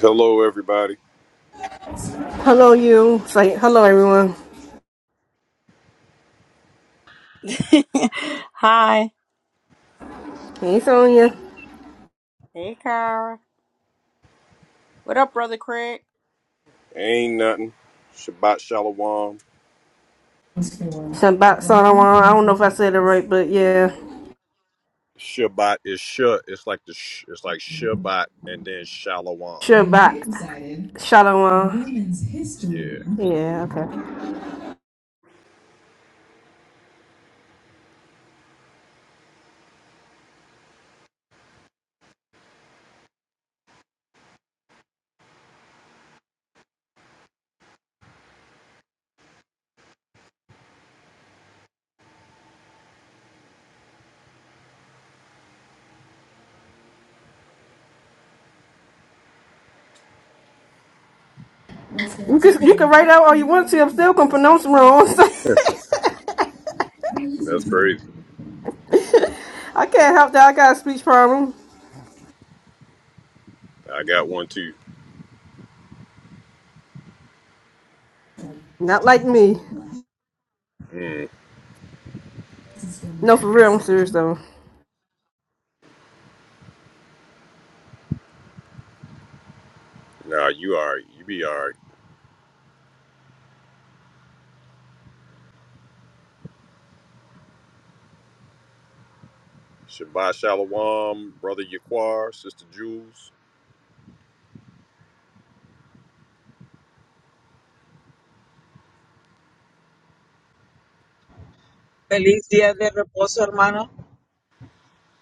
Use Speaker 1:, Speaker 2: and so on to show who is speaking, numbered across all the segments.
Speaker 1: Hello, everybody.
Speaker 2: Hello, you. Say hello, everyone.
Speaker 3: Hi.
Speaker 2: Hey, Sonya.
Speaker 3: Hey, Kara. What up, brother Craig?
Speaker 1: Ain't nothing. Shabbat shalom.
Speaker 2: Shabbat Shalom. I don't know if I said it right, but yeah.
Speaker 1: Shabbat is sh. It's like the sh. It's like Shabbat and then shalom.
Speaker 2: Shabbat Shalom.
Speaker 1: Yeah,
Speaker 2: Yeah, okay. You can, you can write out all you want to. I'm still going to pronounce it wrong.
Speaker 1: that's crazy.
Speaker 2: I can't help that. I got a speech problem.
Speaker 1: I got one too.
Speaker 2: Not like me.
Speaker 1: Mm.
Speaker 2: No, for real. I'm serious, though.
Speaker 1: Nah, you are. You be all right. Shabbat shalom, brother Yaquar, sister Jules.
Speaker 4: Feliz Día de Reposo, hermano.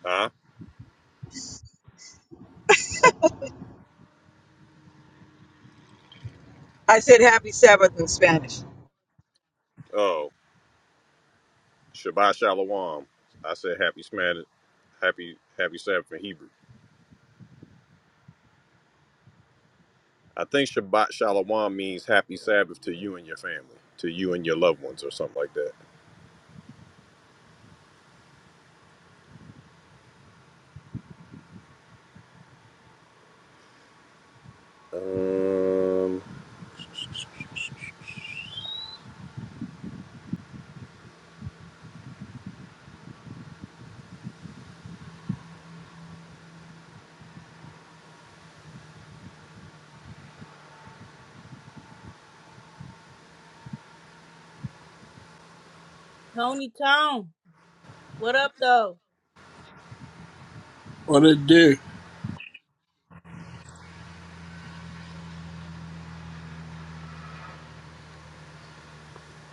Speaker 1: Huh?
Speaker 4: I said happy Sabbath in Spanish.
Speaker 1: Oh, Shabbat shalom. I said happy Smash. Happy Happy Sabbath in Hebrew. I think Shabbat shalom means happy Sabbath to you and your family, to you and your loved ones, or something like that. Um,
Speaker 3: Tony Tone, what up though?
Speaker 5: What it do?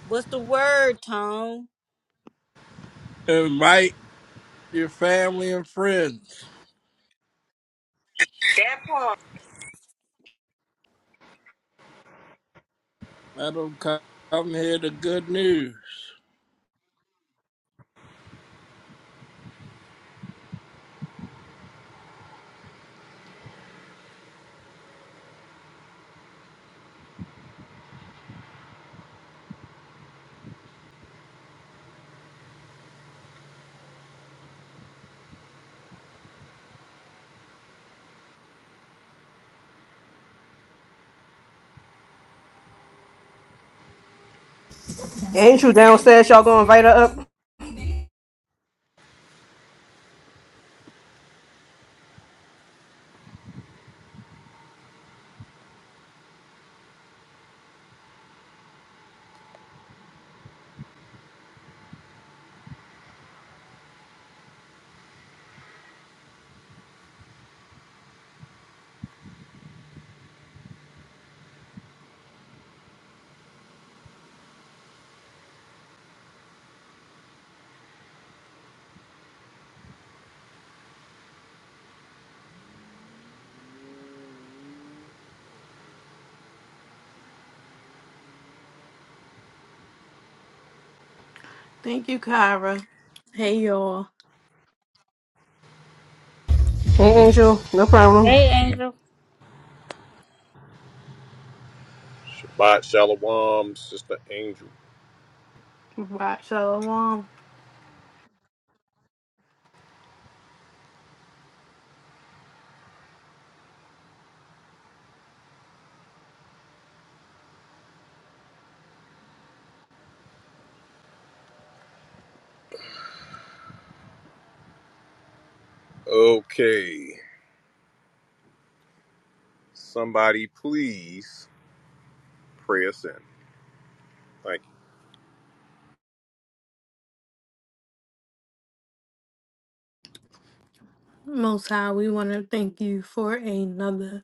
Speaker 3: What's the word, Tone?
Speaker 5: Invite your family and friends.
Speaker 3: That part.
Speaker 5: Let them come hear the good news.
Speaker 2: Angel downstairs. Y'all going to invite her up?
Speaker 6: Thank you, Kyra. Hey, y'all.
Speaker 2: Hey, Angel. No problem.
Speaker 3: Hey, Angel.
Speaker 1: Shabbat Shalom, Sister Angel.
Speaker 6: Right, Shalom.
Speaker 1: Okay, somebody please pray us in. Thank you.
Speaker 6: Most High, we want to thank you for another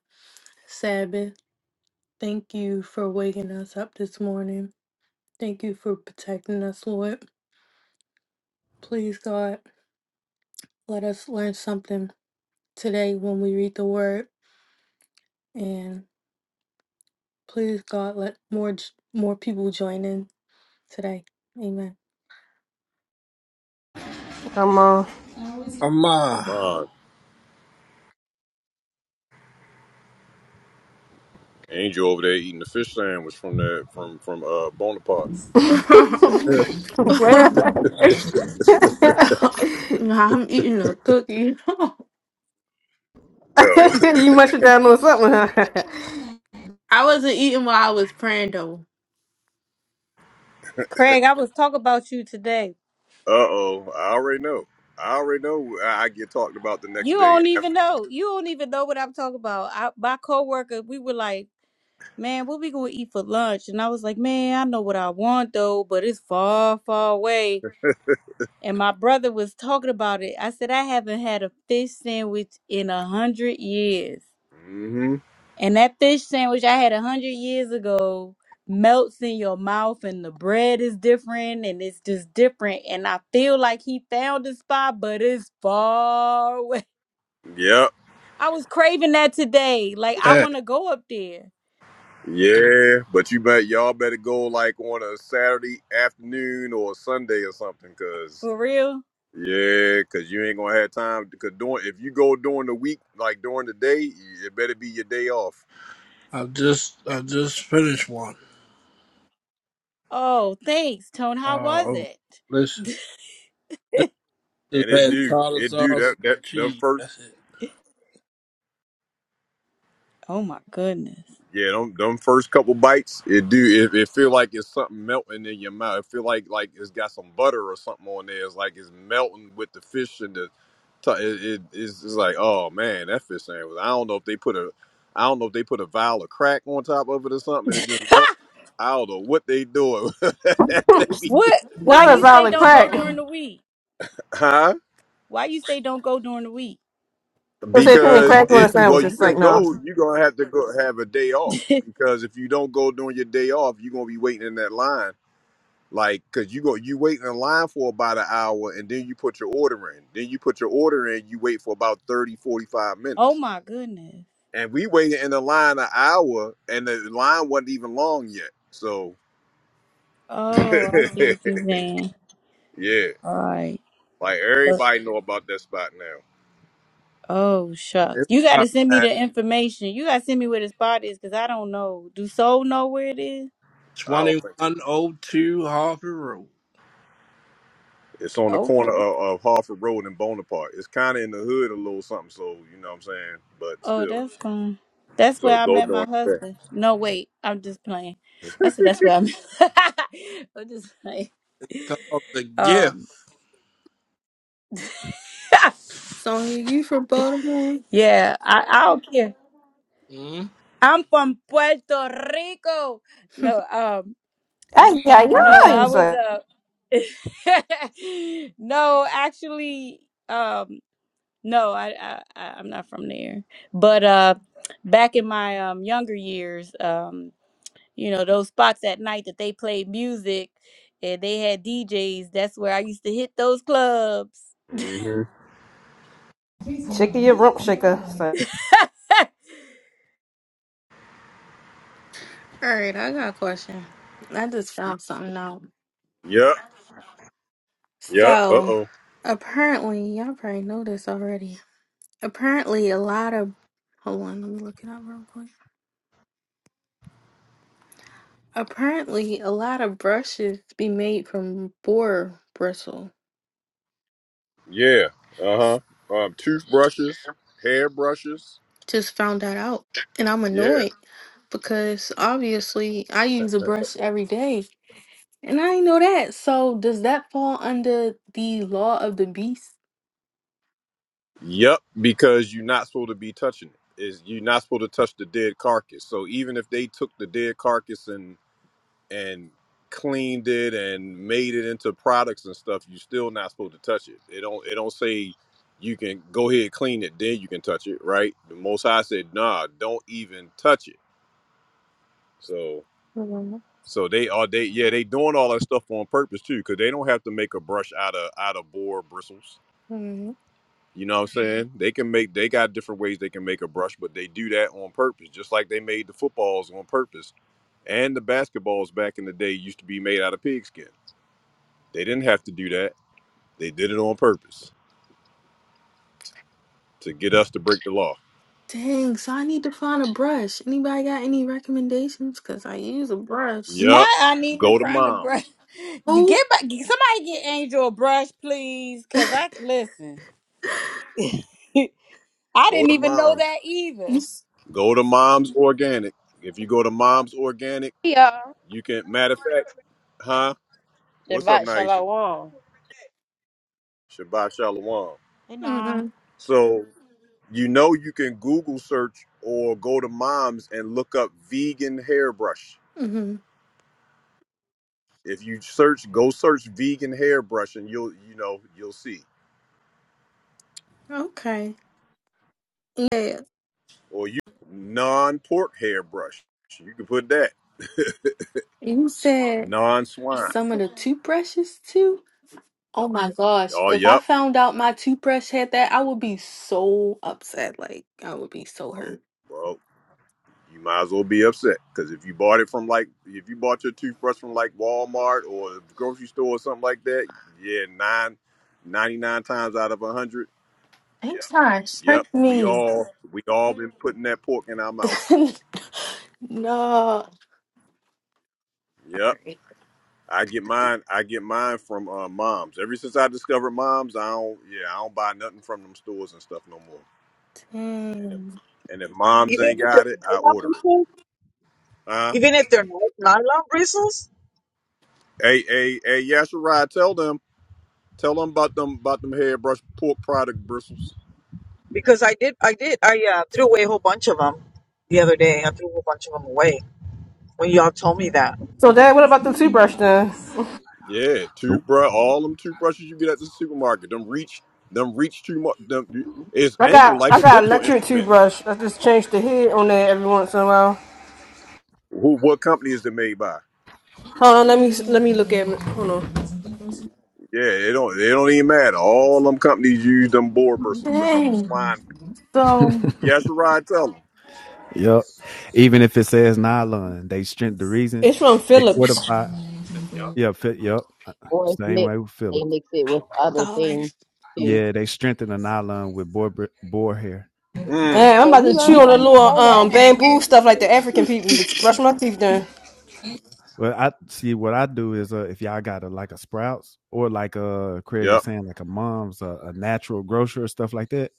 Speaker 6: Sabbath. Thank you for waking us up this morning. Thank you for protecting us, Lord. Please, God, let us learn something today when we read the Word, and please, God, let more j- more people join in today. Amen.
Speaker 2: Come on.
Speaker 5: I'm uh,
Speaker 1: Come on, Angel over there eating the fish sandwich from that from from uh Bonaparte.
Speaker 5: yeah,
Speaker 2: Where?
Speaker 6: Nah, I'm eating a cookie.
Speaker 1: Oh, uh
Speaker 2: you must have down something, huh?
Speaker 6: I wasn't eating while I was praying though.
Speaker 3: Craig, I was talking about you today.
Speaker 1: oh, I already know. I already know. I I get talked about the
Speaker 3: You
Speaker 1: next day.
Speaker 3: don't even know. You don't even know what I'm talking about. I, my coworker, we were like, "Man, what we gonna eat for lunch?" And I was like, "Man, I know what I want though, but it's far, far away." And my brother was talking about it. I said, "I haven't had a fish sandwich in a hundred years."
Speaker 1: Mm-hmm.
Speaker 3: And that fish sandwich I had a hundred years ago melts in your mouth, and the bread is different, and it's just different. And I feel like he found a spot, but it's far away.
Speaker 1: Yep.
Speaker 3: I was craving that today. Like I
Speaker 5: hey,
Speaker 3: want to go up there
Speaker 1: Yeah, but you bet y'all better go like on a Saturday afternoon or a Sunday or something, 'cause
Speaker 3: for real.
Speaker 1: Yeah, cause you ain't gonna have time. Cause during if you go during the week, like during the day, it better be your day off.
Speaker 5: I just I just finished one.
Speaker 3: Oh, thanks, Tone. How was
Speaker 5: Uh,
Speaker 3: it?
Speaker 5: listen, this is
Speaker 1: And it
Speaker 5: had
Speaker 1: do,
Speaker 5: tartar
Speaker 1: it do
Speaker 5: sauce
Speaker 1: that that
Speaker 5: and
Speaker 1: them
Speaker 5: cheese.
Speaker 1: first,
Speaker 5: That's it.
Speaker 3: Oh my goodness.
Speaker 1: yeah, them them first couple bites, it do. It, it feel like it's something melting in your mouth. It feel like like it's got some butter or something on there. It's like it's melting with the fish and the. T- it, it it's, it's like oh man, that fish sandwich. I don't know if they put a, I don't know if they put a vial of crack on top of it or something, and it just melt. I don't know what they doing. That be good.
Speaker 3: What? Why
Speaker 2: Not a
Speaker 3: you say
Speaker 2: valid
Speaker 3: don't go
Speaker 2: crack.
Speaker 3: during the week?
Speaker 1: Huh?
Speaker 3: Why you say don't go during the week?
Speaker 2: So say putting
Speaker 1: Because
Speaker 2: crack on a
Speaker 1: it well,
Speaker 2: sandwich.
Speaker 1: you
Speaker 2: It's
Speaker 1: can
Speaker 2: like no.
Speaker 1: go. You're gonna have to go have a day off because if you don't go during your day off, you're gonna be waiting in that line. Like, cause you go, you wait in line for about an hour, and then you put your order in. Then you put your order in. You wait for about 30, 45
Speaker 3: oh
Speaker 1: minutes,
Speaker 3: my goodness.
Speaker 1: and we waited in the line an hour, and the line wasn't even long yet. So,
Speaker 3: Oh, I see what you're saying.
Speaker 1: yeah,
Speaker 3: All right.
Speaker 1: like
Speaker 3: So
Speaker 1: everybody know about that spot now.
Speaker 3: Oh shucks.
Speaker 5: It's
Speaker 3: You gotta
Speaker 5: about
Speaker 3: send me
Speaker 5: that.
Speaker 3: the information. You gotta send me where the spot is because I don't know. Do Soul know where it is?
Speaker 1: I don't think.
Speaker 5: 2102 Harvey Road.
Speaker 1: It's on the
Speaker 3: Oh
Speaker 1: corner of, of Harford Road and Bonaparte. It's kind of in the hood a little something, so you know what I'm saying. But
Speaker 3: oh
Speaker 1: still,
Speaker 3: that's fine. That's
Speaker 1: so
Speaker 3: where I
Speaker 1: go
Speaker 3: met my
Speaker 1: doing that.
Speaker 3: husband. No wait, I'm just playing. I said that's where I'm I'm just playing.
Speaker 5: Called the gift.
Speaker 3: Um
Speaker 6: Sonya, you from Baltimore?
Speaker 3: yeah, I, I don't care.
Speaker 5: mm
Speaker 3: I'm from Puerto Rico.
Speaker 6: All
Speaker 3: No, um
Speaker 2: Ay yeah
Speaker 3: no,
Speaker 2: yeah.
Speaker 3: I
Speaker 2: He's
Speaker 3: was
Speaker 2: like
Speaker 3: uh no, actually, um No, I, I I- I'm not from there. But uh, back in my um younger years, um, you know those spots at night that they played music and they had DJs. That's where I used to hit those clubs.
Speaker 1: Mm-hmm.
Speaker 2: shaking your rump shaker. It's like-
Speaker 6: right, I got a question. I just found something out.
Speaker 1: Yep. Yep. Uh
Speaker 6: So,
Speaker 1: oh.
Speaker 6: apparently, y'all probably know this already. Apparently, a lot of hold on, let me look it up real quick. Apparently, a lot of brushes be made from boar bristle.
Speaker 1: Yeah. Uh huh. Um, toothbrushes, hair brushes.
Speaker 6: Just found that out, and I'm
Speaker 1: Yeah.
Speaker 6: annoyed because obviously I use a brush every day, and I ain't know that. So, does that fall under the law of the beast?
Speaker 1: Yep. Because you're not supposed to be touching it. Is you're not supposed to touch the dead carcass. So even if they took the dead carcass and and cleaned it and made it into products and stuff, you're still not supposed to touch it. It don't it don't say you can go ahead and clean it, then you can touch it, right? The most high said, nah, don't even touch it. So
Speaker 6: Mhm.
Speaker 1: so they are they yeah, they doing all that stuff on purpose too, because they don't have to make a brush out of out of boar bristles. You know what I'm saying? They can make they got different ways they can make a brush, but they do that on purpose, just like they made the footballs on purpose. And the basketballs back in the day used to be made out of pigskin They didn't have to do that. They did it on purpose to get us to break the law.
Speaker 6: Dang, so I need to find a brush. Anybody got any recommendations? Cause I use a brush.
Speaker 3: Now
Speaker 1: Yup.
Speaker 3: I need to
Speaker 1: Go to
Speaker 3: find a brush.
Speaker 1: moms.
Speaker 6: Who?
Speaker 3: Get back, somebody get Angel a brush, please, cause I listen. I
Speaker 1: Go
Speaker 3: didn't
Speaker 1: to
Speaker 3: even know
Speaker 1: moms.
Speaker 3: that
Speaker 6: You.
Speaker 3: either.
Speaker 1: Go to moms organic. If you go to moms organic,
Speaker 7: Hey y'all.
Speaker 1: you can. Matter of fact, huh? What's up,
Speaker 7: Shabbat
Speaker 1: Naisha?
Speaker 7: Shalom.
Speaker 1: Shabbat shalom.
Speaker 3: And nah,
Speaker 6: Mm-hmm.
Speaker 1: So you know you can Google search or go to moms and look up vegan hairbrush.
Speaker 6: Mm-hmm.
Speaker 1: If you search, go search vegan hairbrush, and you'll you know you'll see.
Speaker 6: Okay. Yeah.
Speaker 1: or you non pork hairbrush. You can put that
Speaker 6: You said
Speaker 1: non swine.
Speaker 6: some of the toothbrushes too. Oh my gosh!
Speaker 1: Oh,
Speaker 6: If I
Speaker 1: yep.
Speaker 6: found out my toothbrush had that, I would be so upset. Like I would be so hurt.
Speaker 1: Well, you might as well be upset because if you bought it from like if you bought your toothbrush from like Walmart or the grocery store or something like that, yeah, nine ninety nine times out of 100
Speaker 6: I'm sorry.
Speaker 1: yep
Speaker 6: Trick
Speaker 1: we
Speaker 6: me.
Speaker 1: all we all been putting that pork in our mouth
Speaker 6: no. All
Speaker 1: yep
Speaker 6: right.
Speaker 1: i get mine i get mine from uh, moms ever since i discovered moms i don't yeah i don't buy nothing from them stores and stuff no more
Speaker 6: Dang.
Speaker 1: And if moms
Speaker 4: Even
Speaker 1: ain't
Speaker 4: if
Speaker 1: got
Speaker 4: they're
Speaker 1: it, I
Speaker 4: nylon
Speaker 1: order it.
Speaker 4: bristles,
Speaker 1: Huh?
Speaker 4: even if they're ny- nylon bristles,
Speaker 1: Hey, hey, hey, Yashirai, tell them, tell them about them, about them hairbrush pork product bristles.
Speaker 4: because I did, I did, I uh, threw away a whole bunch of them the other day. I threw a whole bunch of them away when y'all told me that.
Speaker 2: So Dad, what about the toothbrush then?
Speaker 1: Yeah, toothbrush, all them toothbrushes you get at the supermarket. Them reach, them reach too much. Them it's
Speaker 2: I
Speaker 1: angled
Speaker 2: got
Speaker 1: like
Speaker 2: I
Speaker 1: a
Speaker 2: got
Speaker 1: dental
Speaker 2: electric
Speaker 1: instrument.
Speaker 2: toothbrush. I just change the head on there every once in a while.
Speaker 1: Who, what company is it made by?
Speaker 2: Hold on, let me let me look at it. Hold on.
Speaker 1: Yeah, it don't, it don't even matter. All them companies use them boar bristles and them
Speaker 6: Dang.
Speaker 1: slime.
Speaker 6: So.
Speaker 1: Yashirai, tell them.
Speaker 8: Yep. Even if it says nylon, they strength the reason
Speaker 2: It's from
Speaker 8: they
Speaker 2: Philips.
Speaker 8: fortify. Yeah, fit, yep. Uh,
Speaker 7: or it's
Speaker 8: Same
Speaker 7: mixed.
Speaker 8: way with
Speaker 7: They
Speaker 8: Phillips.
Speaker 7: mix it with other
Speaker 6: God.
Speaker 7: things too.
Speaker 8: Yeah, they strengthen the nylon with boar boar hair.
Speaker 1: Mm.
Speaker 2: Damn, I'm
Speaker 7: Yeah, we
Speaker 2: about to chew
Speaker 7: learned
Speaker 2: on the
Speaker 7: that.
Speaker 2: little
Speaker 7: We learned that
Speaker 2: um
Speaker 7: in
Speaker 2: bamboo
Speaker 7: history.
Speaker 2: stuff like the
Speaker 7: It's-
Speaker 2: African people to brush my teeth then.
Speaker 8: Well, I see what I do is uh, if y'all got a like a Sprouts or like uh Craig was
Speaker 1: Yep.
Speaker 8: saying like a mom's uh, a natural grocer or stuff like that,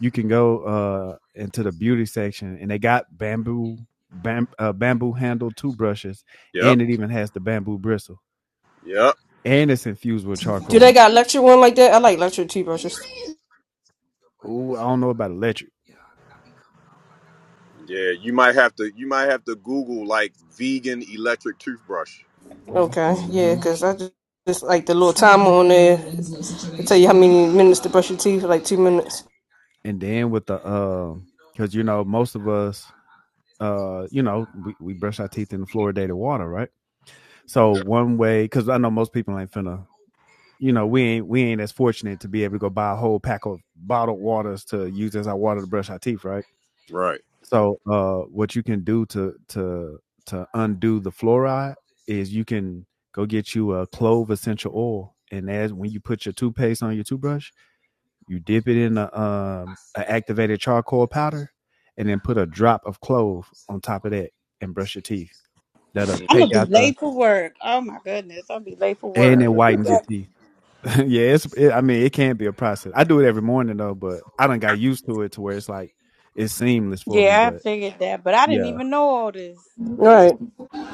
Speaker 8: you can go uh into the beauty section and they got bamboo bam, uh, bamboo handled toothbrushes
Speaker 1: Yep.
Speaker 8: and it even has the bamboo bristle
Speaker 1: Yep.
Speaker 8: and it's infused with
Speaker 2: Do they
Speaker 8: charcoal.
Speaker 2: got electric one like that? I like electric toothbrushes.
Speaker 8: Ooh, I don't know about electric.
Speaker 1: Yeah, you might have to you might have to Google like vegan electric toothbrush.
Speaker 2: Okay, yeah,
Speaker 8: hmm
Speaker 2: cause I just, just like the little timer on there. It tell you how many minutes to brush your teeth, like two minutes.
Speaker 8: And then with the uh, because you know most of us uh, you know we, we brush our teeth in the fluoridated water, right? So
Speaker 1: Yeah.
Speaker 8: one way, because I know most people ain't finna, you know, we ain't we ain't as fortunate to be able to go buy a whole pack of bottled waters to use as our water to brush our teeth, right?
Speaker 1: Right.
Speaker 8: So uh, what you can do to to to undo the fluoride is you can go get you a clove essential oil, and as when you put your toothpaste on your toothbrush You dip it in a, um, a activated charcoal powder, and then put a drop of clove on top of that, and brush your teeth. That'll
Speaker 3: I'm gonna
Speaker 8: take
Speaker 3: be
Speaker 8: out the
Speaker 3: late for work. Oh my goodness, I'm gonna be late for
Speaker 8: and it
Speaker 3: work.
Speaker 8: whitens your teeth. yeah, it's. It, I mean, it can be a process. I do it every morning though, but I don't got used to it to where it's like it's seamless for me.
Speaker 3: Yeah, I
Speaker 8: But
Speaker 3: figured that, but I didn't
Speaker 8: yeah,
Speaker 3: even know all this.
Speaker 2: Right.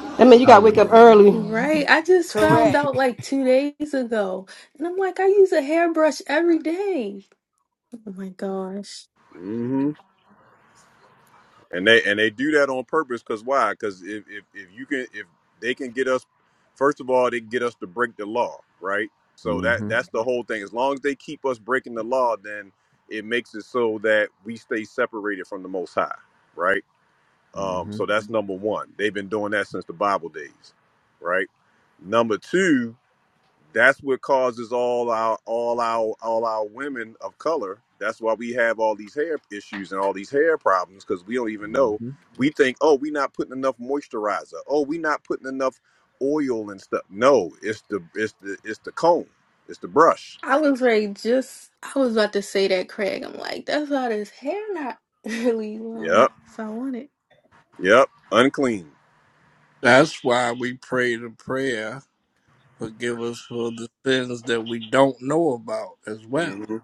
Speaker 2: I mean, you
Speaker 8: oh
Speaker 2: gotta
Speaker 8: yeah.
Speaker 2: wake up early.
Speaker 6: Right. I just found
Speaker 3: Correct.
Speaker 6: out like two days ago. And I'm like, I use a hairbrush every day. Oh my gosh.
Speaker 1: Mm-hmm. And they and they do that on purpose because why? Because if, if if you can if they can get us, first of all, they can get us to break the law, right? So that
Speaker 8: mm-hmm,
Speaker 1: that's the whole thing. As long as they keep us breaking the law, then it makes it so that we stay separated from the Most High, right? Um,
Speaker 8: mm-hmm,
Speaker 1: so that's number one. They've been doing that since the Bible days, right? Number two, That's what causes all our all our all our women of color. That's why we have all these hair issues and all these hair problems because we don't even know.
Speaker 8: mm-hmm.
Speaker 1: We think, oh, we're not putting enough moisturizer. Oh, we're not putting enough oil and stuff. No, it's the it's the it's the comb. It's the brush.
Speaker 6: I was ready just I was about to say that, Craig. I'm like, that's why this hair not really long
Speaker 1: Yep,
Speaker 6: if I want it.
Speaker 1: yep. Unclean.
Speaker 5: That's why we pray the prayer. Forgive us for the sins that we don't know about as well.
Speaker 1: hmm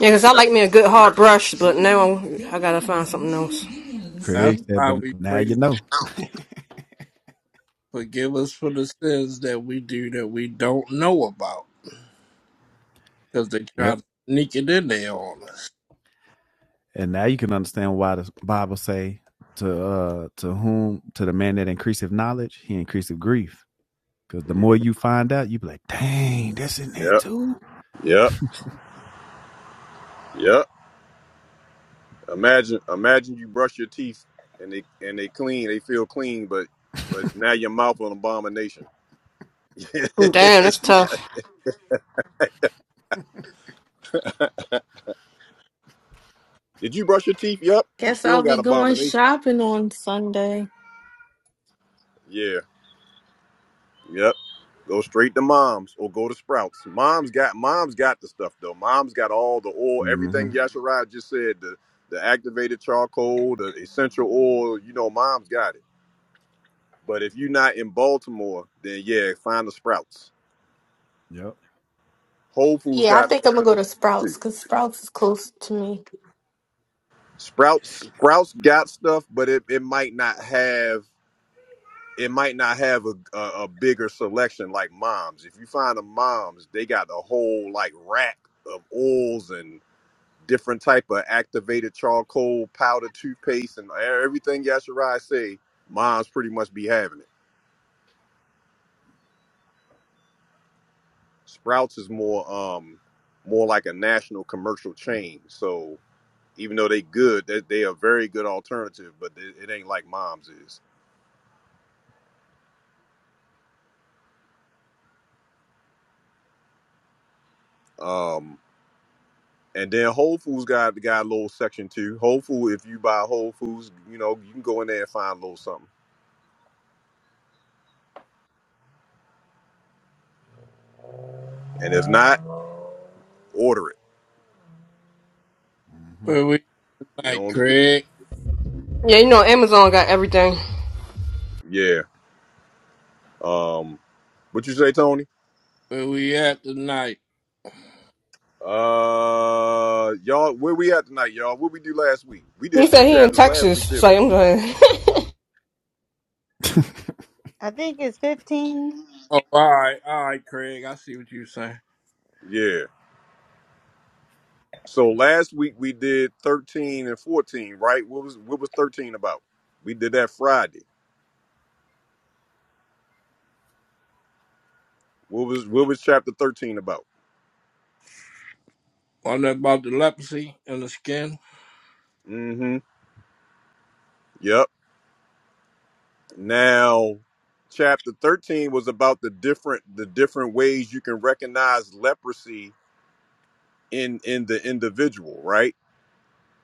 Speaker 2: Yeah, 'cause I
Speaker 1: Yep,
Speaker 2: like me a good hard brush, but now I'm, I gotta find something else.
Speaker 5: That's
Speaker 8: Craig said,
Speaker 5: why
Speaker 8: but
Speaker 5: we
Speaker 8: now
Speaker 5: pray,
Speaker 8: you know.
Speaker 5: forgive us for the sins that we do that we don't know about, because they try
Speaker 8: Yep,
Speaker 5: to sneak it in there on us.
Speaker 8: and now you can understand why the Bible say to uh to whom to the man that increaseth knowledge, he increaseth grief. Cause the more
Speaker 1: mhm,
Speaker 8: you find out, you be like, dang, that's in there
Speaker 1: yep,
Speaker 8: too.
Speaker 1: yep, yep. Imagine imagine you brush your teeth and they and they clean. They feel clean, but but now your mouth an abomination.
Speaker 2: Damn, that's
Speaker 1: yeah.
Speaker 2: tough.
Speaker 1: Did you brush your teeth? Yep. You
Speaker 6: Guess
Speaker 1: still
Speaker 6: I'll be
Speaker 1: got
Speaker 6: going
Speaker 1: abomination.
Speaker 6: shopping on Sunday.
Speaker 1: Yeah. Yep. Go straight to mom's or go to Sprouts. Mom's got mom's got the stuff though. Mom's got all the oil,
Speaker 8: hmm
Speaker 1: everything Yasharaj just said, the the activated charcoal, the essential oil, you know, mom's got it. But if you're not in Baltimore, then yeah, find the Sprouts.
Speaker 8: Yep.
Speaker 1: Whole Foods
Speaker 6: Yeah, I
Speaker 1: got
Speaker 6: think I'm
Speaker 1: nice
Speaker 6: gonna go
Speaker 1: little
Speaker 6: to
Speaker 1: section
Speaker 6: Sprouts
Speaker 1: too.
Speaker 6: because Sprouts is close to me.
Speaker 1: Sprouts Sprouts got stuff, but it, it might not have it might not have a, a a bigger selection like moms. If you find a moms, they got a whole like rack of oils and different type of activated charcoal powder toothpaste and e-, everything Yashirai say. Moms pretty much be having it. Sprouts is more um more like a national commercial chain. So even though they good, they, they a very good alternative, but it, it ain't like moms is. Um, And then Whole Foods got got a little section too. Whole Food, if you buy Whole Foods, you know you can go in there and find a little something. And if not, order it.
Speaker 8: hmm
Speaker 5: Where we
Speaker 1: You
Speaker 5: at,
Speaker 1: know,
Speaker 5: Craig?
Speaker 2: Yeah, you know, Amazon got everything.
Speaker 1: yeah. Um, what you say, Tony?
Speaker 5: Where we at tonight?
Speaker 1: Uh, y'all, where we at tonight, y'all? What we do last week? We
Speaker 2: He
Speaker 1: did two
Speaker 2: said he in
Speaker 1: chapters last
Speaker 2: Texas,
Speaker 1: week,
Speaker 2: so
Speaker 1: didn't
Speaker 2: I'm going.
Speaker 3: I think it's fifteen.
Speaker 5: Oh, all right, all right, Craig. I see what you're saying.
Speaker 1: we? Yeah. So last week we did thirteen and fourteen, right? What was what was thirteen about? We did that Friday. What was what was chapter thirteen about?
Speaker 5: Wasn't that about the leprosy and the skin?
Speaker 1: Mm-hmm. Yep. Now, chapter 13 was about the different the different ways you can recognize leprosy in in the individual, right?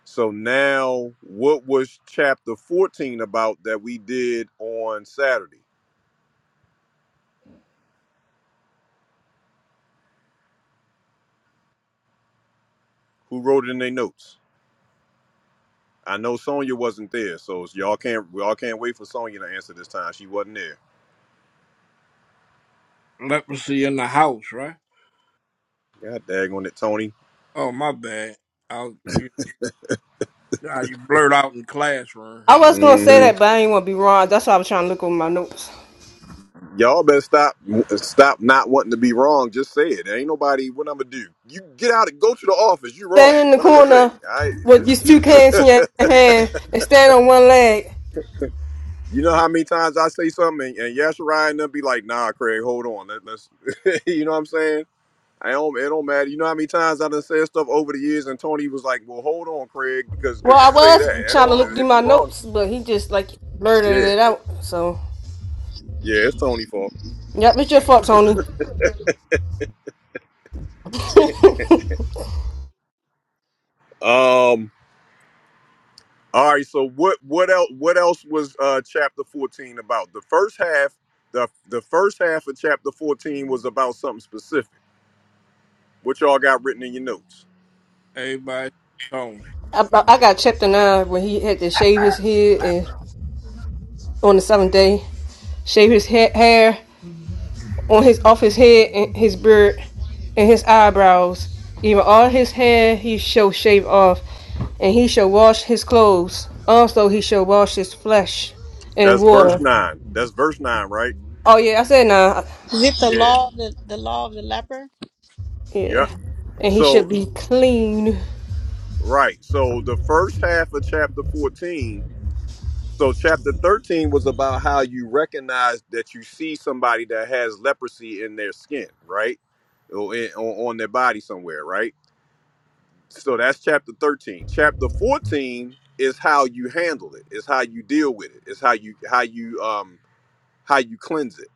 Speaker 1: So now what was chapter 14 about that we did on Saturday? Who wrote it in their notes? I know Sonya wasn't there, so y'all can't we all can't wait for Sonya to answer this time. She wasn't there.
Speaker 5: Leprosy in the house, right?
Speaker 1: God dang on it, Tony.
Speaker 5: Oh, my bad. I was, you, nah, you blurt out in the classroom.
Speaker 2: I was gonna
Speaker 1: Mm-hmm.
Speaker 2: say that, but I didn't want to be wrong. That's why I was trying to look over my notes.
Speaker 1: Y'all better stop stop not wanting to be wrong. Just say it. There ain't nobody what I'ma do. You get out and go to the office. You
Speaker 2: Stand
Speaker 1: wrong.
Speaker 2: in the
Speaker 1: What I'ma say.
Speaker 2: corner
Speaker 1: I
Speaker 2: with
Speaker 1: just
Speaker 2: these
Speaker 1: be
Speaker 2: two cans in your hand and stand on one leg.
Speaker 1: You know how many times I say something and, and Yashirai and them be like, nah, Craig, hold on. Let, let's you know what I'm saying? I don't it don't matter. You know how many times I done said stuff over the years and Tony was like, Well hold on, Craig, because
Speaker 2: Well,
Speaker 1: because it
Speaker 2: I
Speaker 1: say
Speaker 2: was
Speaker 1: that. It
Speaker 2: trying to look
Speaker 1: don't
Speaker 2: through
Speaker 1: if you
Speaker 2: my
Speaker 1: wrong.
Speaker 2: notes, but he just like blurted
Speaker 1: Yeah.
Speaker 2: it out. So,
Speaker 1: Yeah, it's Tony fault.
Speaker 2: yep, it's your fault, Tony.
Speaker 1: Um All right. So what what else what else was uh chapter 14 about? The first half, the the first half of chapter 14 was about something specific. What y'all got written in your notes?
Speaker 5: Everybody, on.
Speaker 2: I, I got chapter nine when he had to shave his head and on the seventh day, shave his ha- hair on his off his head and his beard and his eyebrows, even all his hair he shall shave off, and he shall wash his clothes. Also he shall wash his flesh in
Speaker 1: That's verse
Speaker 2: water.
Speaker 1: 9. That's verse 9, right?
Speaker 2: Oh yeah, I said nah.
Speaker 3: Is it the
Speaker 1: Yeah.
Speaker 3: law of the, the law of the leper?
Speaker 2: Yeah,
Speaker 1: Yep.
Speaker 2: and he should
Speaker 1: So
Speaker 2: be clean.
Speaker 1: right. So the first half of chapter 14, so chapter 13 was about how you recognize that you see somebody that has leprosy in their skin, right? Or in, on on their body somewhere, right? So that's chapter 13. Chapter 14 is how you handle it. It's how you deal with it. It's how you how you um how you cleanse it.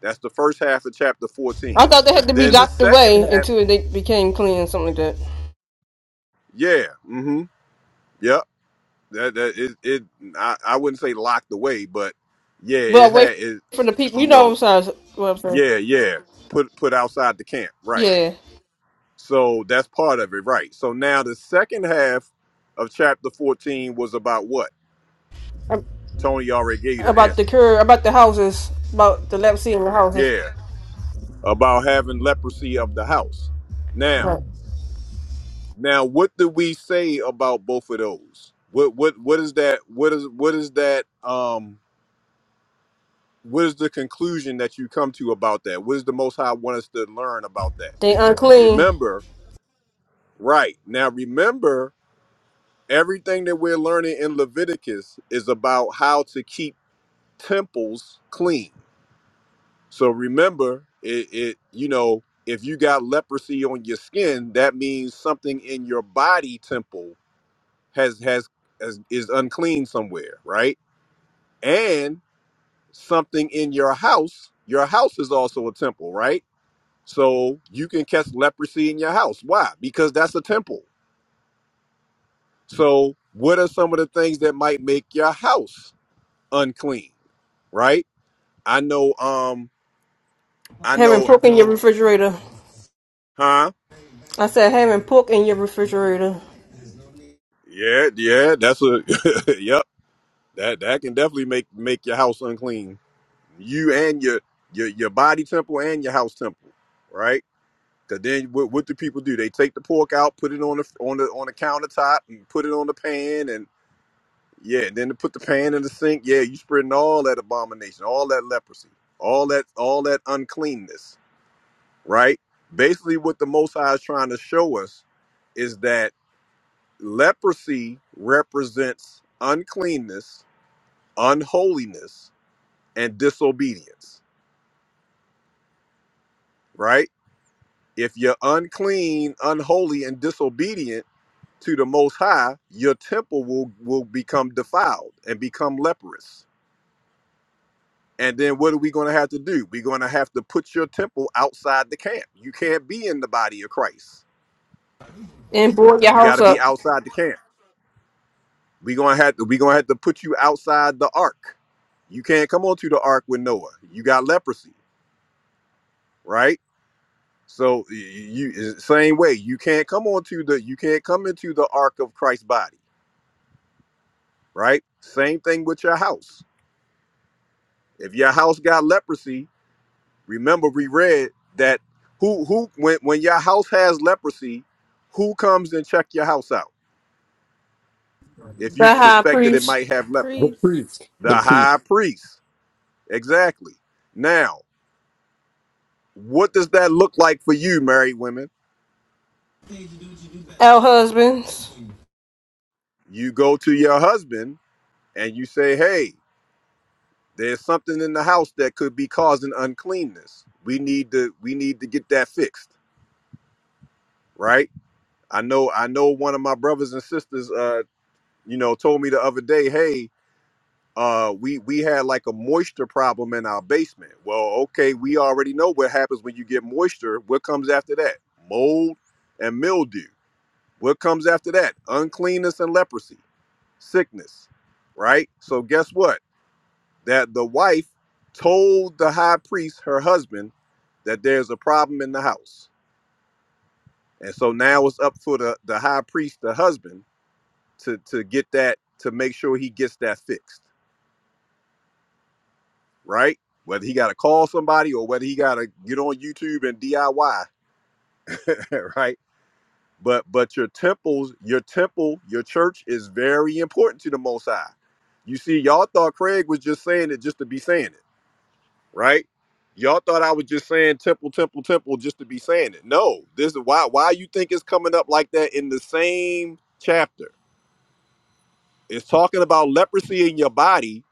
Speaker 1: That's the first half of chapter 14.
Speaker 2: I thought they had to be
Speaker 1: Then the
Speaker 2: locked
Speaker 1: second
Speaker 2: away
Speaker 1: half,
Speaker 2: until they became clean, something like that.
Speaker 1: yeah, mm-hmm. Yep. That that it, it I, I wouldn't say locked away, but yeah,
Speaker 2: But
Speaker 1: it
Speaker 2: away
Speaker 1: had
Speaker 2: from
Speaker 1: it's
Speaker 2: the people, you
Speaker 1: you
Speaker 2: know
Speaker 1: know,
Speaker 2: what I'm saying? What I'm saying.
Speaker 1: yeah, yeah. Put put outside the camp. Right.
Speaker 2: Yeah,
Speaker 1: So that's part of it, right. So now the second half of chapter 14 was about what? Tony already gave you the
Speaker 2: about
Speaker 1: answer.
Speaker 2: the cure, about the houses, about the leprosy in the houses.
Speaker 1: Yeah, about having leprosy of the house.
Speaker 2: Right.
Speaker 1: Now, now, what do we say about both of those? What what what is that? What is what is that? Um, what is the conclusion that you come to about that? What does the Most High want us to learn about that?
Speaker 2: They unclean.
Speaker 1: Remember, right now, remember everything that we're learning in Leviticus is about how to keep temples clean So remember, it, it you know, if you got leprosy on your skin, that means something in your body temple has has, has is unclean somewhere, right? And something in your house, your house is also a temple, right? So you can catch leprosy in your house. Why? Because that's a temple. So what are some of the things that might make your house unclean, right? I know um I
Speaker 2: Having
Speaker 1: know
Speaker 2: pork in your refrigerator.
Speaker 1: huh?
Speaker 2: I said having pork in your refrigerator
Speaker 1: Yeah, yeah, that's a yep. That that can definitely make make your house unclean. You and your your your body temple and your house temple, right? Because then what, what do people do? They take the pork out, put it on the on the on the countertop, and put it on the pan, and yeah, and then to put the pan in the sink. Yeah, you spreading all that abomination, all that leprosy, all that all that uncleanness, right? Basically, what the Most High is trying to show us is that leprosy represents uncleanness, unholiness and disobedience, right? If you're unclean, unholy, and disobedient to the Most High, your temple will, will become defiled and become leprous. And then what are we going to have to do? We're going to have to put your temple outside the camp. You can't be in the body of Christ.
Speaker 2: and board your
Speaker 1: You got
Speaker 2: house
Speaker 1: to be
Speaker 2: up.
Speaker 1: outside the camp. We're going to have to, we're going to have to put you outside the ark. You can't come onto the ark with Noah. You got leprosy, right? So you same way, you can't come onto the you can't come into the ark of Christ's body, right? Same thing with your house. If your house got leprosy, remember we read that who who when when your house has leprosy, who comes and check your house out if you
Speaker 2: The high
Speaker 1: suspect that it
Speaker 2: priest,
Speaker 1: might
Speaker 6: The
Speaker 1: have leprosy?
Speaker 9: The
Speaker 6: priest
Speaker 9: priest.
Speaker 1: The
Speaker 9: The priest.
Speaker 1: high priest. Exactly. Now, what does that look like for you, married women?
Speaker 2: our husbands.
Speaker 1: You go to your husband and you say, "Hey." There's something in the house that could be causing uncleanness. We need to we need to get that fixed, right? I know I know one of my brothers and sisters uh you know told me the other day, "Hey, uh we we had like a moisture problem in our basement." Well, okay, we already know what happens when you get moisture. What comes after that? Mold and mildew. What comes after that? Uncleanness and leprosy, sickness, right? So guess what? that the wife told the high priest, her husband, that there's a problem in the house. And so now it's up for the, the high priest, the husband, to, to get that, to make sure he gets that fixed, right? Whether he got to call somebody or whether he got to get on YouTube and DIY, right? But but your temples, your temple, your church is very important to the Most High. You see, y'all thought Craig was just saying it just to be saying it. right? Y'all thought I was just saying temple, temple, temple just to be saying it. No, this is why why you think it's coming up like that in the same chapter. It's talking about leprosy in your body,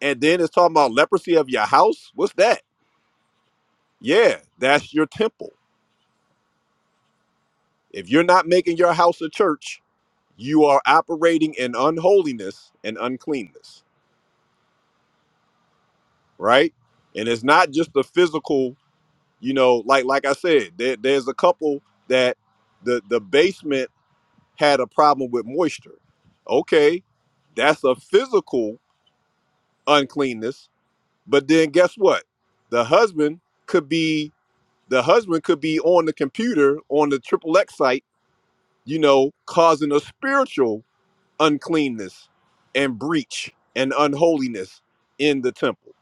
Speaker 1: and then it's talking about leprosy of your house. What's that? Yeah, that's your temple. If you're not making your house a church, you are operating in unholiness and uncleanness, right? And it's not just the physical, you know, like like I said, there, there's a couple that the the basement had a problem with moisture. Okay, that's a physical uncleanness. But then guess what? The husband could be the husband could be on the computer on the triple X site, you know, causing a spiritual uncleanness and breach and unholiness in the temple,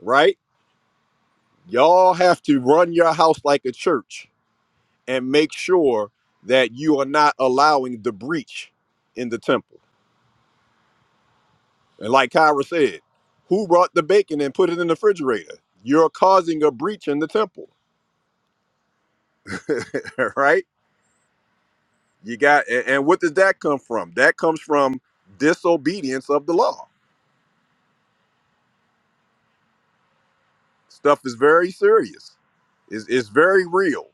Speaker 1: right? Y'all have to run your house like a church and make sure that you are not allowing the breach in the temple. And like Kyra said, who brought the bacon and put it in the refrigerator? You're causing a breach in the temple, right? You got, and, and what does that come from? That comes from disobedience of the law. Stuff is very serious. It's, it's very real.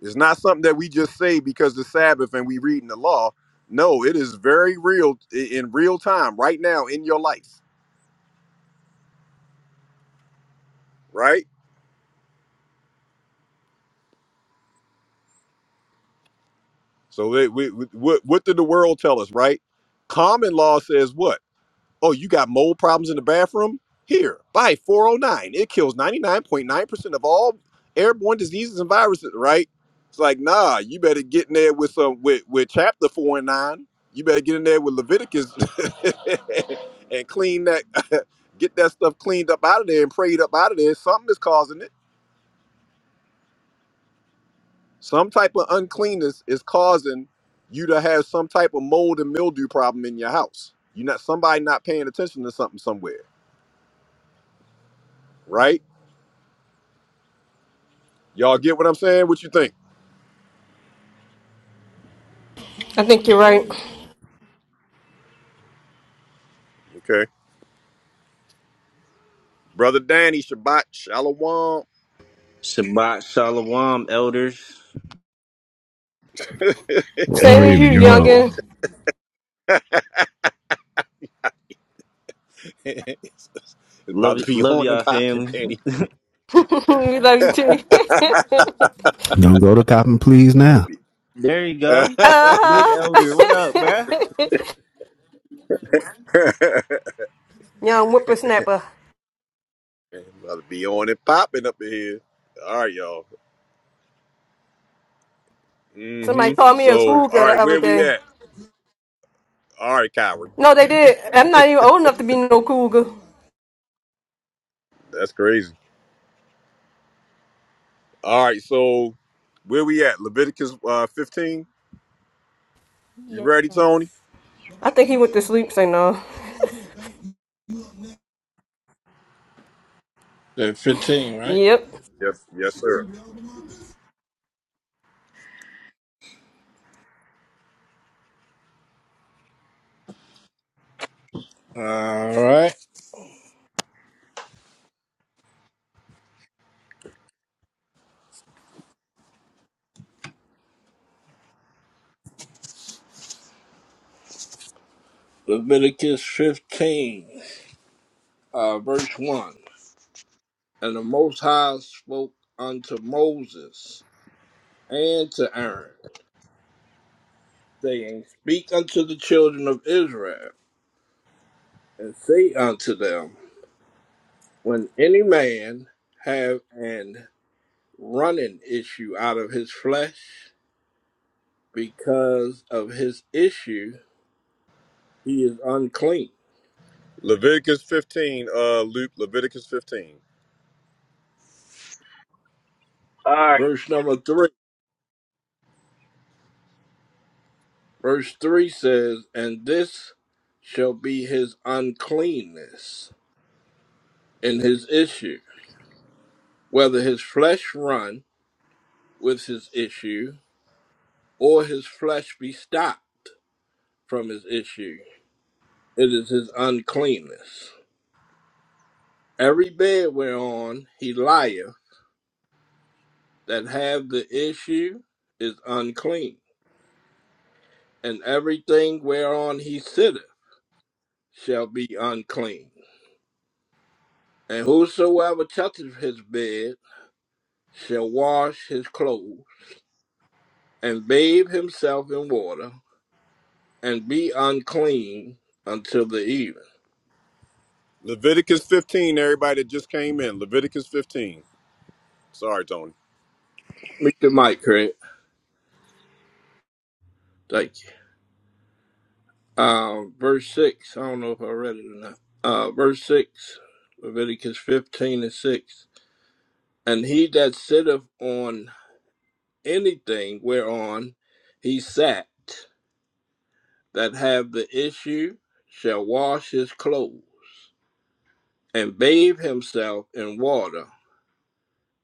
Speaker 1: It's not something that we just say because the Sabbath and we read in the law. No, it is very real i- in real time, right now in your life, right? So, it, we, we- what, what did the world tell us, right? Common law says what? Oh, you got mold problems in the bathroom? Here, buy 409. It kills 99.9% of all airborne diseases and viruses, right? It's like, nah, you better get in there with some with, with chapter four and nine. You better get in there with Leviticus and clean that get that stuff cleaned up out of there and prayed up out of there. Something is causing it. Some type of uncleanness is causing you to have some type of mold and mildew problem in your house. You're not somebody not paying attention to something somewhere, right? Y'all get what I'm saying? What you think?
Speaker 2: I think you're right.
Speaker 6: agreed.
Speaker 1: Okay. Brother Danny, Shabbat, Shalom.
Speaker 10: Shabbat Shalom, elders.
Speaker 1: oh,
Speaker 2: Same
Speaker 8: Hey,
Speaker 1: here
Speaker 2: as
Speaker 1: we
Speaker 2: you,
Speaker 1: go.
Speaker 8: yo.
Speaker 2: youngin.
Speaker 1: it's
Speaker 10: Love
Speaker 1: about to be
Speaker 10: love
Speaker 1: on and
Speaker 10: y'all,
Speaker 1: popping,
Speaker 10: family.
Speaker 1: Danny.
Speaker 2: we love you too.
Speaker 1: about
Speaker 8: Don't go to Cotton, please,
Speaker 1: to
Speaker 8: now.
Speaker 1: be.
Speaker 10: There you go. That's
Speaker 1: about
Speaker 10: big
Speaker 2: uh
Speaker 10: elder. What up, bruh?
Speaker 2: huh. Young whippersnapper.
Speaker 1: to be on and popping up in here. All right, y'all.
Speaker 2: Somebody
Speaker 1: Mm-hmm.
Speaker 2: called me a
Speaker 1: So, all
Speaker 2: cougar the
Speaker 1: right,
Speaker 2: other
Speaker 1: where we
Speaker 2: day.
Speaker 1: at? All right, coward.
Speaker 2: No, they did. I'm not even old enough to be no cougar.
Speaker 1: That's crazy. All right, so where we at? Leviticus uh, 15. You
Speaker 6: Yes.
Speaker 1: ready, Tony?
Speaker 2: I think he went to sleep, say no.
Speaker 5: they 15, right?
Speaker 2: Yep.
Speaker 1: Yes, sir.
Speaker 5: All right. Leviticus 15. uh, verse 1. And the Most High spoke unto Moses and to Aaron, saying, Speak unto the children of Israel, and say unto them, When any man have an running issue out of his flesh, because of his issue, he is unclean.
Speaker 1: Leviticus 15, uh, Luke, Leviticus 15.
Speaker 11: All right.
Speaker 5: Verse number 3. Verse 3 says, And this shall be his uncleanness in his issue, whether his flesh run with his issue, or his flesh be stopped from his issue. It is his uncleanness. Every bed whereon he lieth that have the issue is unclean, and everything whereon he sitteth shall be unclean. And whosoever toucheth his bed shall wash his clothes, and bathe himself in water, and be unclean until the evening.
Speaker 1: Leviticus 15, everybody that just came in. Leviticus 15. Sorry, Tony.
Speaker 5: Meet the mic, Craig. Thank you. Uh, verse 6, I don't know if I read it or not. Uh, verse 6, Leviticus 15 and 6. And he that sitteth on anything whereon he sat, that have the issue, shall wash his clothes, and bathe himself in water,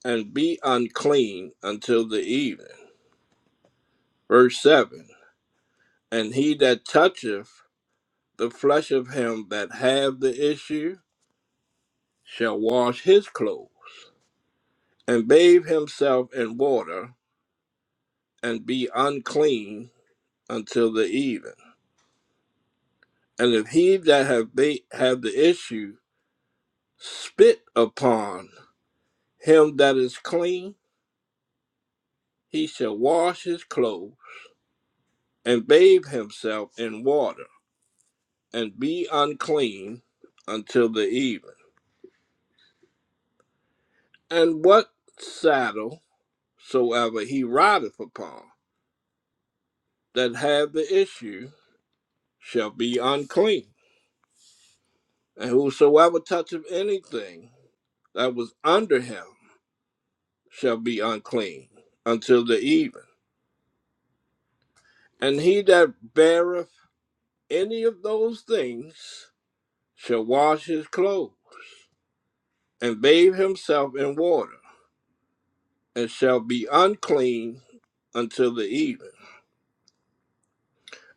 Speaker 5: and be unclean until the evening. Verse 7, And he that toucheth the flesh of him that have the issue, shall wash his clothes and bathe himself in water, and be unclean until the even. And if he that have ba- have the issue spit upon him that is clean, he shall wash his clothes and bathe himself in water, and be unclean until the even. And what saddle soever he rideth upon that have the issue shall be unclean. And whosoever toucheth anything that was under him shall be unclean until the even. And he that beareth any of those things shall wash his clothes and bathe himself in water, and shall be unclean until the even.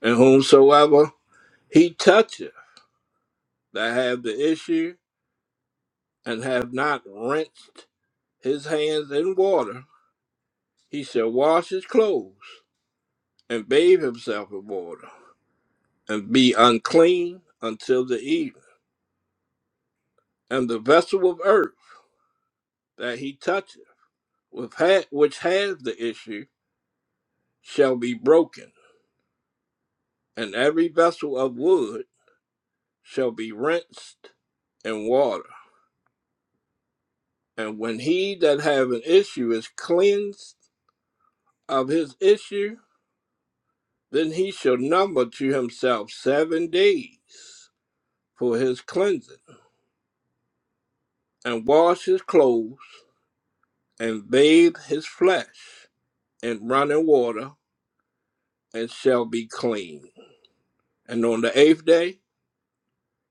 Speaker 5: And whomsoever he toucheth that have the issue and have not rinsed his hands in water, he shall wash his clothes and bathe himself in water, and be unclean until the even. and the vessel of earth that he toucheth, with ha- which has the issue, shall be broken, and every vessel of wood shall be rinsed in water. And when he that have an issue is cleansed of his issue, then he shall number to himself seven days for his cleansing, and wash his clothes, and bathe his flesh in running water, and shall be clean. And on the eighth day,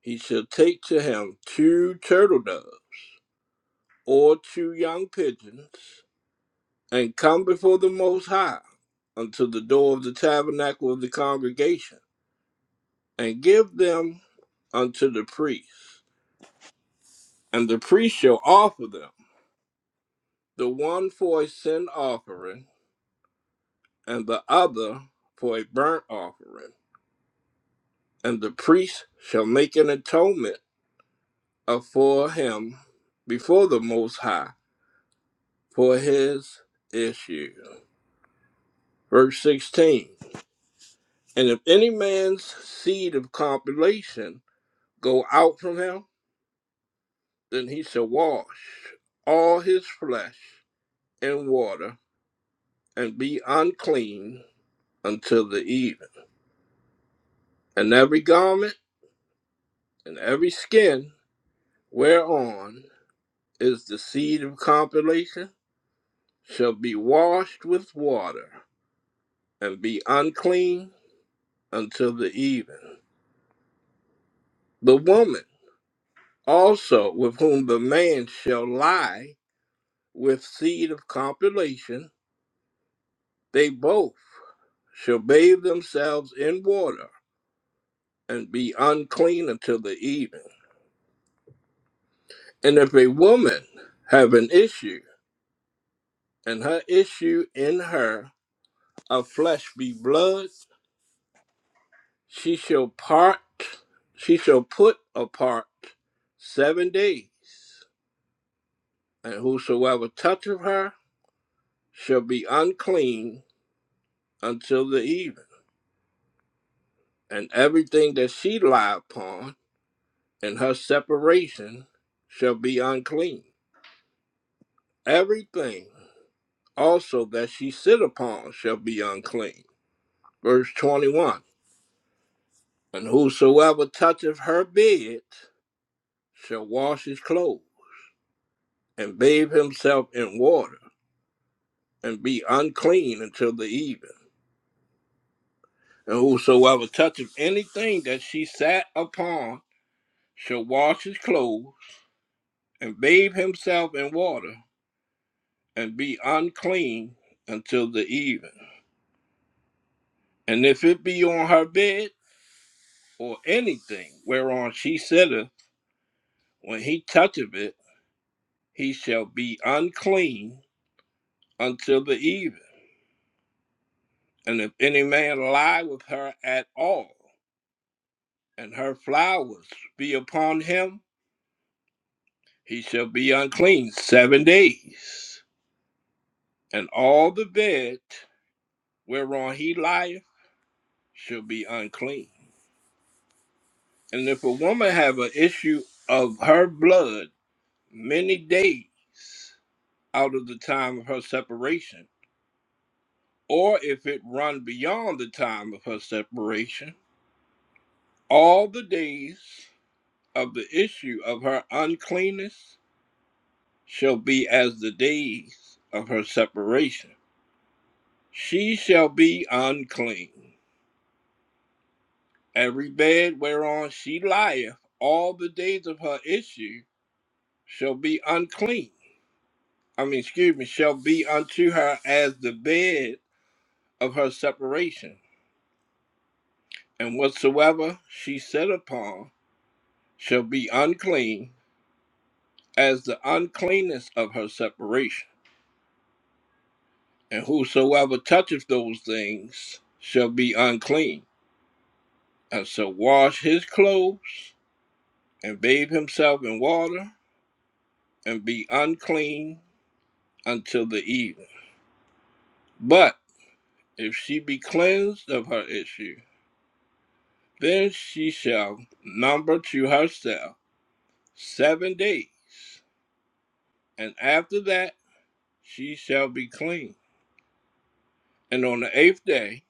Speaker 5: He shall take to him two turtle doves or two young pigeons, and come before the Most High unto the door of the tabernacle of the congregation, and give them unto the priest. And the priest shall offer them, the one for a sin offering, and the other for a burnt offering. And the priest shall make an atonement for him before the Most High for his issues. Verse 16 And if any man's seed of compilation go out from him, then he shall wash all his flesh in water and be unclean until the even. And every garment and every skin whereon is the seed of compilation shall be washed with water and be unclean until the even. The woman also with whom the man shall lie with seed of compilation, they both shall bathe themselves in water and be unclean until the evening. And if a woman have an issue, and her issue in her of flesh be blood, she shall part, she shall put apart seven days, and whosoever toucheth her shall be unclean until the evening. And everything that she lie upon and her separation shall be unclean. Everything also that she sit upon shall be unclean. Verse 21 And whosoever toucheth her bed shall wash his clothes and bathe himself in water and be unclean until the even. And whosoever toucheth anything that she sat upon shall wash his clothes and bathe himself in water and be unclean until the even. And if it be on her bed or anything whereon she sitteth, when he toucheth it, he shall be unclean until the even. And if any man lie with her at all, and her flowers be upon him, he shall be unclean seven days. And all the bed whereon he lieth shall be unclean. And if a woman have an issue of her blood many days, out of the time of her separation, or if it run beyond the time of her separation, all the days of the issue of her uncleanness shall be as the days of her separation. She shall be unclean. Every bed whereon she lieth, all the days of her issue shall be unclean. I mean, excuse me, shall be unto her as the bed of her separation and whatsoever she set upon. shall be unclean as the uncleanness of her separation. And whosoever toucheth those things shall be unclean, and shall wash his clothes and bathe himself in water and be unclean until the evening. But if she be cleansed of her issue, then she shall number to herself seven days, and after that she shall be clean. And on the eighth day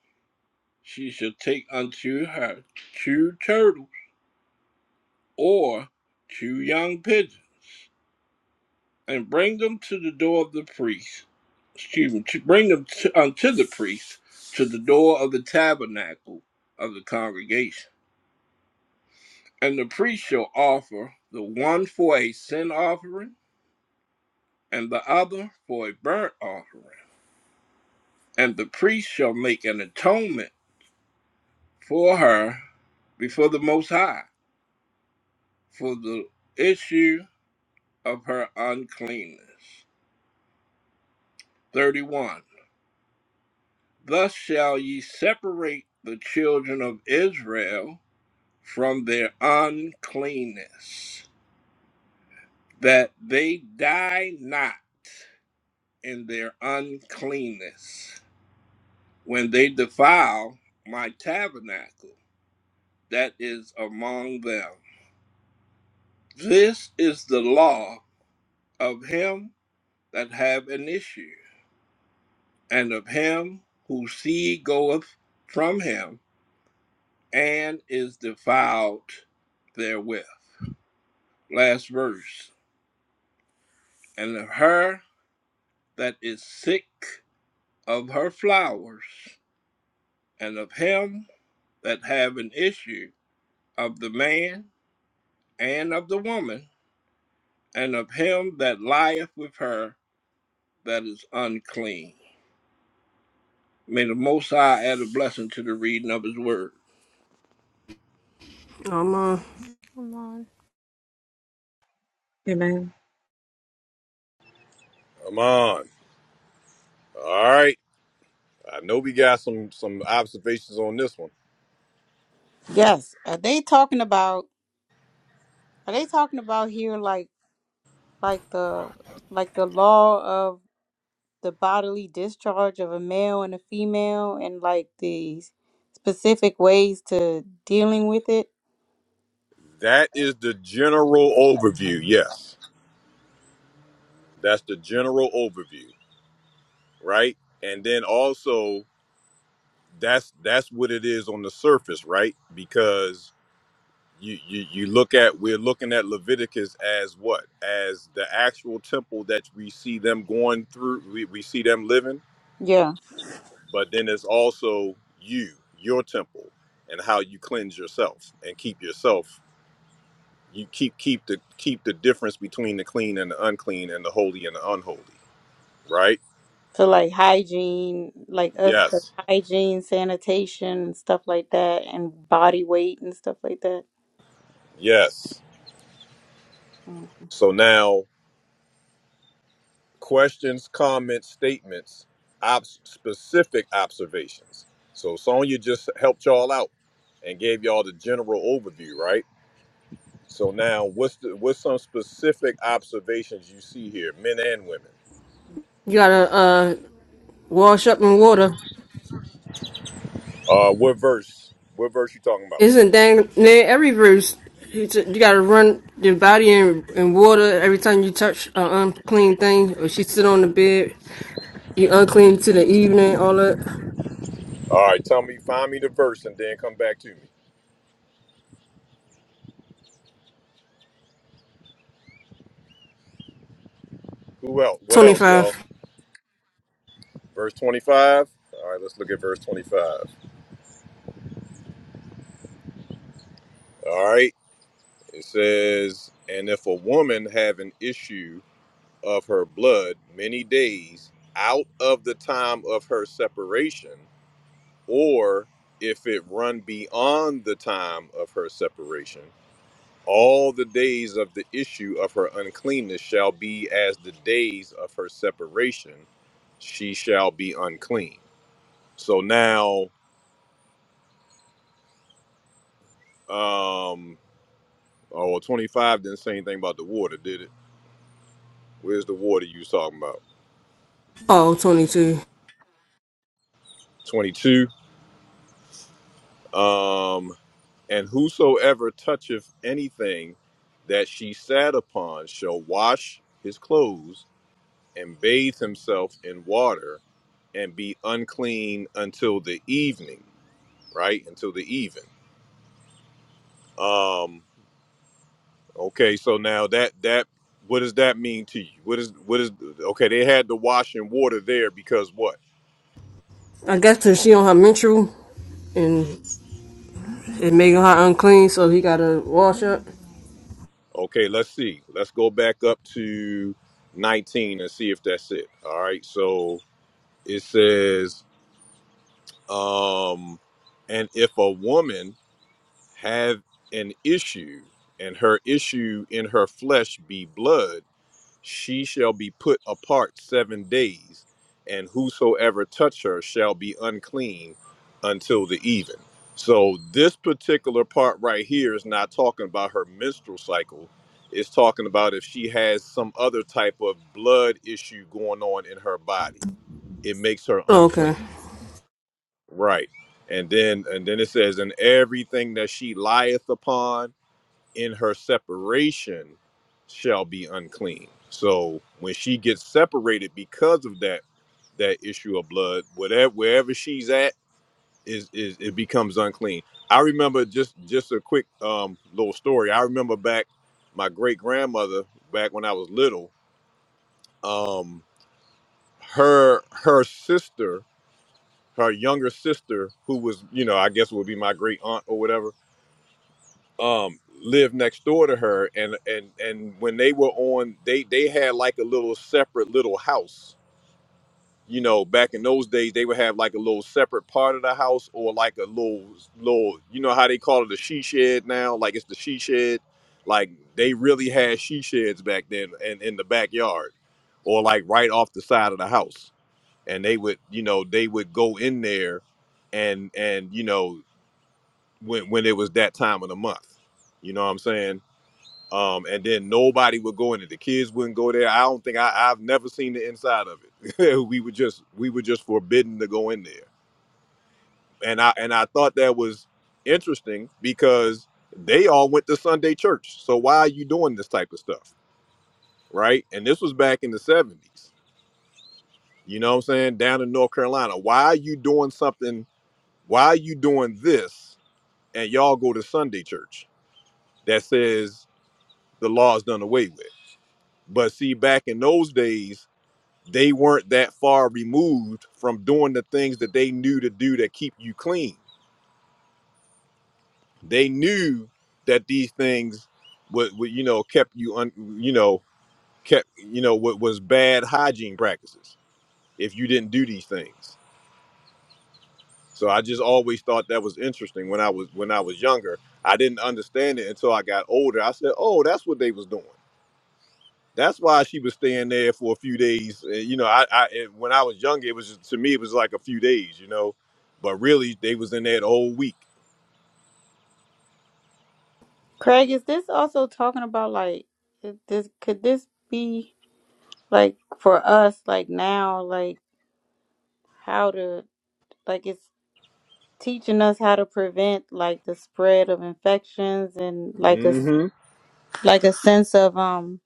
Speaker 5: She shall take unto her two turtles or two young pigeons and bring them to the door of the priest. Excuse me, to bring them to, unto the priest to the door of the tabernacle of the congregation. And the priest shall offer the one for a sin offering and the other for a burnt offering. And the priest shall make an atonement for her before the Most High for the issue of her uncleanness. 31. Thus shall ye separate the children of Israel from their uncleanness, that they die not in their uncleanness when they defile my tabernacle that is among them. This is the law of him that have an issue, and of him whose seed goeth from him and is defiled therewith. Last verse. And of her that is sick of her flowers, and of him that have an issue of the man and of the woman, and of him that lieth with her that is unclean. May the Most High add a blessing to the reading of his word.
Speaker 2: Um, uh,
Speaker 6: Come on.
Speaker 4: Amen.
Speaker 1: Come on. All right. I know we got some some observations on this one.
Speaker 3: Yes. Are they talking about? Are they talking about here like like the like the law of the bodily discharge of a male and a female and like the specific ways to dealing with it?
Speaker 1: That is the general overview. Yes. That's the general overview, right? And then also that's that's what it is on the surface, right? Because you, you you look at we're looking at Leviticus as what? As the actual temple that we see them going through, we, we see them living
Speaker 3: Yeah.
Speaker 1: but then there's also you your temple and how you cleanse yourself and keep yourself you keep keep the keep the difference between the clean and the unclean and the holy and the unholy right
Speaker 3: So like hygiene, like us the
Speaker 1: yes
Speaker 3: hygiene, sanitation, and stuff like that, and body weight and stuff like that.
Speaker 1: yes
Speaker 3: Mm.
Speaker 1: so now questions comments statements ob- specific observations so sonya just helped y'all out and gave y'all the general overview right so now what's the what's some specific observations you see here men and women
Speaker 2: you gotta uh wash up in water.
Speaker 1: Uh, what verse? What verse you talking about?
Speaker 2: Isn't dang near every bruise. You ju- you gotta run your body in, in water every time you touch an unclean thing, or she sit on the bed. You unclean to the evening, all that.
Speaker 1: All right, tell me, find me the verse, and then come back to me. Who else? What else, y'all?
Speaker 2: 25.
Speaker 1: Verse twenty-five. All right, let's look at verse twenty-five. All right, it says, "And if a woman have an issue of her blood many days out of the time of her separation, or if it run beyond the time of her separation." All the days of the issue of her uncleanness shall be as the days of her separation. She shall be unclean. So now, um, oh, well, 25 didn't say anything about the water, did it? Where's the water you was talking about?
Speaker 2: Oh, twenty-two. 22.
Speaker 1: 22. Um, and whosoever toucheth anything that she sat upon shall wash his clothes and bathe himself in water and be unclean until the evening. right? Until the even. Um, okay, so now that that what does that mean to you? What is what is okay, they had the washing water there because what?
Speaker 2: I guess 'cause she on her menstrual, and it making her unclean, so he gotta wash up.
Speaker 1: Okay, let's see. Let's go back up to 19 and see if that's it. All right. So it says, um, and if a woman have an issue and her issue in her flesh be blood she shall be put apart seven days, and whosoever touch her shall be unclean until the even. So this particular part right here is not talking about her menstrual cycle. It's talking about if she has some other type of blood issue going on in her body. It makes her
Speaker 2: Oh, Okay.
Speaker 1: unclean. Right. And then and then it says, and everything that she lieth upon in her separation shall be unclean. So when she gets separated because of that that issue of blood, whatever wherever she's at is is it becomes unclean. I remember just just a quick um little story. I remember back my great grandmother back when I was little, um her her sister, her younger sister who was, you know, I guess would be my great aunt or whatever um lived next door to her and and and when they were on they they had like a little separate little house you know back in those days they would have like a little separate part of the house or like a little little you know how they call it a she shed now like it's the she shed like they really had she sheds back then and in the backyard or like right off the side of the house and they would you know they would go in there and and you know when when it was that time of the month you know what i'm saying um, and then nobody would go in it. The kids wouldn't go there. I don't think I, I've never seen the inside of it. we were just we were just forbidden to go in there. And I and I thought that was interesting because they all went to Sunday church. So why are you doing this type of stuff? Right? And this was back in the 70s. You know what I'm saying? Down in North Carolina. Why are you doing something? Why are you doing this? And y'all go to Sunday church that says the law is done away with. But see, back in those days, they weren't that far removed from doing the things that they knew to do that keep you clean. They knew that these things would, would you know kept you un, you know kept you know what was bad hygiene practices if you didn't do these things. So I just always thought that was interesting when I was when I was younger. I didn't understand it until I got older. I said, "Oh, that's what they was doing." That's why she was staying there for a few days. And, you know, I, I and when I was younger, it was just, to me it was like a few days, you know, but really they was in there the whole week.
Speaker 3: Craig, is this also talking about like is this could this be like for us like now like how to like it's teaching us how to prevent like the spread of infections and like a s-
Speaker 1: Mm-hmm.
Speaker 3: like a sense of um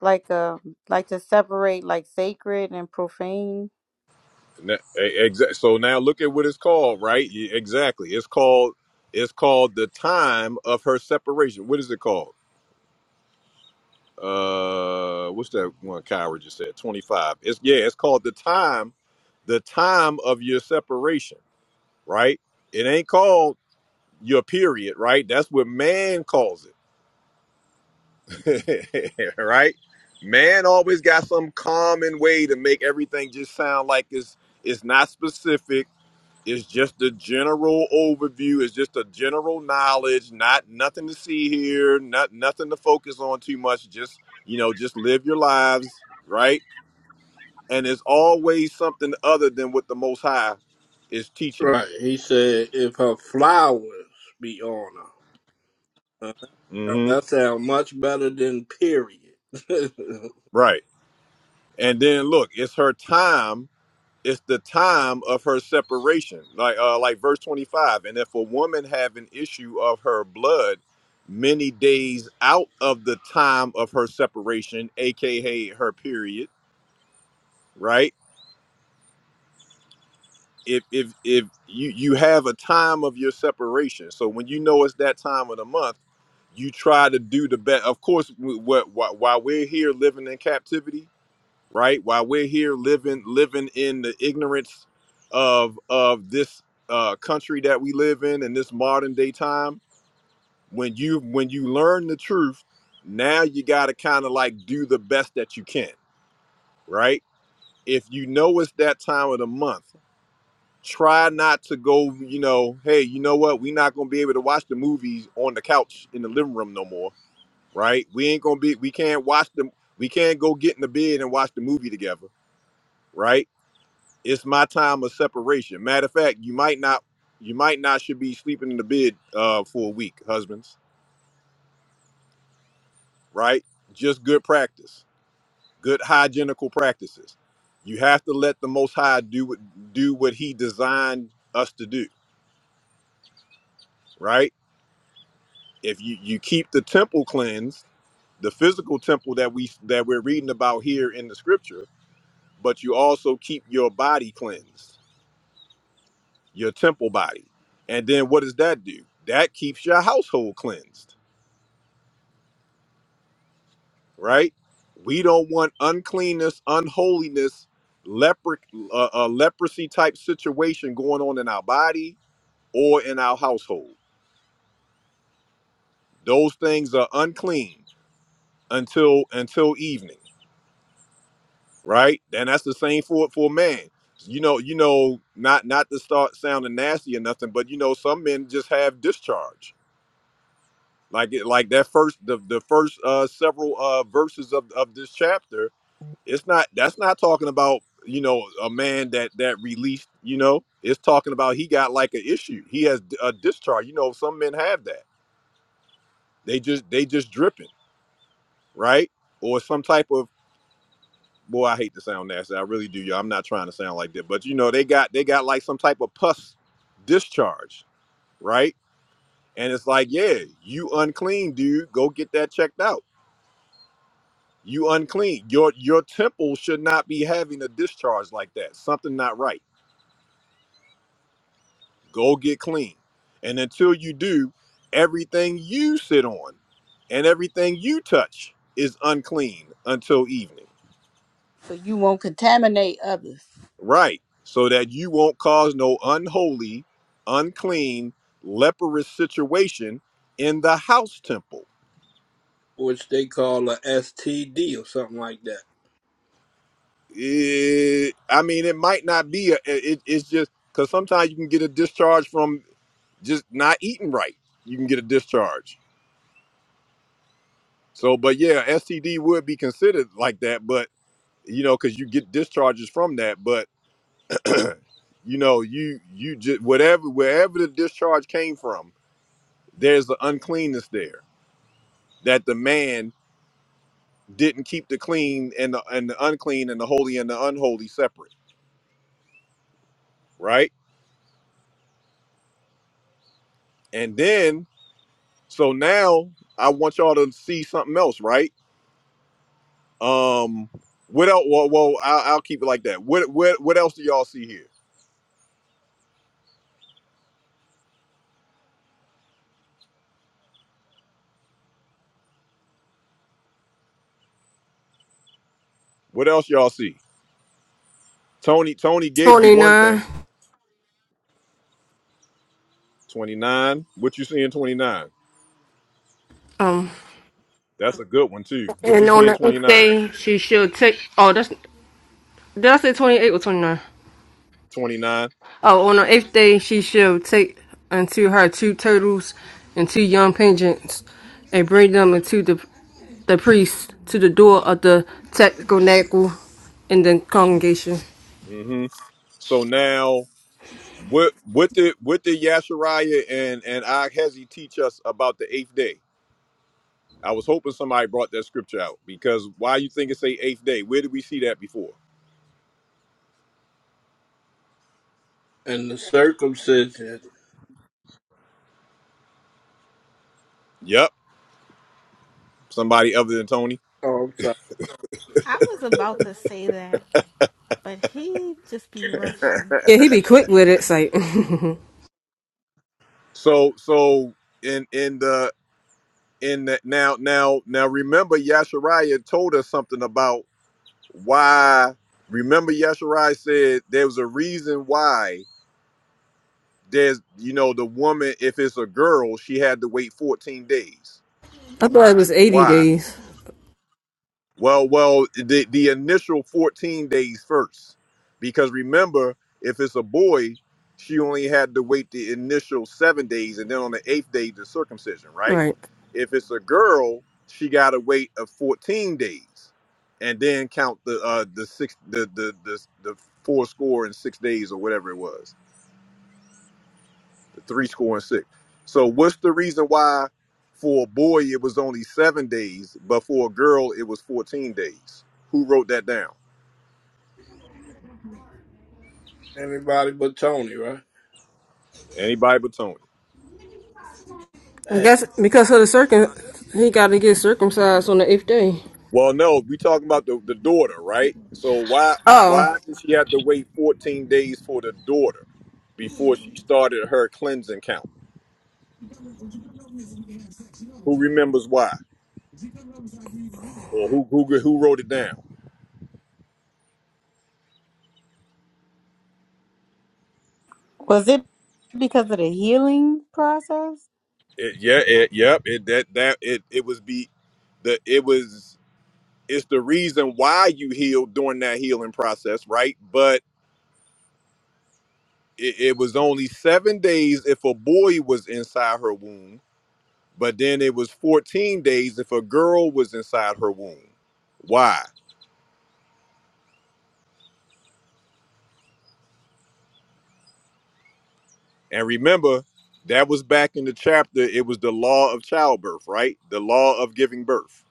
Speaker 3: like a like to separate like sacred and profane.
Speaker 1: Exactly. So now look at what it's called, right? Yeah, Exactly. It's called it's called the time of her separation. What is it called? Uh, what's that one? Kyra just said twenty five. It's yeah. It's called the time, the time of your separation, right? It ain't called your period, right? That's what man calls it. right? Man always got some common way to make everything just sound like it's it's not specific. It's just a general overview. It's just a general knowledge. Not nothing to see here. Not nothing to focus on too much. Just you know, just live your lives, right? And it's always something other than what the Most High is teaching you.
Speaker 5: Right. He said, if her flowers be on her. Uh,
Speaker 1: hmm
Speaker 5: That sounds much better than period.
Speaker 1: Right. And then look, it's her time it's the time of her separation like uh like verse 25 and if a woman have an issue of her blood many days out of the time of her separation aka her period right if if if you you have a time of your separation so when you know it's that time of the month you try to do the best of course wh- wh- wh- while we're here living in captivity right? While we're here living living in the ignorance of of this uh, country that we live in in this modern day time, when you when you learn the truth, now you got to kind of like do the best that you can, right? If you know it's that time of the month, try not to go. You know, hey, you know what? We're not gonna be able to watch the movies on the couch in the living room no more, right? We ain't gonna be. We can't watch them. We can't go get in the bed and watch the movie together right? it's my time of separation. Matter of fact, you might not you might not should be sleeping in the bed uh, for a week, husbands. Right? Just good practice, good hygienical practices. You have to let the Most High do what do what He designed us to do. Right? If you you keep the temple cleansed, the physical temple that we that we're reading about here in the Scripture, but you also keep your body cleansed, your temple body. And then what does that do? That keeps your household cleansed right? We don't want uncleanness, unholiness, leper, uh, uh, leprosy type situation going on in our body or in our household. Those things are unclean until until evening, right? And that's the same for for a man. You know, you know, not not to start sounding nasty or nothing, but you know, some men just have discharge. Like it, like that first the the first uh, several uh, verses of of this chapter It's not. That's not talking about you know a man that that released. You know, it's talking about he got like an issue. He has a discharge. You know, some men have that. They just they just dripping, right? Or some type of boy. I hate to sound nasty. I really do, y'all. I'm not trying to sound like that, but you know, they got they got like some type of pus discharge, right? And it's like, yeah, you unclean, dude. Go get that checked out. You unclean. Your your temple should not be having a discharge like that. Something not right Go get clean. And until you do, everything you sit on and everything you touch is unclean until evening.
Speaker 3: So you won't contaminate others.
Speaker 1: Right. So that you won't cause no unholy, unclean, leprous situation in the house temple.
Speaker 5: which they call a STD or something like that.
Speaker 1: It, I mean, it might not be, a, it, it's just because sometimes you can get a discharge from just not eating right. You can get a discharge. So, but yeah, STD would be considered like that. But you know, because you get discharges from that. But you know, you you just whatever wherever the discharge came from, there's the uncleanness there that the man didn't keep the clean and the and the unclean and the holy and the unholy separate, right? And then so now I want y'all to see something else, right? Um, what else? Well, well I'll, I'll keep it like that. What what what else do y'all see here? What else y'all see? Tony Tony gave you one thing.
Speaker 2: 29.
Speaker 1: 29. What you see in 29?
Speaker 2: Um,
Speaker 1: That's a good one too. What you
Speaker 2: And
Speaker 1: see
Speaker 2: on
Speaker 1: in
Speaker 2: the eighth
Speaker 1: 29?
Speaker 2: day, she shall take. Oh, that's did I say twenty eight or twenty nine?
Speaker 1: 29.
Speaker 2: Oh, on the eighth day, she shall take unto her two turtles and two young pigeons, and bring them unto the the priest to the door of the tabernacle in the congregation.
Speaker 1: hmm So now what what did what did Yashariah and and Akhezi teach us about the eighth day? I was hoping somebody brought that scripture out because why you think it say eighth day? Where did we see that before?
Speaker 5: And the circumcision.
Speaker 1: Yep. Somebody other than Tony.
Speaker 5: Oh, I'm sorry.
Speaker 6: I was about to say that, but he just be rushing.
Speaker 2: Yeah, he be quick with it. It's Like I
Speaker 1: So so in in the in the now now now remember Yashariah told us something about why remember Yashariah said there was a reason why there's you know the woman if it's a girl she had to wait 14 days
Speaker 2: thought it was eighty
Speaker 1: why
Speaker 2: days.
Speaker 1: well well the, the initial 14 days first because remember if it's a boy she only had to wait the initial seven days and then on the eighth day the circumcision right
Speaker 2: Right.
Speaker 1: if it's a girl she got to wait a 14 days and then count the uh the six the the the, the four score and six days or whatever it was three score and six. So what's the reason why for a boy it was only seven days, but for a girl it was fourteen days? Who wrote that down?
Speaker 5: Anybody but Tony, right?
Speaker 1: Anybody but Tony.
Speaker 2: I
Speaker 5: Hey,
Speaker 2: guess because of the circum, he got to get circumcised on the eighth day.
Speaker 1: Well, no, we talking about the, the daughter, right? So why
Speaker 2: Oh.
Speaker 1: why did she have to wait fourteen days for the daughter before she started her cleansing count? Who remembers why? Or who who who wrote it down?
Speaker 3: Was it because of the healing process?
Speaker 1: It, yeah, it, yep. It that that it it was be the it was. it's the reason why you healed during that healing process, right? But it, it was only seven days if a boy was inside her womb, but then it was 14 days if a girl was inside her womb. Why? And remember, that was back in the chapter, it was the law of childbirth, right? The law of giving birth,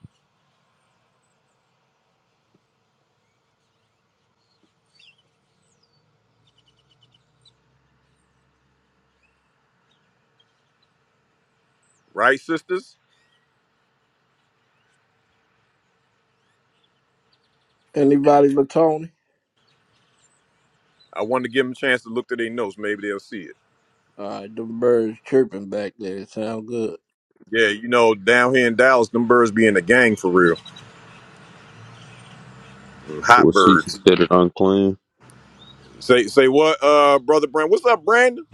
Speaker 1: right, sisters?
Speaker 5: anybody but Tony?
Speaker 1: I wanted to give them a chance to look to their notes. Maybe they'll see it.
Speaker 5: All right, the birds chirping back there. It sound good.
Speaker 1: Yeah, you know, down here in Dallas, them birds be in the gang for real. Hot
Speaker 12: Was she
Speaker 1: birds.
Speaker 12: considered unclean?
Speaker 1: Say say what, uh, brother Brandon? What's up, Brandon?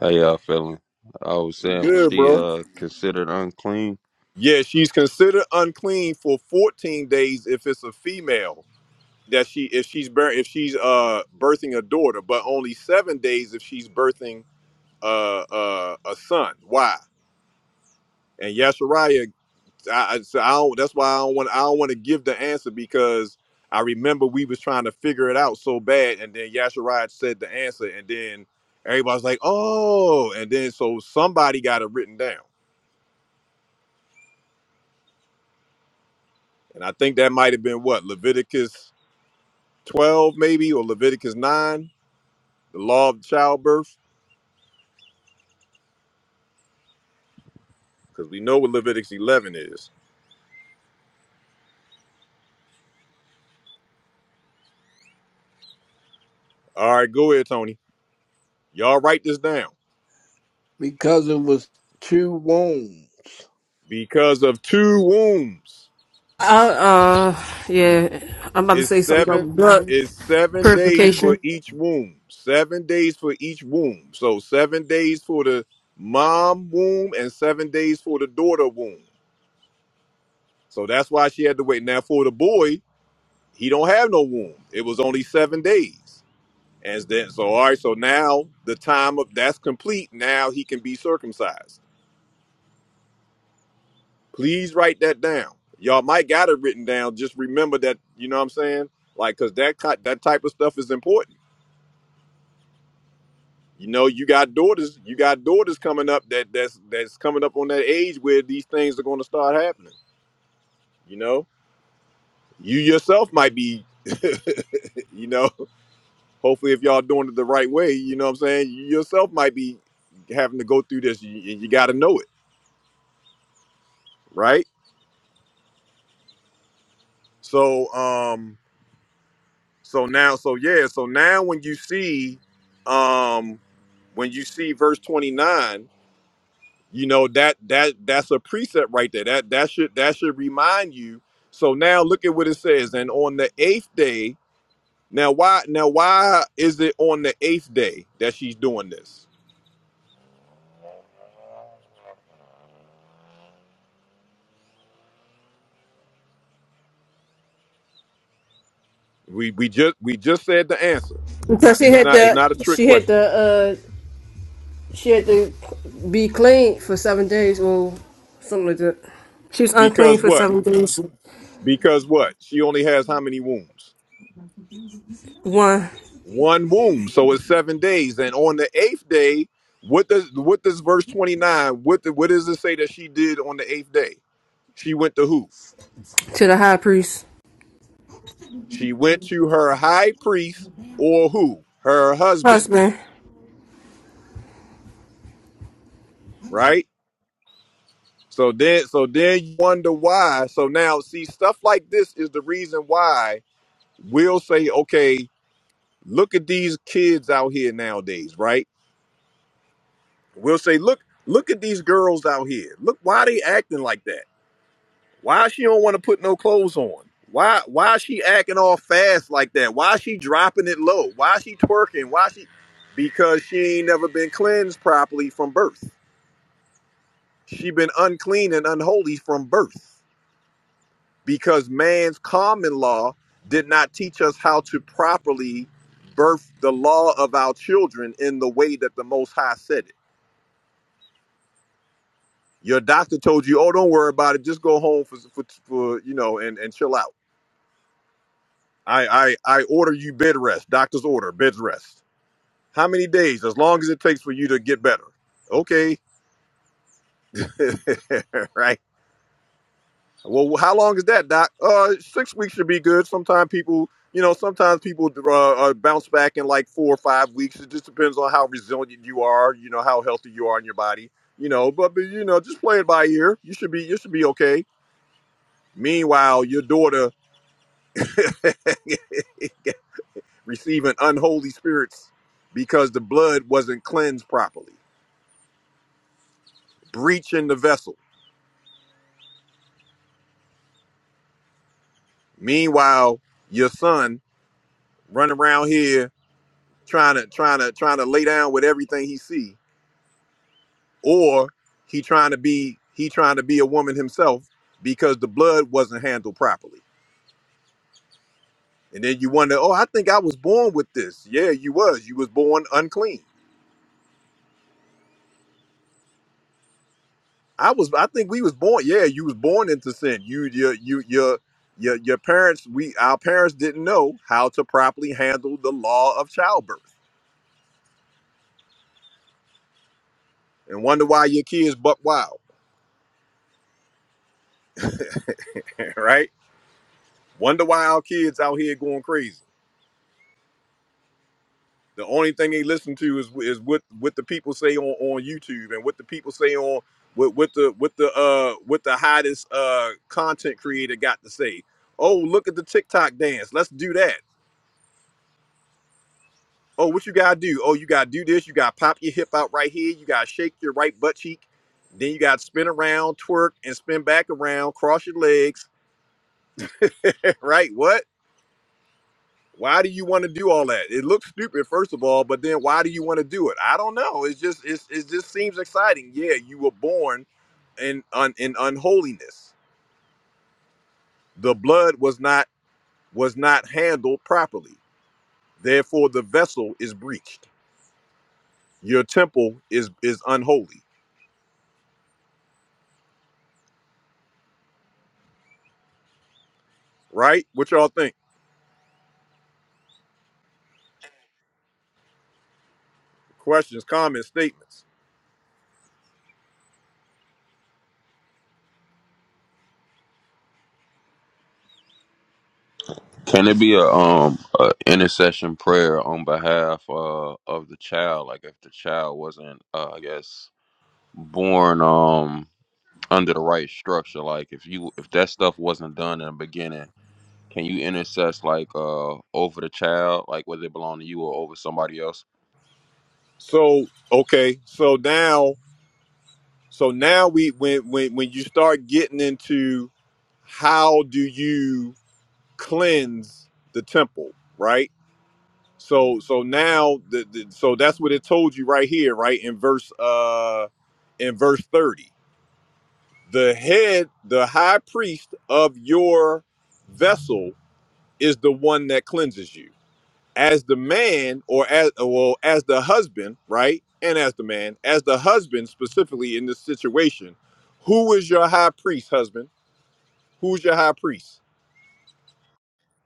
Speaker 12: How y'all feeling? I was saying, was
Speaker 1: Good,
Speaker 12: she
Speaker 1: bro.
Speaker 12: uh considered unclean?
Speaker 1: Yeah, she's considered unclean for 14 days if it's a female that she if she's bear if she's uh birthing a daughter, but only seven days if she's birthing uh, uh a son. Why? And Yashariah, I, I, so I don't, that's why I don't want I don't want to give the answer because I remember we was trying to figure it out so bad, and then Yashariah said the answer, and then everybody's like, oh, and then so somebody got it written down. And I think that might have been what, Leviticus 12, maybe, or Leviticus 9, the law of childbirth, because we know what Leviticus 11 is. All right, go ahead, Tony. Y'all write this down.
Speaker 5: Because it was two wounds.
Speaker 1: Because of two wombs
Speaker 2: I, uh, yeah, I'm about to
Speaker 1: is
Speaker 2: say something
Speaker 1: seven
Speaker 2: about blood
Speaker 1: is seven days for
Speaker 2: purification
Speaker 1: each womb. Seven days for each womb. So seven days for the mom womb and seven days for the daughter womb. So that's why she had to wait. Now for the boy, he don't have no womb. It was only seven days. And then, so all right, so now the time of that's complete. Now he can be circumcised. Please write that down. Y'all might got it written down. Just remember that, you know what I'm saying? Like, cause that ki- that type of stuff is important. You know, you got daughters, you got daughters coming up that that's that's coming up on that age where these things are gonna start happening. You know? You yourself might be, you know, hopefully if y'all doing it the right way, you know what I'm saying? You yourself might be having to go through this. You, you gotta know it, right? So um so now so yeah, so now when you see um when you see verse 29, you know that that that's a precept right there. That that should that should remind you. So now look at what it says. And on the eighth day, now why now why is it on the eighth day that she's doing this? We we just we just said the answer.
Speaker 2: because she
Speaker 1: It's
Speaker 2: had
Speaker 1: not it's
Speaker 2: to,
Speaker 1: not a trick
Speaker 2: she had
Speaker 1: question.
Speaker 2: to, uh, she had to be clean for seven days or something like that. She was unclean
Speaker 1: Because
Speaker 2: for
Speaker 1: what?
Speaker 2: seven days.
Speaker 1: Because what? She only has how many wounds?
Speaker 2: One
Speaker 1: one womb. So it's seven days. And on the eighth day, what does what does verse twenty nine? What the, what does it say that she did on the eighth day? She went to who?
Speaker 2: to the high priest
Speaker 1: She went to her high priest or who? Her husband,
Speaker 2: husband.
Speaker 1: right? So then, so then you wonder why. So now, see, stuff like this is the reason why we'll say, okay, look at these kids out here nowadays, right? We'll say, look, look at these girls out here. Look, why are they acting like that? Why she don't want to put no clothes on? Why why is she acting all fast like that? Why is she dropping it low? Why is she twerking? Why she because she ain't never been cleansed properly from birth. She been unclean and unholy from birth because man's common law did not teach us how to properly birth the law of our children in the way that the most high said it. Your doctor told you, "Oh, don't worry about it. Just go home for for, for you know and and chill out." I, I, I order you bed rest. Doctor's order, bed rest. How many days? As long as it takes for you to get better. Okay. right. Well, how long is that, doc? Uh, six weeks should be good. Sometimes people, you know, sometimes people uh, uh, bounce back in like four or five weeks. It just depends on how resilient you are, you know, how healthy you are in your body, you know. But, but you know, just play it by ear. You should be, you should be okay. Meanwhile, your daughter receiving unholy spirits because the blood wasn't cleansed properly. breaching the vessel. Meanwhile, your son running around here trying to trying to trying to lay down with everything he see, or he trying to be he trying to be a woman himself because the blood wasn't handled properly. And then you wonder, oh, I think I was born with this. Yeah, you was. You was born unclean. I was. I think we was born. Yeah, you was born into sin. You your you your your your parents. We our parents didn't know how to properly handle the law of childbirth, and wonder why your kids buck wild. right? Wonder why our kids out here going crazy. The only thing they listen to is is what what the people say on, on YouTube and what the people say on what what the what the uh what the hottest uh content creator got to say. Oh, look at the TikTok dance. Let's do that. Oh, what you gotta do? Oh, you gotta do this. You gotta pop your hip out right here. You gotta shake your right butt cheek. Then you gotta spin around, twerk, and spin back around. Cross your legs. right? What? Why do you want to do all that? It looks stupid, first of all, but then why do you want to do it? I don't know. It's just it's, it just seems exciting. Yeah, you were born in un, in unholiness. The blood was not was not handled properly. Therefore, the vessel is breached. Your temple is is unholy, right? What y'all think? Questions, comments, statements.
Speaker 12: Can it be a um a intercession prayer on behalf uh of the child? Like if the child wasn't, uh, I guess, born um under the right structure. Like if you if that stuff wasn't done in the beginning, can you intercess like uh over the child, like whether it belong to you or over somebody else?
Speaker 1: So okay, so now so now we when when when you start getting into how do you cleanse the temple right so so now the, the so that's what it told you right here right in verse uh in verse 30 the head the high priest of your vessel is the one that cleanses you as the man or as well as the husband right and as the man as the husband specifically in this situation who is your high priest husband who's your high priest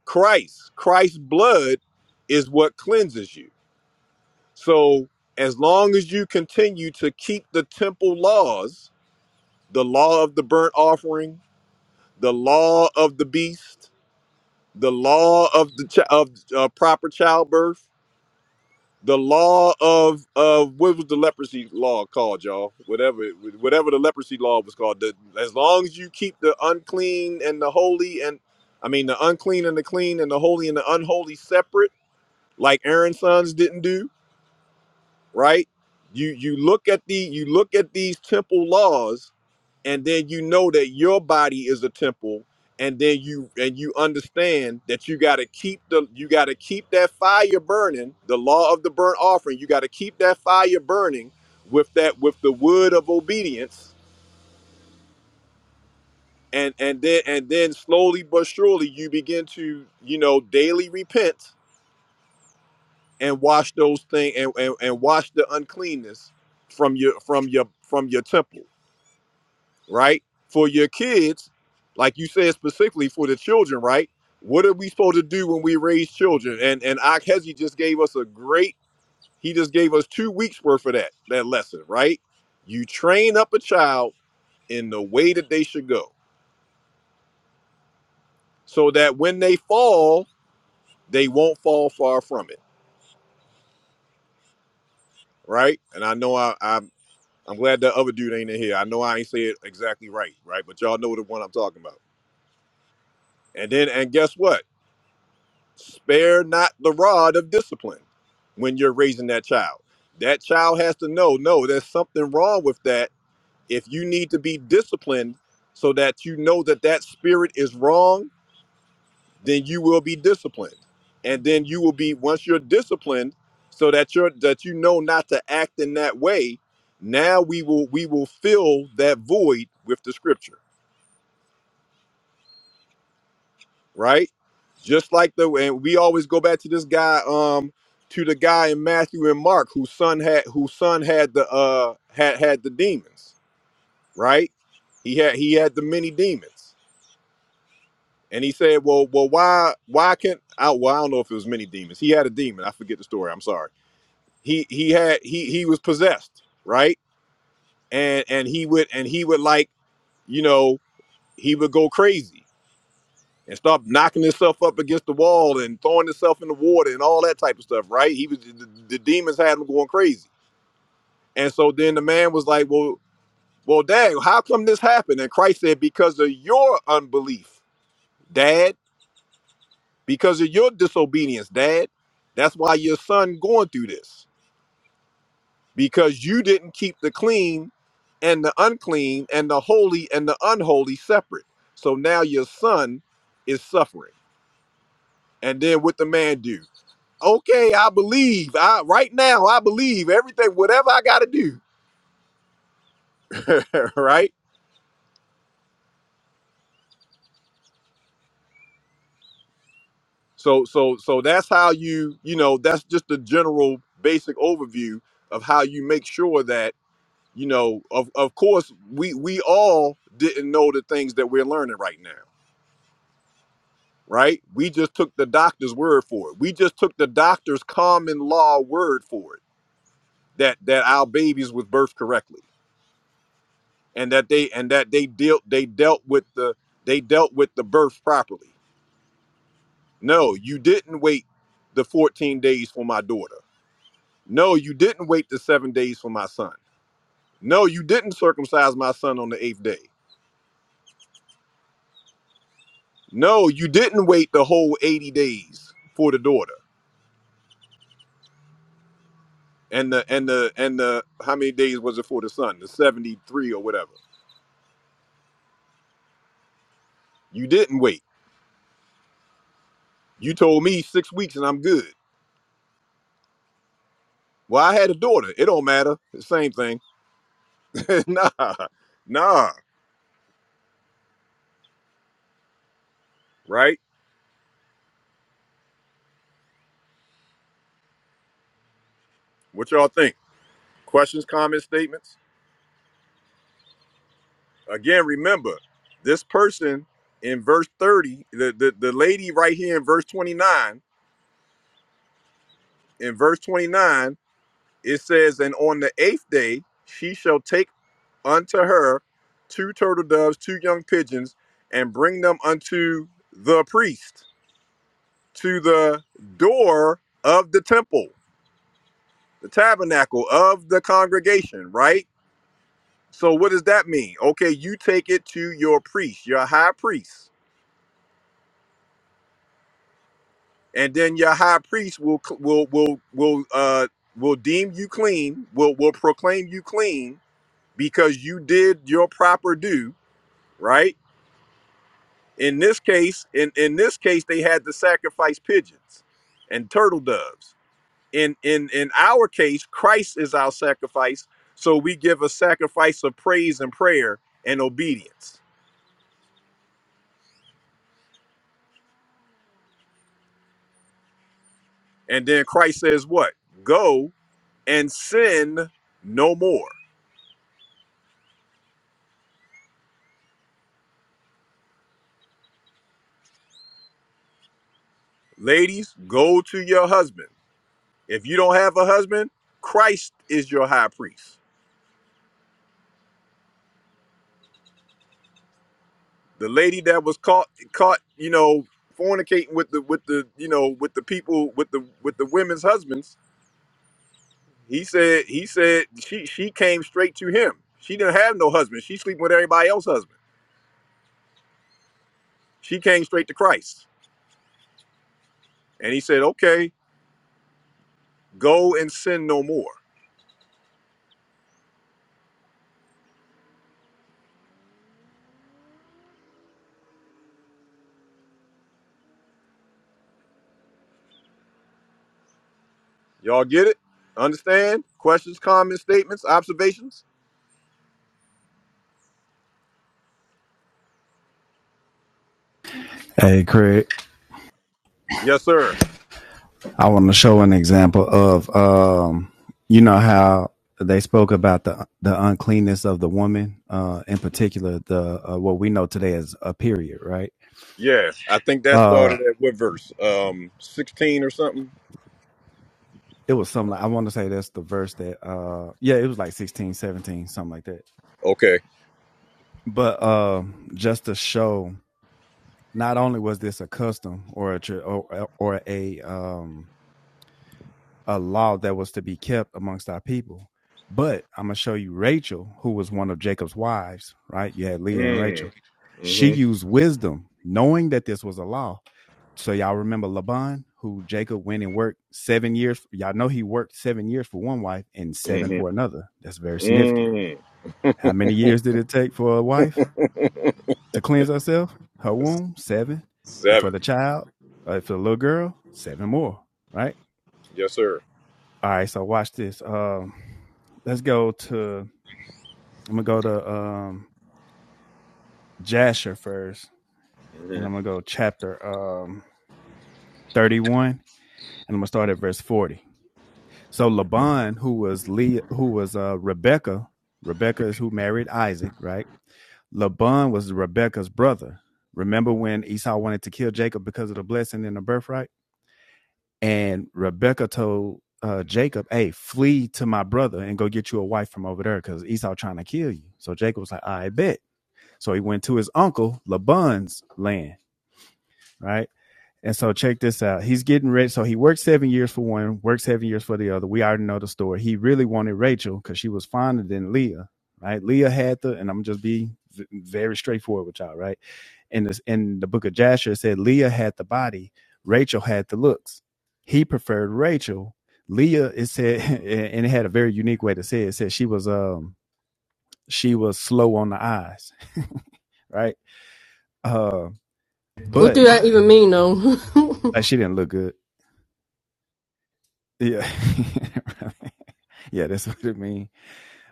Speaker 1: christ christ's blood is what cleanses you So as long as you continue to keep the temple laws, the law of the burnt offering, the law of the beast, the law of the chi- of uh, proper childbirth, the law of of what was the leprosy law called, y'all? Whatever it- whatever the leprosy law was called. The, as long as you keep the unclean and the holy and I mean the unclean and the clean and the holy and the unholy separate, like Aaron's sons didn't do right? You you look at the you look at these temple laws, and then you know that your body is a temple, and then you and you understand that you got to keep the you got to keep that fire burning, the law of the burnt offering. You got to keep that fire burning with that with the wood of obedience, and and then and then slowly but surely you begin to you know daily repent and wash those things and, and and wash the uncleanness from your from your from your temple right? For your kids, like you said specifically for the children, right? What are we supposed to do when we raise children? And and Akhezi just gave us a great, he just gave us two weeks worth of that, that lesson, right? You train up a child in the way that they should go so that when they fall, they won't fall far from it, right? And I know I, I'm I'm glad that other dude ain't in here. I know I ain't say it exactly right, right? But y'all know the one I'm talking about. And then and guess what? spare not the rod of discipline when you're raising that child. That child has to know, no, there's something wrong with that. If you need to be disciplined so that you know that that spirit is wrong, then you will be disciplined. And then you will be once you're disciplined so that you're that you know not to act in that way, now we will we will fill that void with the scripture. right? Just like the and we always go back to this guy, um, to the guy in Matthew and Mark whose son had whose son had the uh had had the demons, right? He had he had the many demons, and he said, "Well, well, why why can't I? Well, I don't know if it was many demons. He had a demon. I forget the story. I'm sorry. He he had he he was possessed, right? And and he would and he would like you know he would go crazy." and stop knocking himself up against the wall and throwing himself in the water and all that type of stuff, right? He was the, the demons had him going crazy. And so then the man was like, Well, well, dad, how come this happened? And Christ said, Because of your unbelief, dad, because of your disobedience, dad. That's why your son going through this. Because you didn't keep the clean and the unclean and the holy and the unholy separate. So now your son is suffering. And then what the man do? okay, I believe. I right now I believe everything, whatever I gotta do. right? So so so that's how you, you know, that's just the general basic overview of how you make sure that, you know, of of course we we all didn't know the things that we're learning right now. Right? We just took the doctor's word for it. We just took the doctor's common law word for it that that our babies was birthed correctly and that they and that they dealt they dealt with the they dealt with the birth properly. No, you didn't wait the 14 days for my daughter. No, you didn't wait the 7 days for my son. No, you didn't circumcise my son on the 8th day. No, you didn't wait the whole 80 days for the daughter. And the and the and the how many days was it for the son? The 73 or whatever. You didn't wait. You told me 6 weeks and I'm good. Well, I had a daughter. It don't matter. Same thing. nah. Nah. right? What y'all think? Questions, comments, statements? Again, remember, this person in verse 30, the, the, the lady right here in verse 29, in verse 29, it says, And on the eighth day she shall take unto her two turtle doves, two young pigeons, and bring them unto the priest, to the door of the temple, the tabernacle of the congregation, right? So what does that mean? Okay, you take it to your priest, your high priest, and then your high priest will cl- will will will uh will deem you clean, will will proclaim you clean because you did your proper due, right? In this case, in in this case, they had to sacrifice pigeons and turtle doves. In in in our case, Christ is our sacrifice, so we give a sacrifice of praise and prayer and obedience. And then Christ says, "What? Go." and sin no more. Ladies, go to your husband. If you don't have a husband, Christ is your high priest. The lady that was caught caught, you know, fornicating with the with the, you know, with the people with the with the women's husbands, he said he said she she came straight to him. She didn't have no husband. She sleeping with everybody else's husband. She came straight to Christ. And he said, "Okay, go and sin no more." Y'all get it? Understand? Questions, comments, statements, observations?
Speaker 8: Hey, Craig,
Speaker 1: Yes, sir.
Speaker 8: I want to show an example of, um, you know how they spoke about the the uncleanness of the woman, uh, in particular the uh, what we know today as a period, right?
Speaker 1: Yeah, I think that
Speaker 8: Uh,
Speaker 1: started at what verse? Um, sixteen or something.
Speaker 8: it was something like, I want to say that's the verse that uh yeah, it was like 16, 17, something like that.
Speaker 1: Okay.
Speaker 8: But uh just to show not only was this a custom or a or, or a um a law that was to be kept amongst our people. But I'm going to show you Rachel, who was one of Jacob's wives, right? You had Leah and
Speaker 1: Mm.
Speaker 8: Rachel. She
Speaker 1: Mm-hmm.
Speaker 8: used wisdom, knowing that this was a law. So y'all remember Laban, who Jacob went and worked seven years. Y'all know he worked seven years for one wife and seven for
Speaker 1: Mm-hmm.
Speaker 8: another. That's very significant.
Speaker 1: Mm.
Speaker 8: How many years did it take for a wife to cleanse herself, her womb? Seven. And for
Speaker 1: Seven.
Speaker 8: the child, uh, for the little girl, seven more, right?
Speaker 1: Yes, sir.
Speaker 8: All right, so watch this. Um, let's go to I'm gonna go to um Jasher first, and I'm
Speaker 1: Mm-hmm.
Speaker 8: gonna go chapter um 31, and I'm gonna start at verse 40. So Laban, who was Leah, who was uh Rebecca, Rebecca is who married Isaac, right? Laban was Rebecca's brother. Remember when Esau wanted to kill Jacob because of the blessing and the birthright? And Rebecca told uh, Jacob, "Hey, flee to my brother and go get you a wife from over there, because Esau trying to kill you." So Jacob was like, "I bet." So he went to his uncle Laban's land, right? And so check this out. He's getting ready. So he worked seven years for one, worked seven years for the other. We already know the story. He really wanted Rachel because she was finer than Leah, right? Leah had the, and I'm just be very straightforward with y'all, right? in this in the book of Jasher it said Leah had the body, Rachel had the looks. He preferred Rachel. Leah it said and it had a very unique way to say it. It said she was um she was slow on the eyes, right? Uh
Speaker 2: What
Speaker 8: but
Speaker 2: do that even mean, though?
Speaker 8: uh, she didn't look good. Yeah. yeah, that's what it mean.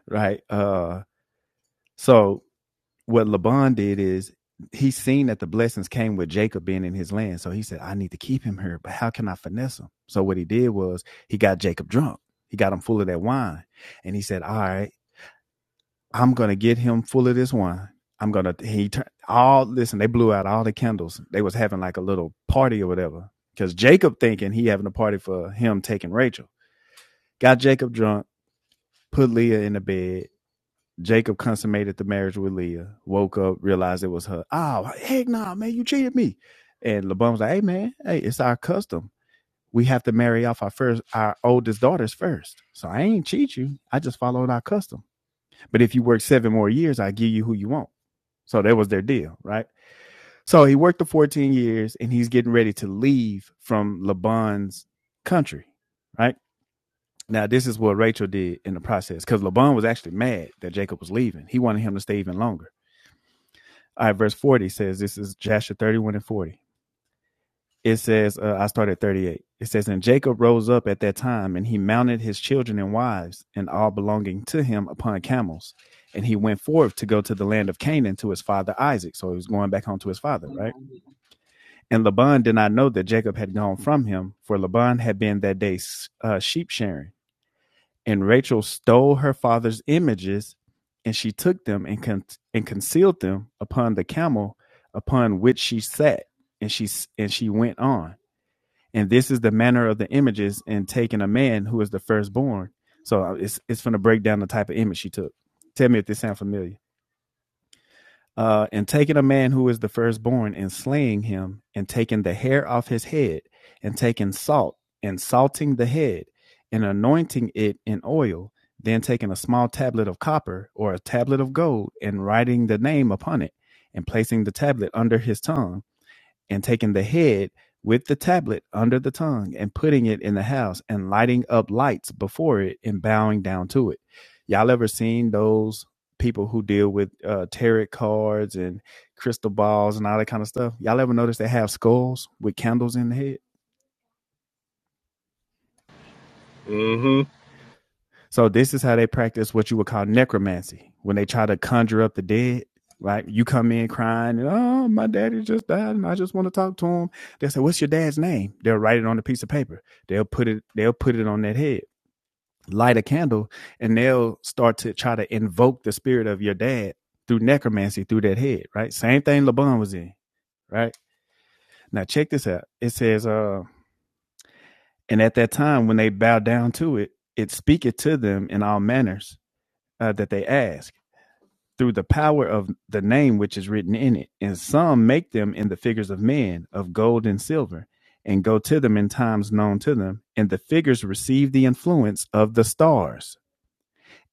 Speaker 8: Right. Uh so what Laban did is he seen that the blessings came with Jacob being in his land. So he said, I need to keep him here, but how can I finesse him? So what he did was he got Jacob drunk. He got him full of that wine. And he said, All right, I'm gonna get him full of this wine. I'm gonna he turned all listen, they blew out all the candles. They was having like a little party or whatever. Because Jacob thinking he having a party for him taking Rachel. Got Jacob drunk, put Leah in the bed, Jacob consummated the marriage with Leah, woke up, realized it was her. Oh, heck no, man, you cheated me. And LeBron was like, hey, man, hey, it's our custom. We have to marry off our first, our oldest daughters first. So I ain't cheat you. I just followed our custom. But if you work seven more years, I give you who you want. So that was their deal, right? So he worked the 14 years and he's getting ready to leave from Laban's country, right? Now, this is what Rachel did in the process because Laban was actually mad that Jacob was leaving. He wanted him to stay even longer. All right, verse 40 says, this is Jasher 31 and 40. It says, uh, I start at 38. It says, And Jacob rose up at that time, and he mounted his children and wives, and all belonging to him upon camels. And he went forth to go to the land of Canaan to his father Isaac. So he was going back home to his father, right? And Laban did not know that Jacob had gone from him, for Laban had been that day uh, sheep shearing. And Rachel stole her father's images, and she took them and con- and concealed them upon the camel upon which she sat, and she and she went on. And this is the manner of the images in taking a man who is the firstborn. So uh, it's it's going to break down the type of image she took. Tell me if this sounds familiar uh, and taking a man who is the firstborn and slaying him, and taking the hair off his head, and taking salt and salting the head, and anointing it in oil, then taking a small tablet of copper or a tablet of gold, and writing the name upon it, and placing the tablet under his tongue and taking the head with the tablet under the tongue and putting it in the house and lighting up lights before it and bowing down to it. Y'all ever seen those people who deal with uh, tarot cards and crystal balls and all that kind of stuff? Y'all ever notice they have skulls with candles in the head?
Speaker 1: Mm-hmm.
Speaker 8: So this is how they practice what you would call necromancy when they try to conjure up the dead. Right, you come in crying, and, oh, my daddy just died, and I just want to talk to him. They say, "What's your dad's name?" They'll write it on a piece of paper. They'll put it. They'll put it on that head. Light a candle, and they'll start to try to invoke the spirit of your dad through necromancy through that head. Right, same thing Laban was in. Right now, check this out. It says, "Uh, and at that time when they bow down to it, it speaketh to them in all manners uh, that they ask." through the power of the name which is written in it. And some make them in the figures of men, of gold and silver, and go to them in times known to them. And the figures receive the influence of the stars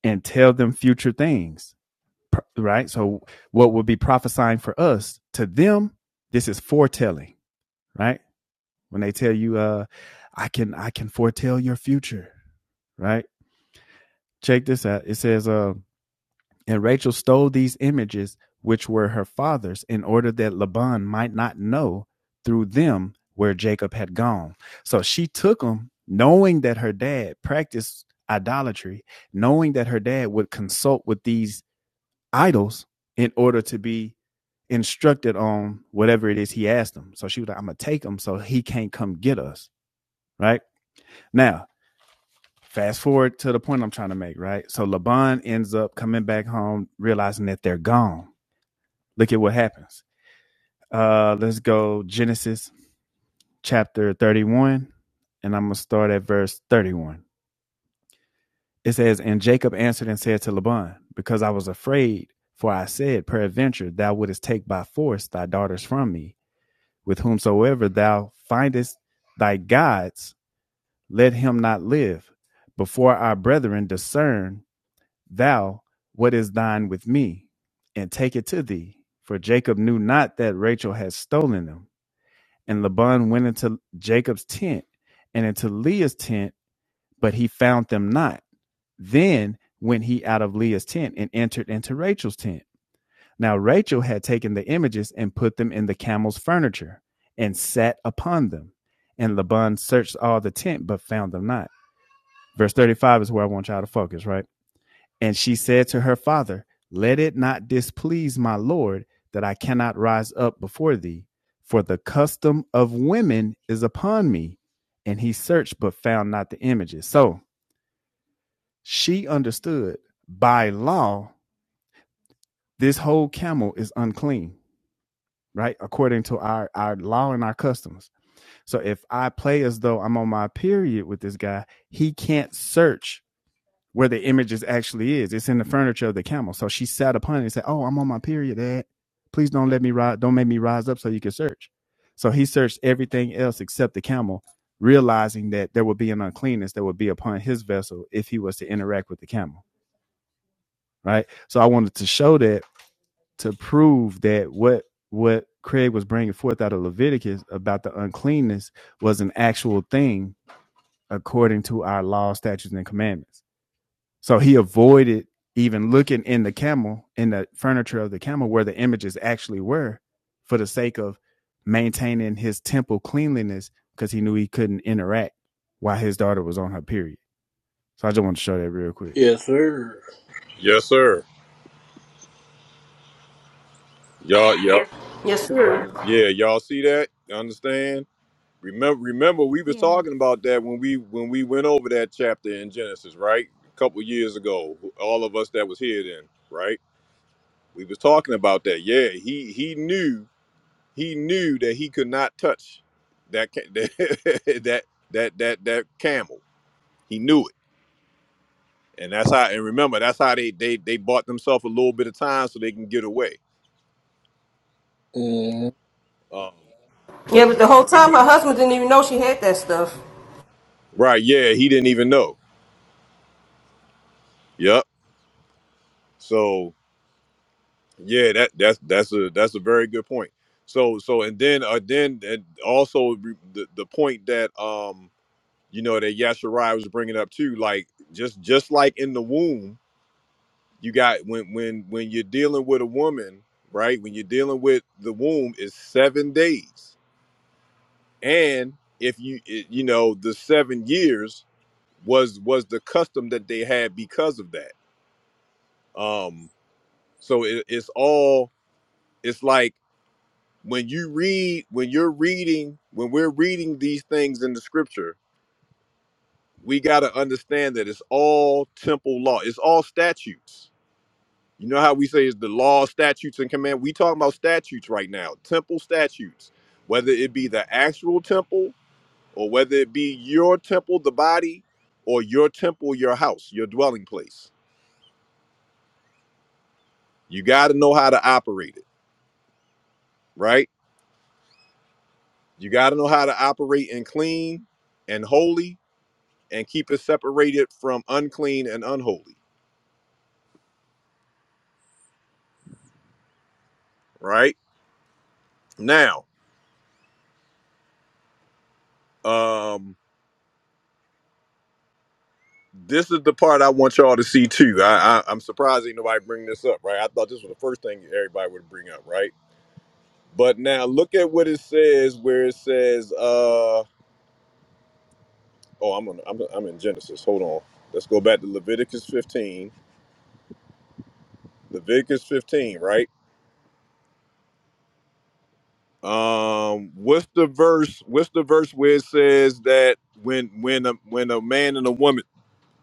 Speaker 8: and tell them future things. Right? So, what will be prophesying for us to them, this is foretelling, right? When they tell you, uh, I can I can foretell your future, right? Check this out. It says, "Uh." And Rachel stole these images, which were her father's, in order that Laban might not know through them where Jacob had gone. So she took them, knowing that her dad practiced idolatry, knowing that her dad would consult with these idols in order to be instructed on whatever it is he asked them. So she was like, I'm going to take them, so he can't come get us. Right now, fast forward to the point I'm trying to make. Right. So Laban ends up coming back home, realizing that they're gone look at what happens. Uh, let's go Genesis chapter 31, and I'm going to start at verse 31. It says, And Jacob answered and said to Laban, Because I was afraid, for I said, Peradventure, thou wouldest take by force thy daughters from me, with whomsoever thou findest thy gods, let him not live. Before our brethren discern thou what is thine with me, and take it to thee. For Jacob knew not that Rachel had stolen them. and Laban went into Jacob's tent and into Leah's tent, but he found them not. Then went he out of Leah's tent and entered into Rachel's tent. Now Rachel had taken the images and put them in the camel's furniture and sat upon them. And Laban searched all the tent, but found them not. Verse 35 is where I want y'all to focus, right? And she said to her father, Let it not displease my Lord that I cannot rise up before thee, for the custom of women is upon me. And he searched but found not the images. So she understood by law, this whole camel is unclean, right? According to our, our law and our customs. So if I play as though I'm on my period with this guy, he can't search where the image is actually is. It's in the furniture of the camel. So she sat upon it and said, Oh, I'm on my period, Dad. Please don't let me rise, don't make me rise up so you can search. So he searched everything else except the camel, realizing that there would be an uncleanness that would be upon his vessel if he was to interact with the camel. Right. So I wanted to show that to prove that what what Craig was bringing forth out of Leviticus about the uncleanness was an actual thing according to our law, statutes, and commandments so he avoided even looking in the camel, in the furniture of the camel, where the images actually were, for the sake of maintaining his temple cleanliness, because he knew he couldn't interact while his daughter was on her period. So I just want to show that real quick.
Speaker 5: Yes, sir.
Speaker 1: Yes, sir. Y'all. yep.
Speaker 2: yes, sir.
Speaker 1: Yeah. Y'all see that? You Understand? Remember? Remember, we was
Speaker 6: Yeah.
Speaker 1: talking about that when we when we went over that chapter in Genesis, right? A couple years ago. All of us that was here then, right? We was talking about that. Yeah. He he knew he knew that he could not touch that ca- that that that that, that camel. He knew it, and that's how. And remember, that's how they they they bought themselves a little bit of time so they can get away.
Speaker 5: Mm.
Speaker 1: Um,
Speaker 2: Yeah,
Speaker 1: but
Speaker 2: but
Speaker 1: but
Speaker 2: the whole time her husband didn't even know she had that stuff.
Speaker 1: right, yeah, he didn't even know. Yep. So yeah, that that's that's a that's a very good point. So so and then uh, then and also re- the the point that um you know that Yasharai was bringing up too, like just just like in the womb you got when when when you're dealing with a woman right when you're dealing with the womb is seven days and if you it- you know the seven years was was the custom that they had because of that um so it, it's all it's like when you read when you're reading when we're reading these things in the scripture we got to understand that it's all temple law it's all statutes You know how we say is the law, statutes, and command. We talking about statutes right now, temple statutes, whether it be the actual temple or whether it be your temple, the body, or your temple, your house, your dwelling place. You got to know how to operate it, right? You got to know how to operate in clean and holy and keep it separated from unclean and unholy, right? Now, um, this is the part I want y'all to see too. I, I I'm surprised ain't nobody bring this up, right? I thought this was the first thing everybody would bring up, right? But now look at what it says, where it says, uh, oh, I'm on, I'm I'm in Genesis. Hold on, let's go back to Leviticus 15. Leviticus 15, right? Um, what's the verse? What's the verse where it says that when when a, when a man and a woman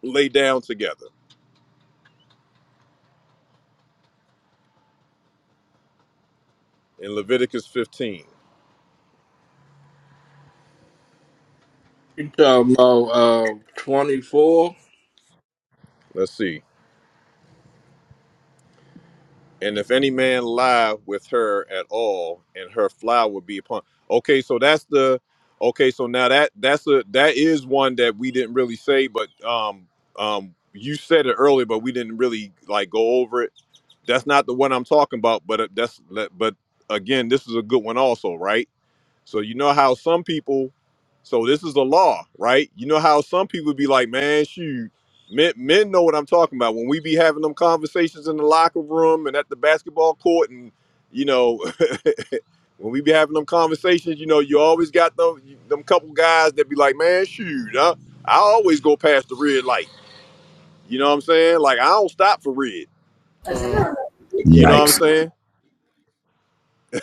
Speaker 1: lay down together in Leviticus 15?
Speaker 5: You talking about uh, 24?
Speaker 1: Let's see. And if any man lie with her at all, and her flower will be upon. Okay, so that's the. Okay, so now that that's a that is one that we didn't really say, but um um you said it earlier, but we didn't really like go over it. That's not the one I'm talking about, but uh, that's but again, this is a good one also, right? So you know how some people, so this is the law, right? You know how some people be like, man, shoot, men, men know what I'm talking about. When we be having them conversations in the locker room and at the basketball court, and you know, when we be having them conversations, you know, you always got them them couple guys that be like, man, shoot, I, I always go past the red light. You know what I'm saying? Like I don't stop for red.
Speaker 5: Uh,
Speaker 1: You know what I'm
Speaker 8: Yikes.
Speaker 1: saying?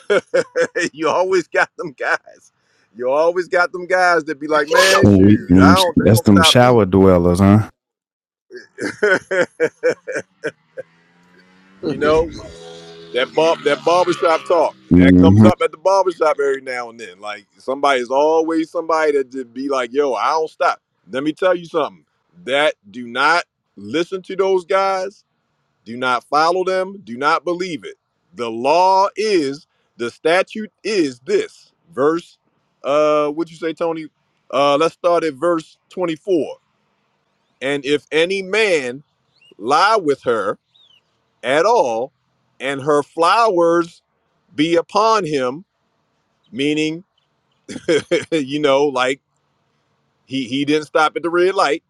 Speaker 1: you always got them guys. You always got them guys that be like, man, shoot, I don't, they
Speaker 8: that's
Speaker 1: don't
Speaker 8: them
Speaker 1: stop
Speaker 8: shower dwellers, huh?
Speaker 1: me. you know, that bar, that barbershop talk that comes
Speaker 8: hmm
Speaker 1: up at the barbershop every now and then. Like somebody's always somebody that just be like, yo, I don't stop. Let me tell you something. That do not listen to those guys Do not follow them. Do not believe it. The law is, the statute is this. Verse, uh, what you say, Tony? Uh, let's start at verse 24. And if any man lie with her at all, and her flowers be upon him, meaning, you know, like he, he didn't stop at the red light,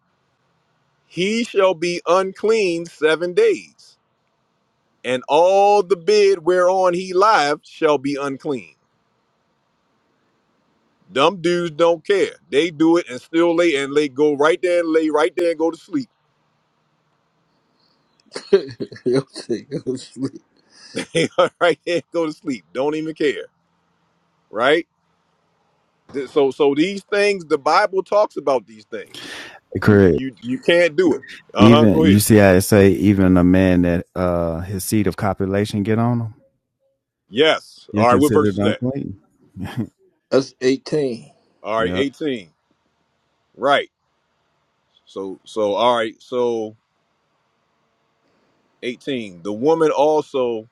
Speaker 1: he shall be unclean seven days, and all the bed whereon he lieth shall be unclean Dumb dudes don't care. They do it and still lay and lay go right there and lay right there and go to sleep.
Speaker 5: you'll see. You'll sleep.
Speaker 1: right there and go to sleep. Don't even care. Right? Th- So so these things the Bible talks about these things.
Speaker 8: Correct.
Speaker 1: You you can't do it. Uh-huh.
Speaker 8: Even
Speaker 1: Go ahead.
Speaker 8: you see how it say even a man that uh his seat of copulation get on him,
Speaker 1: Yes.
Speaker 8: you're
Speaker 1: All right, what verse
Speaker 8: considered
Speaker 1: is that?
Speaker 8: unclean.
Speaker 5: That's 18.
Speaker 1: All right,
Speaker 8: yep.
Speaker 1: 18. Right. So so all right, so 18. The woman also,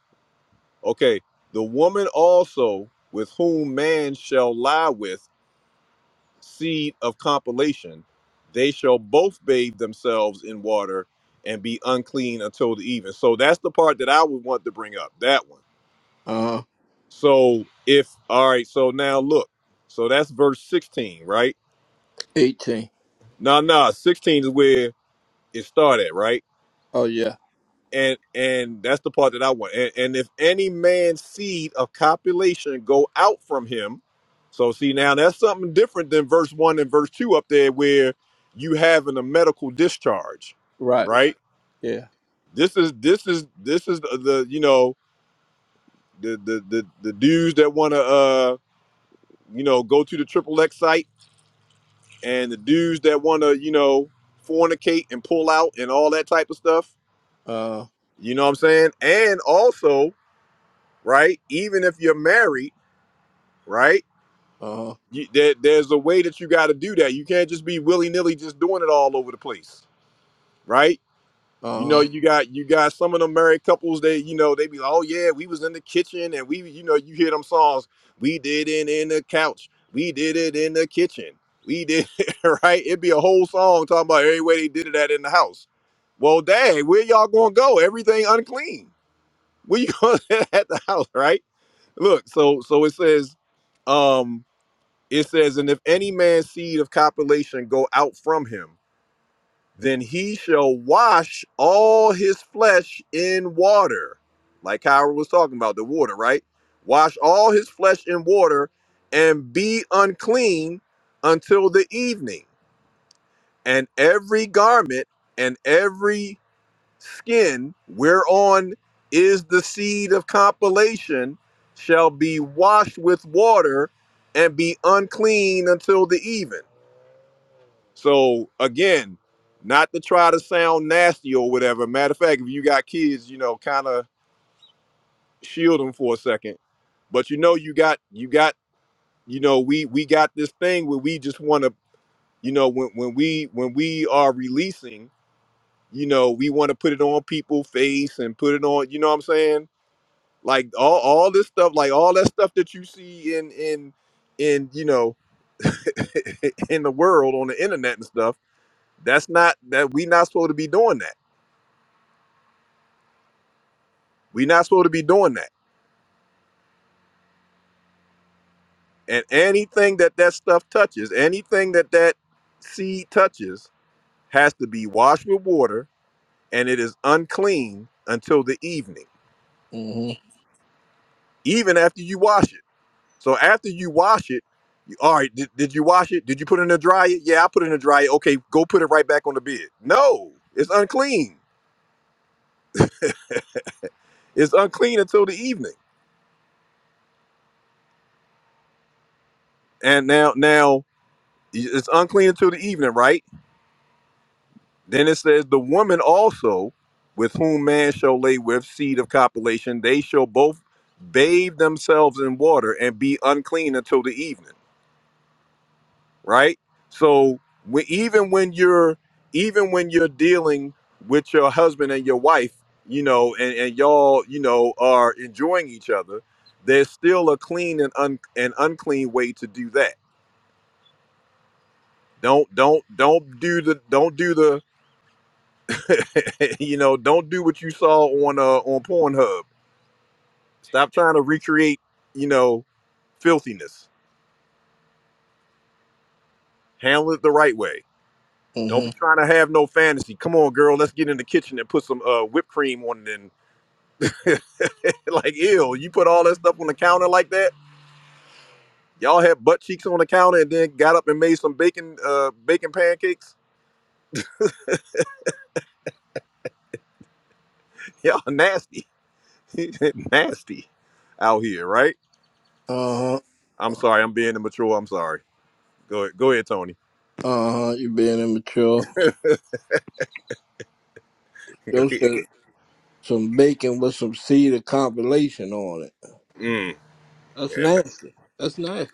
Speaker 1: okay, the woman also with whom man shall lie with seed of compilation, they shall both bathe themselves in water and be unclean until the even. So that's the part that I would want to bring up. That one.
Speaker 5: Uh,
Speaker 1: So if all right, so now look. So that's verse 16, right?
Speaker 5: 18.
Speaker 1: Nah, nah, 16 is where it started, right?
Speaker 5: Oh, yeah.
Speaker 1: and and that's the part that I want. And, and if any man's seed of copulation go out from him, so see now that's something different than verse one and verse two up there, where you having a medical discharge,
Speaker 5: Right.
Speaker 1: right?
Speaker 5: Yeah.
Speaker 1: This is this is this is the, the you know the the the, the dudes that want to uh you know go to the triple X site and the dudes that want to you know fornicate and pull out and all that type of stuff.
Speaker 5: Uh,
Speaker 1: You know what I'm saying? And also right? Even if you're married, right?
Speaker 5: uh
Speaker 1: You, there, there's a way that you got to do that. You can't just be willy nilly just doing it all over the place, right?
Speaker 5: Uh
Speaker 1: You know,
Speaker 5: huh.
Speaker 1: you got you got some of them married couples. They, you know, they be like, oh yeah, we was in the kitchen and we, you know, you hear them songs. We did it in the couch. We did it in the kitchen. We did it, right. It'd be a whole song talking about every way they did it at in the house. Well, dang, where y'all gonna go? Everything unclean. Where you going at the house, right? Look, so so it says, um, it says, and if any man's seed of copulation go out from him, then he shall wash all his flesh in water, like Kyra was talking about the water, right? Wash all his flesh in water, and be unclean until the evening, and every garment and every skin whereon is the seed of compilation shall be washed with water and be unclean until the even. So again, not to try to sound nasty or whatever. Matter of fact, if you got kids, you know, kind of shield them for a second. But you know, you got you got you know, we we got this thing where we just want to, you know, when when we when we are releasing, you know, we want to put it on people's face and put it on, you know what I'm saying? Like all, all this stuff, like all that stuff that you see in in in you know in the world on the internet and stuff, that's not that we not supposed to be doing that. We not supposed to be doing that. And anything that that stuff touches, anything that that seed touches, has to be washed with water, and it is unclean until the evening,
Speaker 5: Mhm.
Speaker 1: even after you wash it. So after you wash it, you, all right, did, did you wash it? Did you put it in the dryer? Yeah, I put it in the dryer. Okay, go put it right back on the bed. No, it's unclean. It's unclean until the evening. And now, now it's unclean until the evening, right? Then it says the woman also, with whom man shall lay with seed of copulation, they shall both bathe themselves in water and be unclean until the evening. right? So we, even when you're even when you're dealing with your husband and your wife, you know, and, and y'all, you know, are enjoying each other, there's still a clean and un and unclean way to do that. Don't don't don't do the don't do the you know don't do what you saw on uh on Pornhub. Stop trying to recreate you know filthiness. Handle it the right way. Don't be
Speaker 5: Mhm.
Speaker 1: trying to have no fantasy. Come on, girl, let's get in the kitchen and put some uh, whipped cream on it. And like, ew, you put all that stuff on the counter like that. Y'all had butt cheeks on the counter and then got up and made some bacon, uh, bacon pancakes. Y'all nasty, nasty out here, right?
Speaker 5: Uh huh.
Speaker 1: I'm sorry, I'm being immature. I'm sorry. Go ahead, go ahead, Tony.
Speaker 5: Uh huh. You being immature.
Speaker 1: Go
Speaker 5: Yo
Speaker 1: ahead.
Speaker 5: said some bacon with some cedar compilation on it.
Speaker 1: Mm,
Speaker 5: That's
Speaker 1: and
Speaker 5: nasty. That's nasty.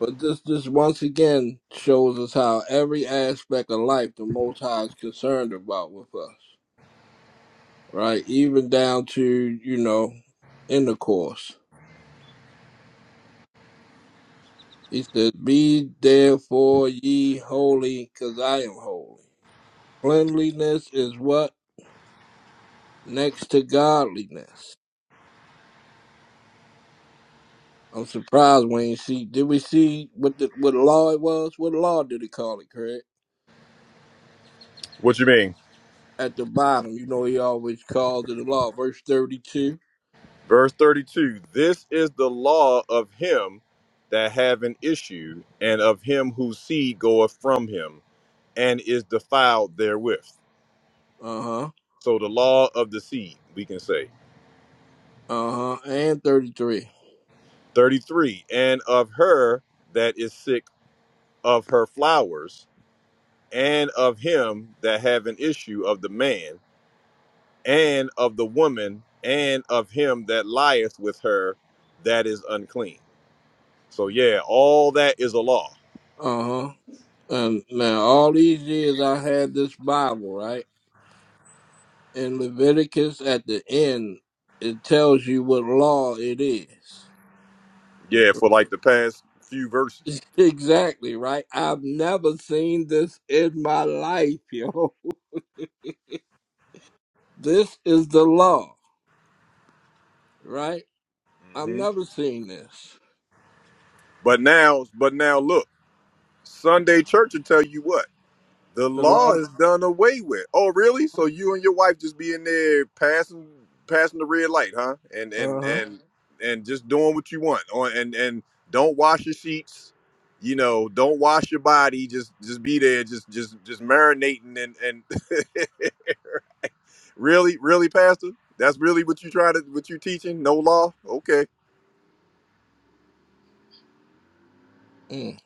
Speaker 5: But this this once again shows us how every aspect of life the Most High is concerned about with us, right? Even down to you know intercourse. He said, "Be therefore ye holy, because I am holy." Cleanliness is what next to godliness. I'm surprised we ain't see. Did we see what the what law it was? What law did he call it, Craig?
Speaker 1: what you mean?
Speaker 5: At the bottom, you know, he always calls it a law. Verse thirty-two.
Speaker 1: Verse 32 This is the law of him that have an issue, and of him whose seed goeth from him, and is defiled therewith.
Speaker 5: Uh huh.
Speaker 1: So the law of the seed, we can say.
Speaker 5: Uh huh. And thirty-three.
Speaker 1: 33 And of her that is sick of her flowers, and of him that have an issue of the man, and of the woman, and of him that lieth with her that is unclean. So, yeah, all that is a law.
Speaker 5: Uh huh. And now all these years I had this Bible, right? In Leviticus, at the end, it tells you what law it is.
Speaker 1: Yeah, for like the past few verses.
Speaker 5: Exactly right. I've never seen this in my life, yo. This is the law, right? I've
Speaker 1: hmm
Speaker 5: never seen this.
Speaker 1: But now, but now look, Sunday church will tell you what the
Speaker 5: The law.
Speaker 1: law is done away with. Oh, really? So you and your wife just be in there passing, passing the red light, huh? And
Speaker 5: Uh
Speaker 1: and
Speaker 5: huh.
Speaker 1: and and just doing what you want. On and and don't wash your sheets. You know, don't wash your body. Just just be there. Just just just marinating and and really really, pastor. That's really what you try to what you teaching? No law? Okay.
Speaker 5: Mm,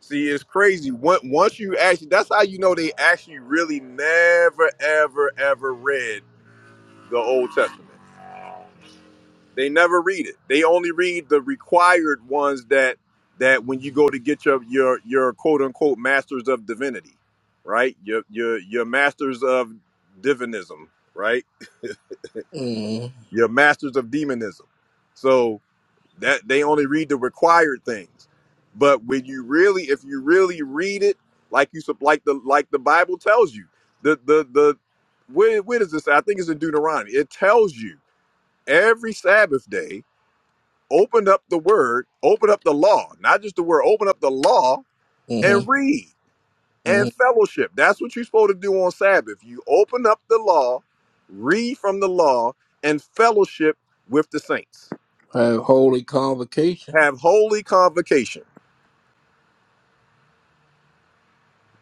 Speaker 1: See, it's crazy. Once once you actually, that's how you know they actually really never, ever, ever read the Old Testament. They never read it. They only read the required ones that that when you go to get your your your quote unquote masters of divinity, right? Your your your masters of divinism, right?
Speaker 5: mm,
Speaker 1: Your masters of demonism. So. that they only read the required things but when you really if you really read it like you sup- like the like the bible tells you the the the where, where does this i think it's in deuteronomy it tells you every sabbath day open up the word open up the law not just the word open up the law
Speaker 5: mm,
Speaker 1: and read and
Speaker 5: mm.
Speaker 1: fellowship that's what you're supposed to do on sabbath you open up the law read from the law and fellowship with the saints
Speaker 5: Have holy convocation.
Speaker 1: have holy convocation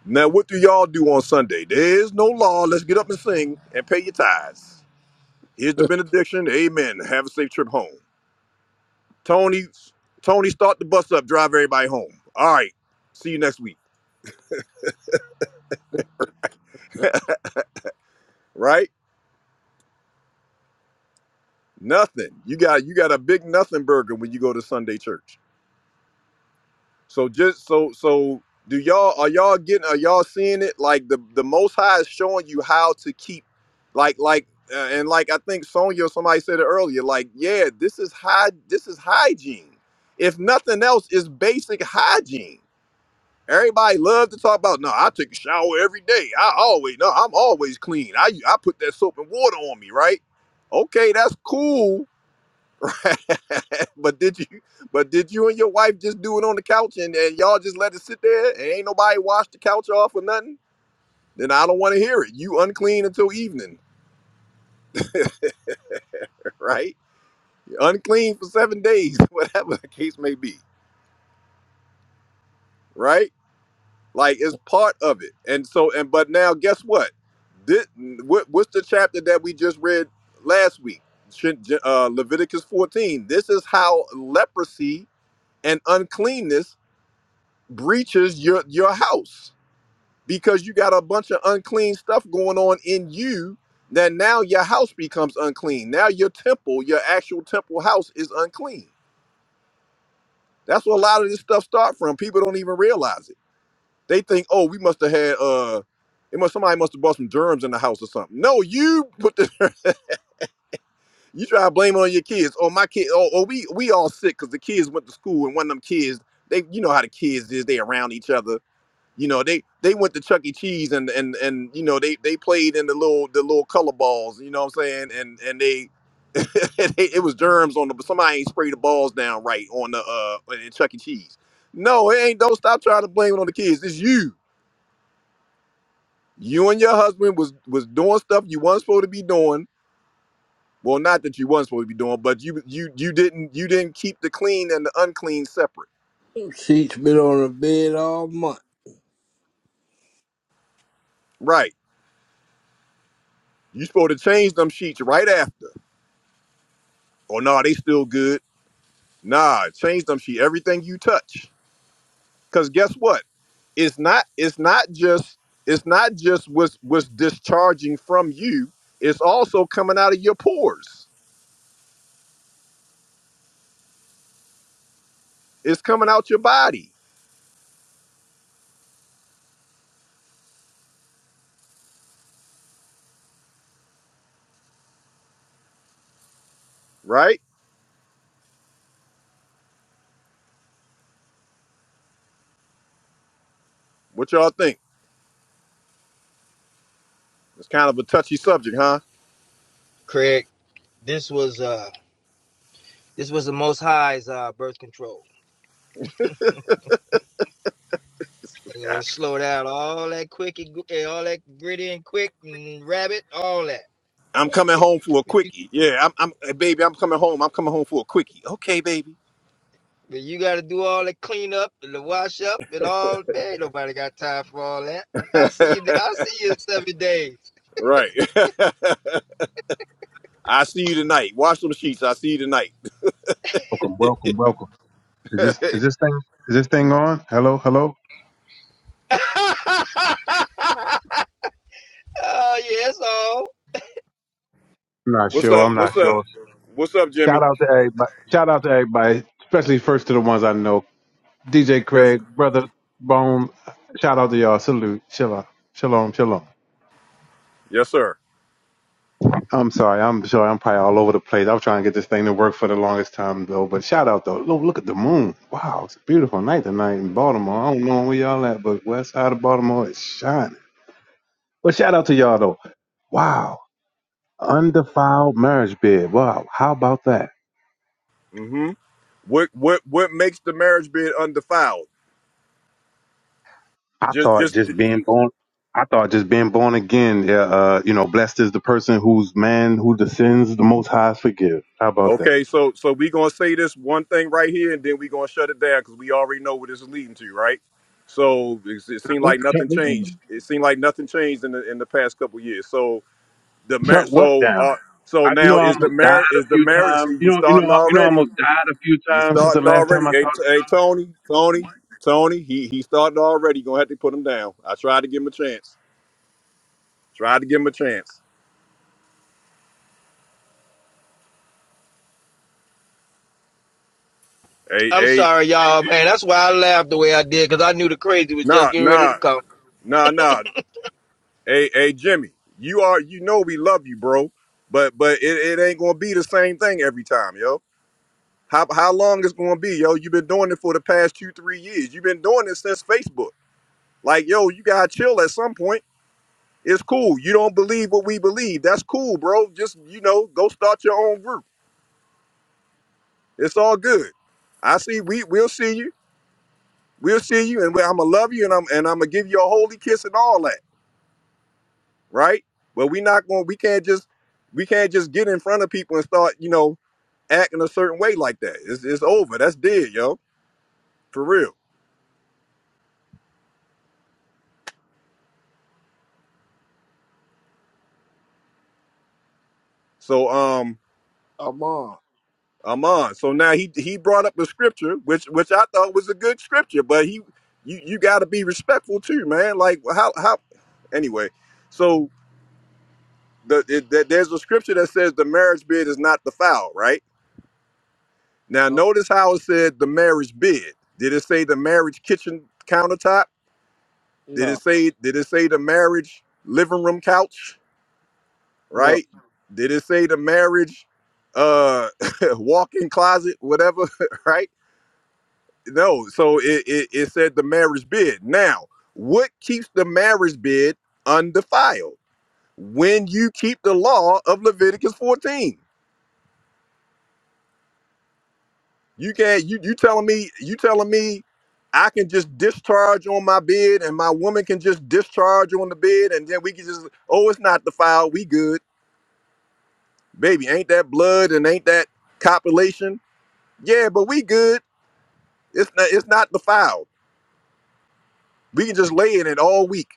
Speaker 1: Now, what do y'all do on Sunday? There is no law. Let's get up and sing and pay your tithes. Here's the benediction. Amen. Have a safe trip home. Tony, Tony, start the bus up. Drive everybody home. All right. See you next week. Right? Nothing. You got you got a big nothing burger when you go to Sunday church. So just so so do y'all are y'all getting are y'all seeing it like the the Most High is showing you how to keep like like uh, and like I think Sonya or somebody said it earlier like yeah this is high this is hygiene if nothing else is basic hygiene everybody love to talk about no I take a shower every day I always no I'm always clean I I put that soap and water on me right okay that's cool Right. but did you but did you and your wife just do it on the couch and, and y'all just let it sit there and ain't nobody washed the couch off or nothing then i don't want to hear it you unclean until evening right You're unclean for seven days whatever the case may be right like it's part of it and so and but now guess what this, what what's the chapter that we just read last week Shin- uh, leviticus 14 this is how leprosy and uncleanness breaches your your house because you got a bunch of unclean stuff going on in you that now your house becomes unclean. Now your temple, your actual temple house is unclean. That's where a lot of this stuff start from. People don't even realize it. They think, oh, we must have had uh it must somebody must have brought some germs in the house or something. No, you put the you try to blame it on your kids. Oh, my kid, oh, oh we we all sick because the kids went to school and one of them kids, they you know how the kids is, they around each other You know, they they went to Chuck E. Cheese and and and you know they they played in the little the little color balls. You know what I'm saying? And and they. it was germs on the but somebody ain't sprayed the balls down right on the uh in Chuck E. Cheese. No, it ain't. Don't stop trying to blame it on the kids. It's you. You and your husband was was doing stuff you weren't supposed to be doing. Well, not that you weren't supposed to be doing, but you you you didn't you didn't keep the clean and the unclean separate.
Speaker 5: She's been on the bed all month.
Speaker 1: Right. You supposed to change them sheets right after. Oh no, they still good Nah, change them sheet. Everything you touch. Cause guess what? It's not it's not just it's not just what's what's discharging from you. It's also coming out of your pores. It's coming out your body, right? What y'all think? It's kind of a touchy subject, huh?
Speaker 13: Craig, this was uh this was the most high's uh birth control. They gonna
Speaker 1: Yeah.
Speaker 13: slow down all that quick and, gr- and all that gritty and quick and rabbit, all that.
Speaker 1: I'm coming home for a
Speaker 13: But you,
Speaker 1: quickie. Yeah, I'm, I'm eh, baby, I'm coming home. I'm coming home for a quickie. Okay, baby.
Speaker 13: but you gotta do all the cleanup and the wash up and all man, ain't nobody got time for all that. I'll see you I'll see you in seven days.
Speaker 1: right. I see you tonight. Wash them sheets. I see you tonight.
Speaker 14: Welcome, welcome, welcome. Is this is this thing is this thing on? Hello, hello.
Speaker 13: oh yes, all.
Speaker 14: I'm not
Speaker 1: What's
Speaker 14: sure.
Speaker 1: up?
Speaker 14: I'm not
Speaker 1: What's up?
Speaker 14: sure.
Speaker 1: What's up,
Speaker 14: Shout
Speaker 1: Jimmy?
Speaker 14: out to everybody. Shout out to everybody, especially first to the ones I know. DJ
Speaker 1: Yes, sir.
Speaker 14: Craig, brother Bone. Shout out to y'all. Salute. Shalom. Shalom. Shalom.
Speaker 1: Yes, sir.
Speaker 14: I'm sorry. I'm sorry. I'm probably all over the place. I'm trying to get this thing to work for the longest time though. But shout out though. Look, look at the moon. Wow, it's a beautiful night tonight in Baltimore. I don't know where y'all at, but west side of Baltimore is shining. But shout out to y'all though. Wow. Undefiled marriage bed. Wow, how about that?
Speaker 1: hmm What what what makes the marriage bed undefiled?
Speaker 14: I
Speaker 1: Just
Speaker 14: thought
Speaker 1: just
Speaker 14: just being born. I thought just being born again. yeah, Uh, you know, blessed is the person whose man who the sins the Most High forgive. How about that?
Speaker 1: okay. So so we gonna say this one thing right here, and then we gonna shut it down because we already know what this is leading to, right? So it, it seemed
Speaker 14: What
Speaker 1: like
Speaker 14: shut
Speaker 1: nothing
Speaker 14: what
Speaker 1: changed.
Speaker 14: down?
Speaker 1: It seemed like nothing changed in the in the past couple years. So the mar-
Speaker 14: Shut what
Speaker 1: so
Speaker 14: down?
Speaker 1: uh so
Speaker 14: I, you know,
Speaker 1: now
Speaker 14: I
Speaker 1: is the
Speaker 14: almost died
Speaker 1: marriage
Speaker 14: a
Speaker 1: is the
Speaker 14: few
Speaker 1: marriage.
Speaker 14: times.
Speaker 1: See,
Speaker 14: You
Speaker 1: you
Speaker 14: know, you know,
Speaker 1: starting
Speaker 14: I- you know, I
Speaker 1: already.
Speaker 14: almost died a few
Speaker 1: You
Speaker 14: times since the
Speaker 1: starting
Speaker 14: last
Speaker 1: already.
Speaker 14: time I
Speaker 1: Hey, t-
Speaker 14: talked
Speaker 1: hey Tony, Tony, Tony. He he started already. Gonna have to put him down. I tried to give him a chance. Tried to give him a chance. Hey,
Speaker 13: I'm
Speaker 1: hey.
Speaker 13: sorry, y'all, man. That's why I laughed the way I did, because I knew the crazy was just
Speaker 1: Nah,
Speaker 13: getting ready to
Speaker 1: nah,
Speaker 13: come.
Speaker 1: nah, nah. Hey, hey, Jimmy, you are you know we love you, bro. But but it, it ain't gonna be the same thing every time, yo. How how long it's gonna be, yo? You've been doing it for the past two, three years. You've been doing this since Facebook. Like, yo, you gotta chill at some point. It's cool. You don't believe what we believe. That's cool, bro. Just you know, go start your own group. It's all good. I see. We we'll see you. We'll see you, and I'm gonna love you, and I'm and I'm gonna give you a holy kiss and all that. right? But we not going. We can't just we can't just get in front of people and start you know acting a certain way like that. It's it's over. That's dead, yo, for real. So um,
Speaker 5: A month.
Speaker 1: I'm on. So now he he brought up the scripture, which which I thought was a good scripture, but he you you got to be respectful too, man. Like how how anyway. So the, it, that there's a scripture that says the marriage bed is not defiled, right? Now
Speaker 5: Uh,
Speaker 1: notice how it said the marriage bed. Did it say the marriage kitchen countertop? Did it
Speaker 5: no,
Speaker 1: say did it say the marriage living room couch,
Speaker 5: no.
Speaker 1: right? Did it say the marriage uh walk-in closet, whatever, right? No, so it, it it said the marriage bed. Now, what keeps the marriage bed undefiled? When you keep the law of Leviticus 14. You can't you you telling me you telling me I can just discharge on my bed and my woman can just discharge on the bed and then we can just oh it's not defiled, we good baby, ain't that blood and ain't that copulation? Yeah, but we good. It's not it's not defiled. We can just lay in it all week.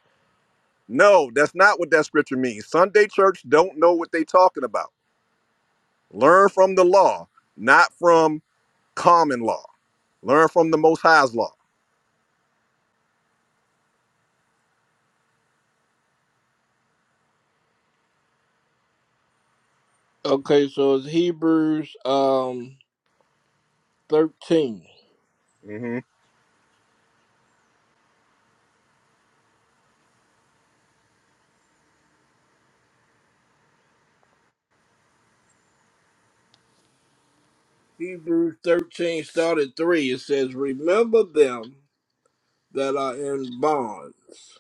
Speaker 1: No, that's not what that scripture means. Sunday church don't know what they talking about. Learn from the law, not from common law. Learn from the most high's law.
Speaker 5: Okay, so it's Hebrews um thirteen.
Speaker 1: hmm
Speaker 5: Hebrews thirteen, started three. It says, "Remember them that are in bonds,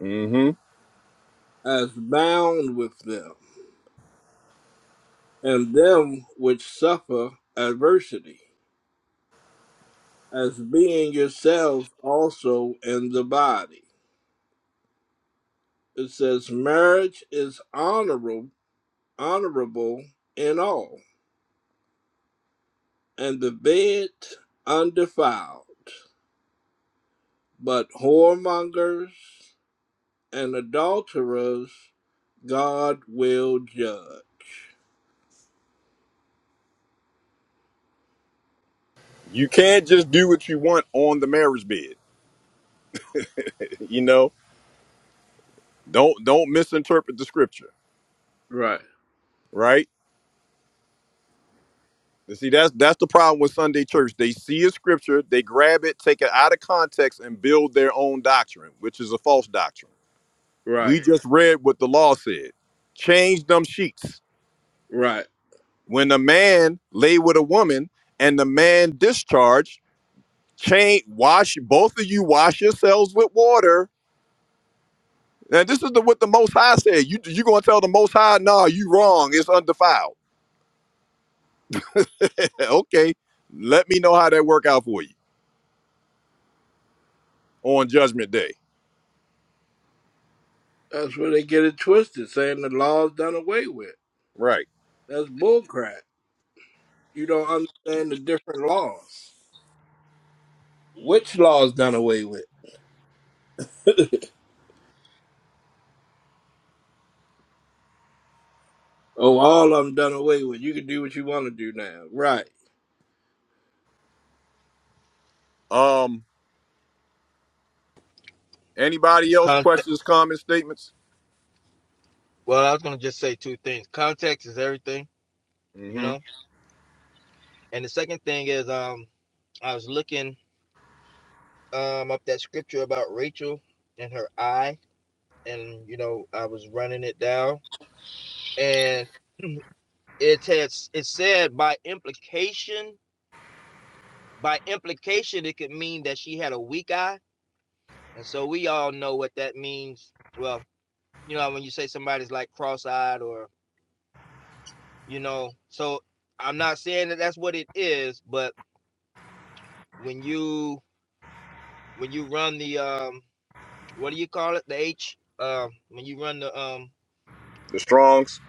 Speaker 1: hmm
Speaker 5: as bound with them, and them which suffer adversity." as being yourselves also in the body. It says marriage is honorable, honorable in all, and the bed undefiled. But whoremongers and adulterers God will judge.
Speaker 1: You can't just do what you want on the marriage bed. You know, don't don't misinterpret the scripture,
Speaker 5: Right,
Speaker 1: right? You see, that's that's the problem with Sunday church. They see a scripture, they grab it, take it out of context, and build their own doctrine, which is a false doctrine.
Speaker 5: right,
Speaker 1: We just read what the law said. Change them sheets.
Speaker 5: right.
Speaker 1: When a man lay with a woman and the man discharged, change wash both of you wash yourselves with water. Now this is the what the most high said. You you gonna tell the most high, nah, you wrong, it's undefiled. okay. Let me know how that work out for you on judgment day.
Speaker 5: That's where they get it twisted, saying the law's done away with.
Speaker 1: Right.
Speaker 5: That's bullcrap. You don't understand the different laws. Which law's done away with? Oh, all of them done away with. You can do what you want to do now. Right,
Speaker 1: Um Anybody else?
Speaker 13: Context.
Speaker 1: Questions, comments, statements?
Speaker 13: Well, I was gonna just say two things. Context is everything you
Speaker 1: hmm
Speaker 13: know. And the second thing is, um, I was looking um up that scripture about Rachel and her eye, and you know, I was running it down, and it has it said by implication, by implication, it could mean that she had a weak eye, and so we all know what that means. Well, you know, when you say somebody's like cross-eyed, or you know, so I'm not saying that that's what it is, but when you when you run the um what do you call it? The H um when you run the um
Speaker 1: The Strongs.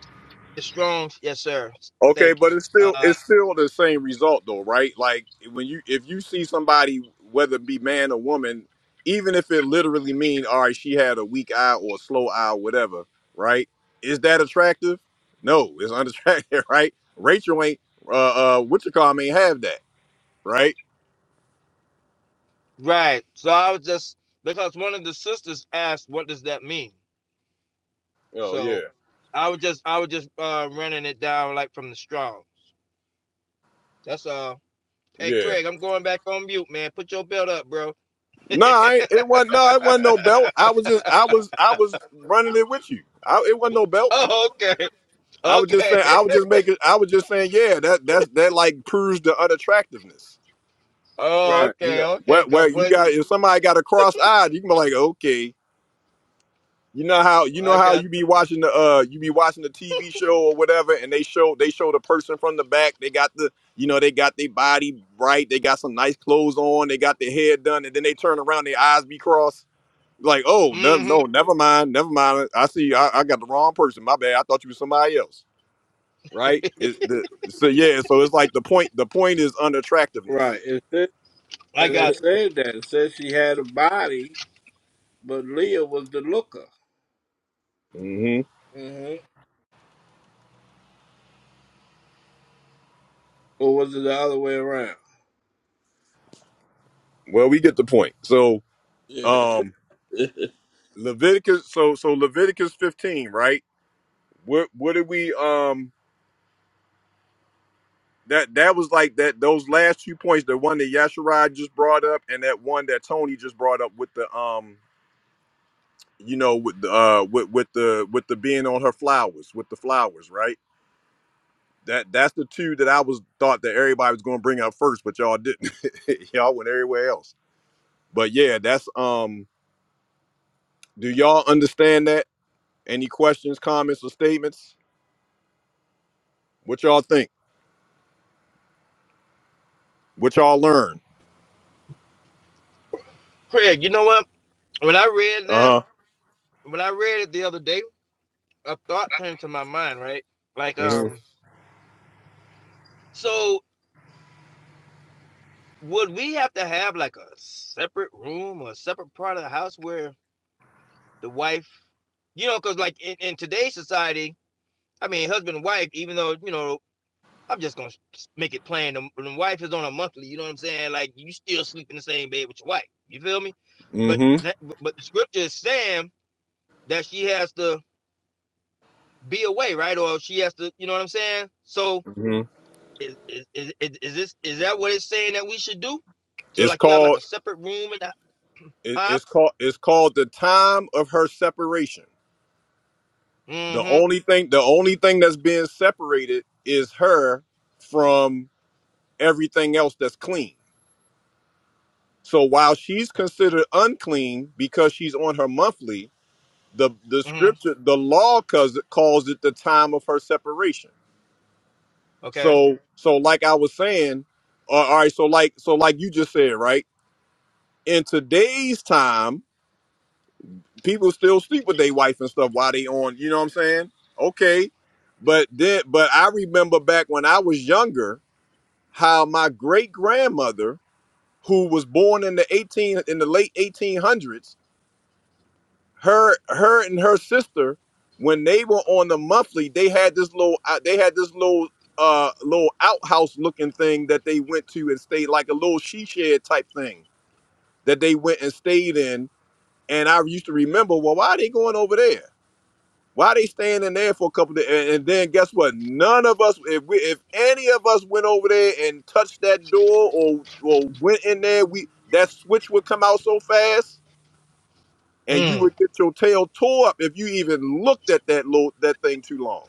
Speaker 13: the Strongs. Yes, sir.
Speaker 1: Okay,
Speaker 13: Thank
Speaker 1: but
Speaker 13: you.
Speaker 1: it's still
Speaker 13: Uh,
Speaker 1: it's still the same result though, right? Like when you if you see somebody, whether it be man or woman, even if it literally mean all right, she had a weak eye or a slow eye, or whatever, right? Is that attractive? No, it's unattractive, right? Rachel ain't uh uh what you call 'em ain't have that, right?
Speaker 13: right. So I was just because one of the sisters asked, "What does that mean?"
Speaker 1: Oh yeah,
Speaker 13: So I was just I was just uh running it down like from the Strongs. That's all. Uh, Hey,
Speaker 1: yeah.
Speaker 13: Craig, I'm going back on mute, man. Put your belt up, bro.
Speaker 1: No, I ain't- it wasn't. No, it wasn't no belt. I was just, I was, I was running it with you. I, it wasn't no belt.
Speaker 13: Oh, okay,
Speaker 1: I was just
Speaker 13: okay.
Speaker 1: saying. I was just making. I was just saying. Yeah, that that's that like proves the unattractiveness.
Speaker 13: Oh,
Speaker 5: right,
Speaker 1: You
Speaker 13: okay,
Speaker 1: know, where
Speaker 13: okay, go
Speaker 1: where you got
Speaker 13: buddy.
Speaker 1: if somebody got a cross eyed, you can be like, okay, you know how you know
Speaker 13: I
Speaker 1: how
Speaker 13: got.
Speaker 1: you be watching the uh you be watching the TV show or whatever, and they show they show the person from the back. They got the you know they got their body right. They got some nice clothes on. They got their hair done, and then they turn around, their eyes be crossed. Like, oh no,
Speaker 13: mm hmm
Speaker 1: no, never mind, never mind. I see, I, I got the wrong person. My bad. I thought you was somebody else. right? It, the, so yeah, so it's like the point. The point is
Speaker 5: right.
Speaker 1: unattractiveness.
Speaker 5: It said,
Speaker 13: I
Speaker 5: and it
Speaker 13: got
Speaker 5: said that. It said she had a body, but Leah was the looker.
Speaker 1: hmm
Speaker 5: hmm Or was it the other way around?
Speaker 1: Well, we get the point. So
Speaker 5: Yeah.
Speaker 1: um, Leviticus. So so Leviticus fifteen, right? What what did we um that that was like that those last few points, the one that Yasharai just brought up, and that one that Tony just brought up with the um you know with the uh with with the with the being on her flowers with the flowers, right? That that's the two that I was thought that everybody was going to bring up first, but y'all didn't. y'all went everywhere else. But yeah, that's um. Do y'all understand that? Any questions, comments, or statements? What y'all think? What y'all learn?
Speaker 13: Craig. You know what? When I read that,
Speaker 1: Uh huh.
Speaker 13: when I read it the other day, a thought came to my mind, right? Like, um, so would we have to have like a separate room or a separate part of the house where the wife, you know, because like in, in today's society, I mean, husband and wife, even though, you know, I'm just gonna make it plain. The, the wife is on a monthly, you know what I'm saying? Like you still sleep in the same bed with your wife. You feel me? But
Speaker 1: Mm-hmm.
Speaker 13: that but the scripture is saying that she has to be away, right? Or she has to, you know what I'm saying? So
Speaker 1: hmm
Speaker 13: is, is, is is this is that what it's saying that we should do? So
Speaker 1: It's
Speaker 13: like you have like
Speaker 1: called.
Speaker 13: a separate room and that,
Speaker 1: It,
Speaker 13: huh?
Speaker 1: it's called. It's called the time of her separation. The
Speaker 13: Mm-hmm.
Speaker 1: only thing. The only thing that's being separated is her from everything else that's clean. So while she's considered unclean because she's on her monthly, the the
Speaker 13: Mm-hmm.
Speaker 1: scripture, the law calls it, calls it the time of her separation.
Speaker 13: Okay.
Speaker 1: So so like I was saying, uh, all right. So like so like you just said, right? In today's time, people still sleep with their wife and stuff while they on. You know what I'm saying? Okay, but then but I remember back when I was younger, how my great grandmother, who was born in the 18 in the late 1800s. her her and her sister when they were on the monthly they had this little uh, they had this little uh little outhouse looking thing that they went to and stayed like a little she shed type thing that they went and stayed in and i used to remember well why are they going over there why are they staying in there for a couple of days and, and then guess what none of us if we if any of us went over there and touched that door or or went in there we that switch would come out so fast and you
Speaker 13: Mm.
Speaker 1: would get your tail tore up if you even looked at that little that thing too long,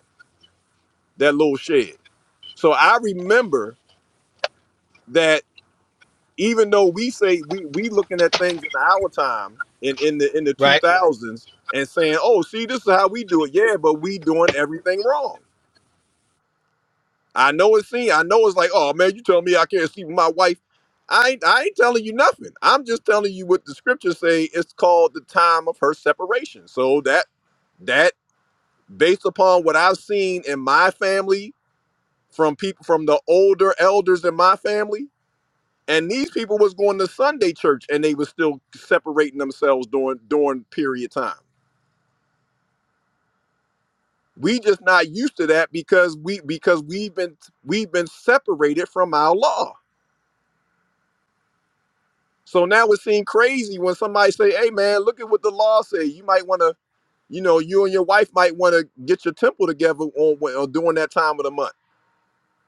Speaker 1: that little shed. So I remember that even though we say we we looking at things in our time in in the in the two
Speaker 13: Right.
Speaker 1: thousands and saying, oh, see, this is how we do it. Yeah, but we doing everything wrong. I know it's seen. I know it's like, oh man, you telling me I can't sleep with my wife. I ain't, I ain't telling you nothing. I'm just telling you what the scriptures say. It's called the time of her separation. So that that based upon what I've seen in my family from people from the older elders in my family. And these people was going to Sunday church and they was still separating themselves during during period time. We just not used to that because we because we've been we've been separated from our law. So now it seems crazy when somebody say, "Hey man, look at what the law say. You might want to, you know, you and your wife might want to get your temple together on, on during that time of the month."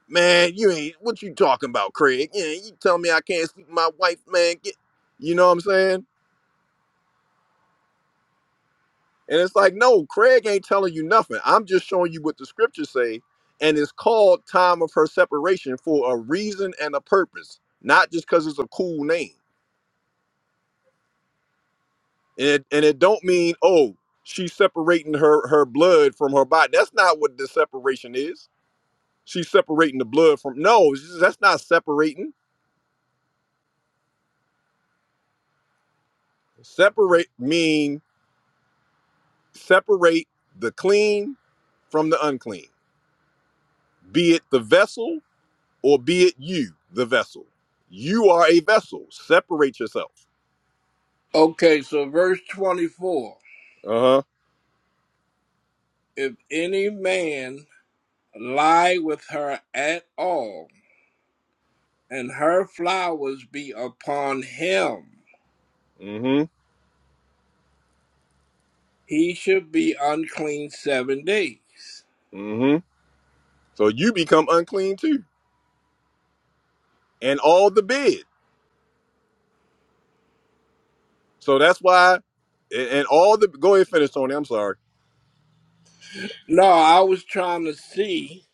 Speaker 1: Man, you ain't what you talking about, Craig? Yeah, you tell me I can't sleep with my wife, man. Get, you know what I'm saying? And it's like, no, Craig ain't telling you nothing. I'm just showing you what the scriptures say, and it's called time of her separation for a reason and a purpose, not just because it's a cool name. And it, and it don't mean oh she's separating her her blood from her body. That's not what the separation is. She's separating the blood from no. That's not separating. Separate mean Separate the clean from the unclean, be it the vessel or be it you, the vessel. You are a vessel. Separate yourself.
Speaker 5: okay, so verse 24.
Speaker 1: Uh huh.
Speaker 5: If any man lie with her at all, and her flowers be upon him,
Speaker 1: Mm
Speaker 5: he should be unclean seven days.
Speaker 1: hmm. Mm hmm. So you become unclean too, and all the bed. So that's why, and and all the go ahead finish Tony. I'm sorry.
Speaker 5: No, I was trying to see.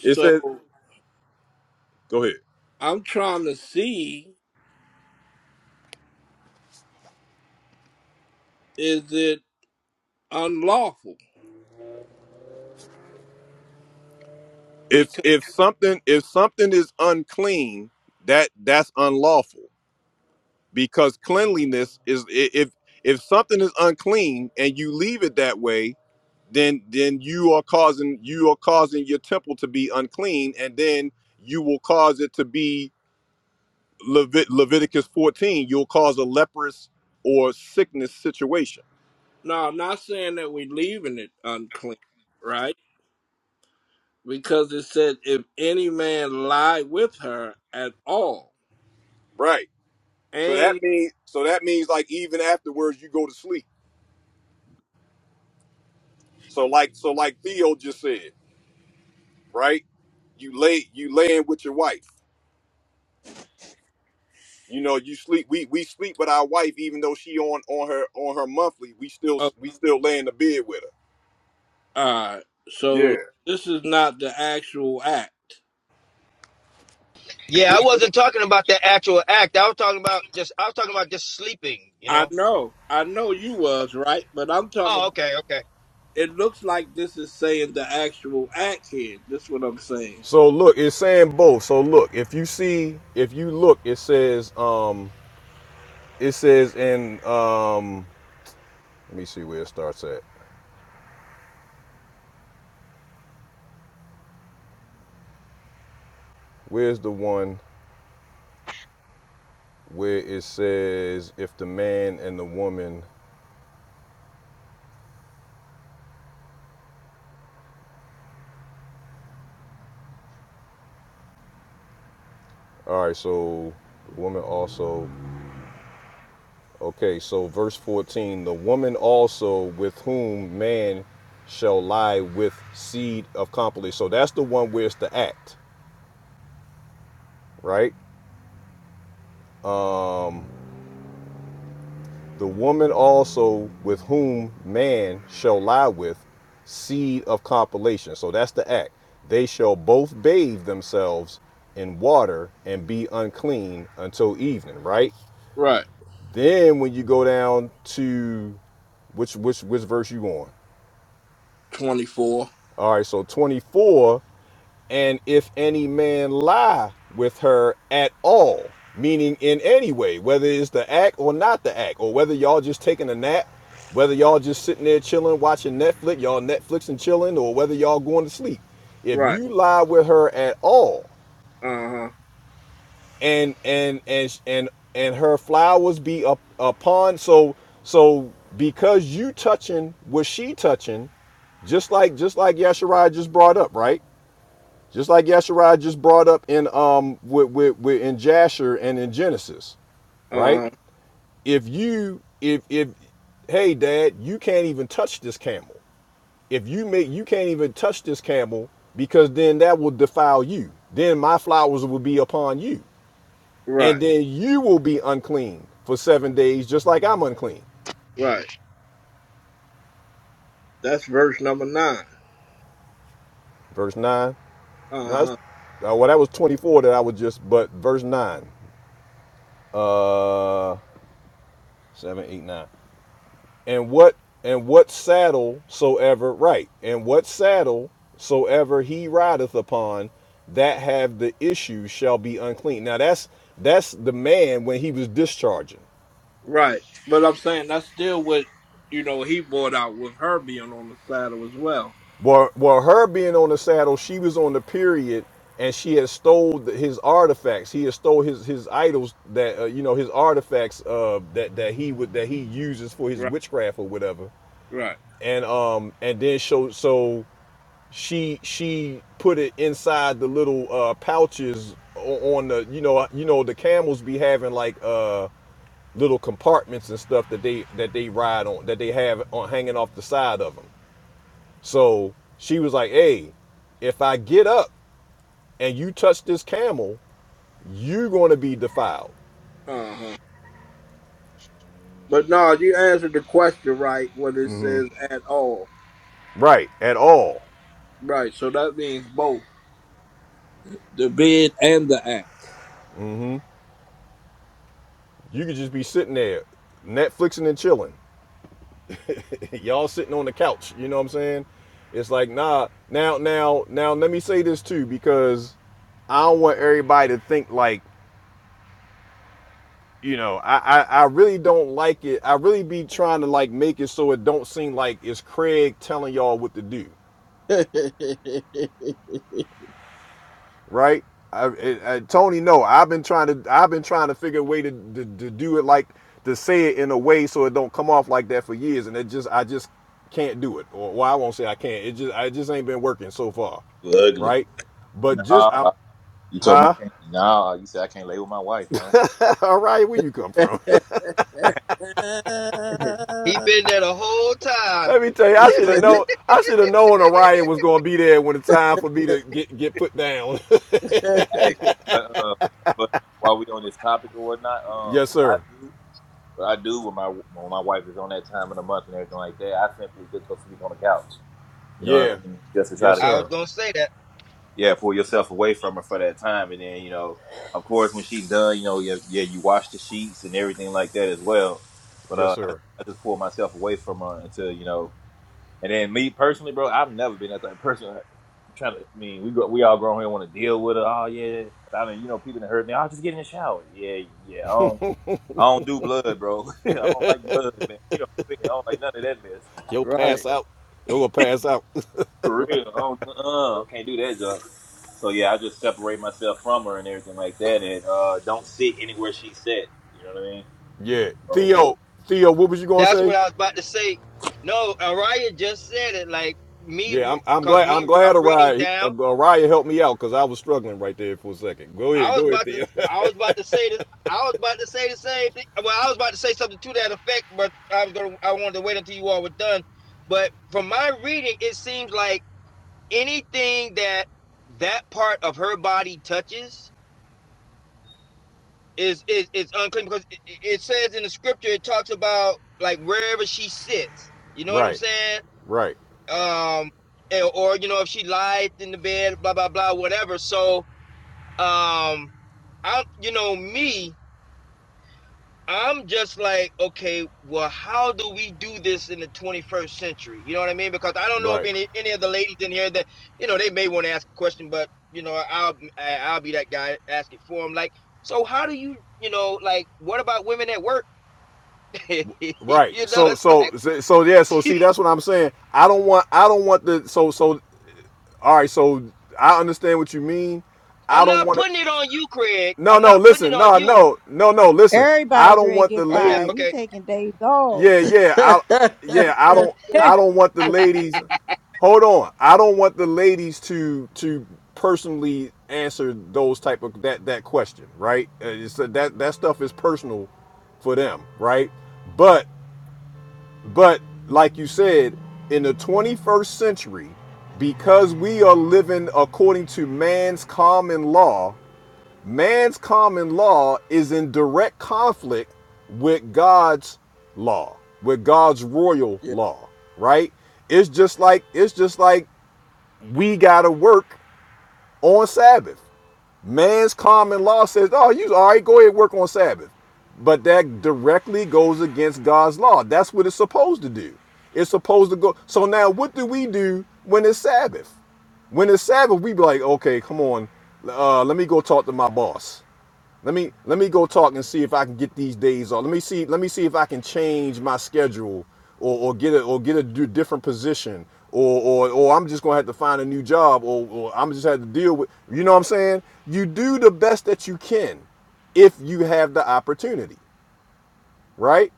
Speaker 1: It says
Speaker 5: So.
Speaker 1: go ahead.
Speaker 5: I'm trying to see is it unlawful?
Speaker 1: If
Speaker 5: Because
Speaker 1: if something if something is unclean, that that's unlawful because cleanliness is i- if if something is unclean and you leave it that way, then then you are causing you are causing your temple to be unclean and then you will cause it to be Levit- leviticus 14 you'll cause a leprous or sickness situation
Speaker 5: no, I'm not saying that we're leaving it unclean, right? Because it said if any man lie with her at all,
Speaker 1: right so that
Speaker 5: and
Speaker 1: means so that means like even afterwards you go to sleep so like so like theo just said right you lay you laying with your wife you know you sleep we we sleep with our wife even though she on on her on her monthly we still
Speaker 5: uh,
Speaker 1: we still lay in the bed with her
Speaker 5: uh
Speaker 1: yeah
Speaker 5: so this is not the actual act.
Speaker 13: Yeah,
Speaker 5: This
Speaker 13: I
Speaker 5: what
Speaker 13: wasn't talking about the actual act. I was talking about just I was talking about just sleeping, you
Speaker 5: I I
Speaker 13: know?
Speaker 5: know, I know you was right, but I'm talking.
Speaker 13: Oh,
Speaker 5: about
Speaker 13: okay, okay.
Speaker 5: It looks like this is saying the actual act here. This what I'm saying.
Speaker 1: So look, it's saying both. So look, if you see, if you look, it says, um, it says in, um, let me see where it starts at. Where's the one where it says if the man and the woman? All right, so the woman also. Okay, so verse fourteen, the woman also with whom man shall lie with seed of company. So that's the one where it's the act, right? Um, The woman also with whom man shall lie with, seed of compilation. So that's the act. They shall both bathe themselves in water and be unclean until evening, right?
Speaker 5: Right.
Speaker 1: Then when you go down to which which which verse you on?
Speaker 5: Twenty four.
Speaker 1: All right, so 24 And if any man lie with her at all, meaning in any way, whether it's the act or not the act, or whether y'all just taking a nap, whether y'all just sitting there chilling, watching Netflix, y'all Netflix and chilling, or whether y'all going to sleep, if
Speaker 5: Right.
Speaker 1: you lie with her at all,
Speaker 5: Uh huh.
Speaker 1: and and and and and her flowers be up upon, so so because you touching what she touching, just like just like Yasharai just brought up, right? Just like Yasharai just brought up in um with, with, with in Jasher and in Genesis,
Speaker 5: Uh huh.
Speaker 1: right? If you if if hey dad, you can't even touch this camel. If you make you can't even touch this camel because then that will defile you. Then my flowers will be upon you.
Speaker 5: Right,
Speaker 1: And then you will be unclean for seven days, just like I'm unclean.
Speaker 5: right. That's verse number nine.
Speaker 1: Verse nine.
Speaker 5: Uh
Speaker 1: Now that's
Speaker 5: huh.
Speaker 1: uh, well that was 24 that I was just but verse nine. Uh seven, eight, nine. and what and what saddle soever right and what saddle soever he rideth upon that have the issue shall be unclean now that's that's the man when he was discharging
Speaker 5: Right. But I'm saying that's still what you know he brought out with her being on the saddle as well.
Speaker 1: well well her being on the saddle she was on the period and she had stole the- his artifacts he had stole his his idols that uh, you know his artifacts uh that that he would that he uses for his
Speaker 5: Right,
Speaker 1: witchcraft or whatever
Speaker 5: right.
Speaker 1: and um and then so so she she put it inside the little uh pouches o- on the you know you know the camels be having like uh little compartments and stuff that they that they ride on that they have on hanging off the side of them so she was like hey if i get up and you touch this camel you're going to be defiled
Speaker 5: Uh huh. But no, you answered the question right when it says at all.
Speaker 1: right at all
Speaker 5: Right. So that means both the bid and the act.
Speaker 1: you could just be sitting there netflixing and chilling y'all sitting on the couch. You know what I'm saying? It's like nah. Now, now, now. Let me say this too, because I don't want everybody to think like you know. I, I, I really don't like it. I really be trying to like make it so it don't seem like it's Craig telling y'all what to do. right? I, I, I- Tony, no, I've been trying to I've been trying to figure a way to, to to do it like to say it in a way so it don't come off like that for years, and it just I just can't do it, or well, I won't say I can't. It just I just ain't been working so far,
Speaker 15: Ugly.
Speaker 1: right? But
Speaker 15: Nah,
Speaker 1: just I'm
Speaker 15: I, you told me
Speaker 1: huh?
Speaker 15: I can't. Nah, you said I can't lay with my wife, man.
Speaker 1: Orion, where you come from?
Speaker 13: He been there the whole
Speaker 1: Let
Speaker 13: time.
Speaker 1: me tell you, I should have known I should have known Orion was gonna be there when the time for me to get get put down.
Speaker 15: Hey, but uh, but while we on this topic or whatnot, um,
Speaker 1: yes,
Speaker 15: what I
Speaker 1: sir.
Speaker 15: do, what I do when my when my wife is on that time of the month and everything like that, I simply just go sleep on the couch. You know what
Speaker 1: Yeah.
Speaker 15: I mean? Just to try
Speaker 1: Yes,
Speaker 15: to you
Speaker 13: I was
Speaker 1: sir.
Speaker 15: know,
Speaker 13: gonna say that.
Speaker 15: yeah, pull yourself away from her for that time, and then you know, of course, when she's done, you know, yeah, yeah, you wash the sheets and everything like that as well. But
Speaker 1: Yes,
Speaker 15: uh, I,
Speaker 1: sir.
Speaker 15: I just pull myself away from her until you know. And then me personally, bro, I've never been that type of person. Like, I'm trying to, I mean, we grow, we all grown here and want to deal with it. Oh yeah, I mean, you know, people that hurt me. I'll just get in the shower. Yeah, yeah. I don't, I don't do blood, bro. I don't like blood, man. You know, what I'm saying? I don't like none of that mess.
Speaker 1: You'll
Speaker 5: right.
Speaker 1: pass out. You'll pass out.
Speaker 15: For
Speaker 5: Right.
Speaker 15: real, I don't, uh, I can't do that junk. So yeah, I just separate myself from her and everything like that, and uh, don't sit anywhere she sat. You know what I mean?
Speaker 1: Yeah,
Speaker 15: Oh,
Speaker 1: Theo, Theo, what was you gonna
Speaker 13: That's
Speaker 1: say?
Speaker 13: what I was about to say. No, Araya just said it. Like me,
Speaker 1: Yeah, I'm, I'm
Speaker 13: because
Speaker 1: glad,
Speaker 13: me,
Speaker 1: I'm
Speaker 13: re-
Speaker 1: glad
Speaker 13: I'm reading
Speaker 1: Araya,
Speaker 13: down.
Speaker 1: Araya helped me out because I was struggling right there for a second. Go ahead,
Speaker 13: I was
Speaker 1: go ahead,
Speaker 13: about to
Speaker 1: Theo.
Speaker 13: I was about to say this. I was about to say the same thing. Well, I was about to say something to that effect, but I was gonna I wanted to wait until you all were done. But from my reading, it seems like anything that that part of her body touches is is is unclean because it, it says in the scripture it talks about like wherever she sits. You know what I'm
Speaker 1: right,
Speaker 13: saying?
Speaker 1: right,
Speaker 13: Um, eh, or you know if she lies in the bed, blah blah blah, whatever. So um, I you know me I'm just like, okay, well, how do we do this in the 21st century? You know what I mean? Because I don't know if
Speaker 1: right,
Speaker 13: any any of the ladies in here that you know they may want to ask a question, but you know, I'll I- will i will be that guy ask it for them. Like, so how do you you know like what about women at work? you know,
Speaker 1: right. So,
Speaker 13: it's
Speaker 1: so,
Speaker 13: like
Speaker 1: so, so, yeah. So, see, that's what I'm saying. I don't want, I don't want the. So, so, all right. So, I understand what you mean. I
Speaker 13: I'm
Speaker 1: don't
Speaker 13: not
Speaker 1: want to.
Speaker 13: putting it on you, Craig.
Speaker 1: No,
Speaker 13: I'm
Speaker 1: no.
Speaker 13: not putting it
Speaker 1: Listen,
Speaker 13: on
Speaker 1: no,
Speaker 13: you.
Speaker 1: no, no, no. Listen, I
Speaker 3: Everybody,
Speaker 1: don't
Speaker 3: Greg,
Speaker 1: want the
Speaker 3: get
Speaker 13: I'm yeah,
Speaker 3: fired.
Speaker 1: lady.
Speaker 3: We
Speaker 13: okay.
Speaker 3: taking days off.
Speaker 1: Yeah, yeah, I yeah, I don't I don't want the ladies hold on. I don't want the ladies to to personally answer those type of that that question, right? Uh, It's uh, that that stuff is personal for them, right? But but like you said, in the 21st century, because we are living according to man's common law, Man's common law is in direct conflict with God's law, with God's royal
Speaker 5: yeah.
Speaker 1: law, right? It's just like it's just like we gotta work on Sabbath. Man's common law says, "Oh, you all right? Go ahead, and work on Sabbath," but that directly goes against God's law. That's what it's supposed to do. It's supposed to go. So now, what do we do when it's Sabbath? When it's Sabbath, we be like, "Okay, come on, uh, let me go talk to my boss." Let me let me go talk and see if I can get these days off. Let me see let me see if I can change my schedule or, or get a or get a d- different position or, or or I'm just gonna have to find a new job or, or I'm just have to deal with you know what I'm saying? You do the best that you can if you have the opportunity, right?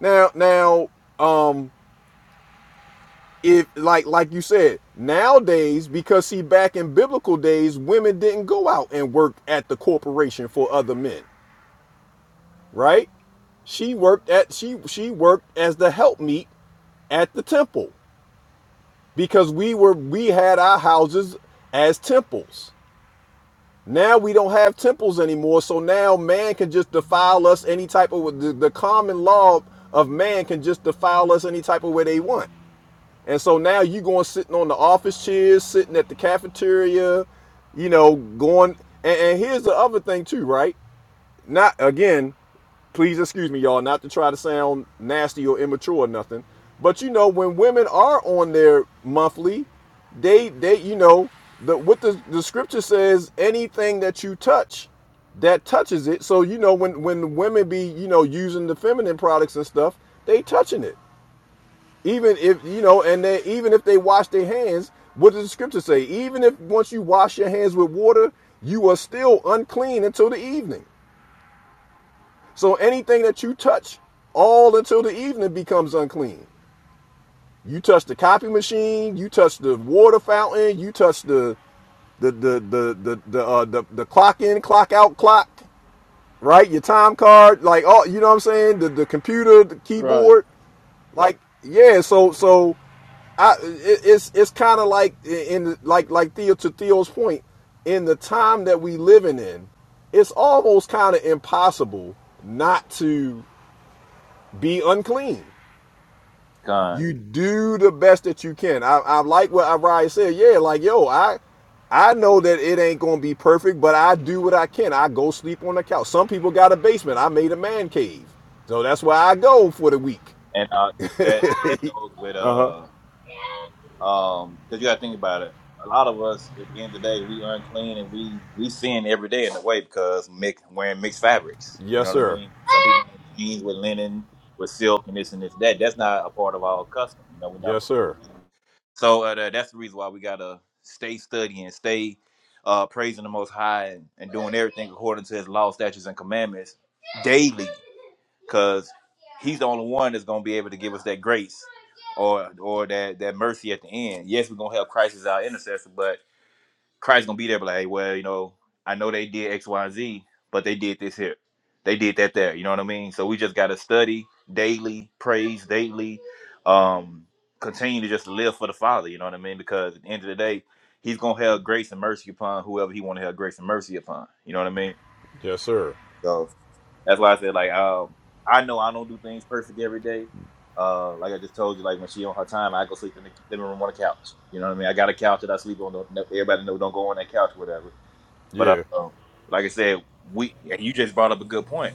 Speaker 1: Now now um if like like you said, nowadays because see back in biblical days women didn't go out and work at the corporation for other men. right? She worked at she she worked as the helpmeet at the temple because we were we had our houses as temples. Now we don't have temples anymore, so now man can just defile us any type of the, the common law of man can just defile us any type of way they want. And so now you going sitting on the office chairs, sitting at the cafeteria, you know, going and, and here's the other thing too, right? Not again, please excuse me, y'all, not to try to sound nasty or immature or nothing. But you know, when women are on their monthly, they they you know the what the, the scripture says, anything that you touch, that touches it. So you know when when women be you know using the feminine products and stuff, they touching it. Even if you know, and they even if they wash their hands, what does the scripture say? Even if once you wash your hands with water, you are still unclean until the evening. So anything that you touch all until the evening becomes unclean. You touch the copy machine, you touch the water fountain, you touch the the the the the the, uh, the, the clock in, clock out, clock, right? Your time card, like all you know what I'm saying? The the computer, the
Speaker 5: Right.
Speaker 1: keyboard, like yeah. So so I it, it's it's kind of like in like like Theo to Theo's point in the time that we living in, it's almost kind of impossible not to be unclean. you
Speaker 15: con.
Speaker 1: do the best that you can. I, I like what Ariah said. Yeah, like yo, I I know that it ain't gonna be perfect, but I do what I can. I go sleep on the couch. Some people got a basement. I made a man cave, so that's where I go for the week.
Speaker 15: And uh, that that goes with uh. Um, because you got to think about it. A lot of us, at the end of the day, we unclean and we we sin every day in a way because mix, wearing mixed fabrics. You
Speaker 1: Yes,
Speaker 15: know what I
Speaker 1: sir.
Speaker 15: mean? Some people in jeans with linen, with silk, and this and this that. That's not a part of our custom. You know, we're not
Speaker 1: Yes,
Speaker 15: supposed to
Speaker 1: sir.
Speaker 15: do that. So uh, that- that's the reason why we gotta stay studying, stay uh, praising the Most High, and, and doing everything according to His law, statutes, and commandments daily because he's the only one that's gonna be able to give us that grace or or that that mercy at the end. Yes, we're gonna have Christ as our intercessor, but Christ gonna be there, be like, hey, well, you know, I know they did X, Y, and Z, but they did this here, they did that there. You know what I mean? So we just gotta study daily, praise daily, um, continue to just live for the Father. You know what I mean? Because at the end of the day. He's gonna have grace and mercy upon whoever he want to have grace and mercy upon. You know what I mean?
Speaker 1: Yes, sir.
Speaker 15: So that's why I said like um I know I don't do things perfect every day. Uh, like I just told you, like when she on her time, I go sleep in the living room on the couch. You know what I mean? I got a couch that I sleep on. Don't, no- everybody know don't go on that couch, whatever. But
Speaker 1: Yeah.
Speaker 15: uh, um, like I said, we and you just brought up a good point.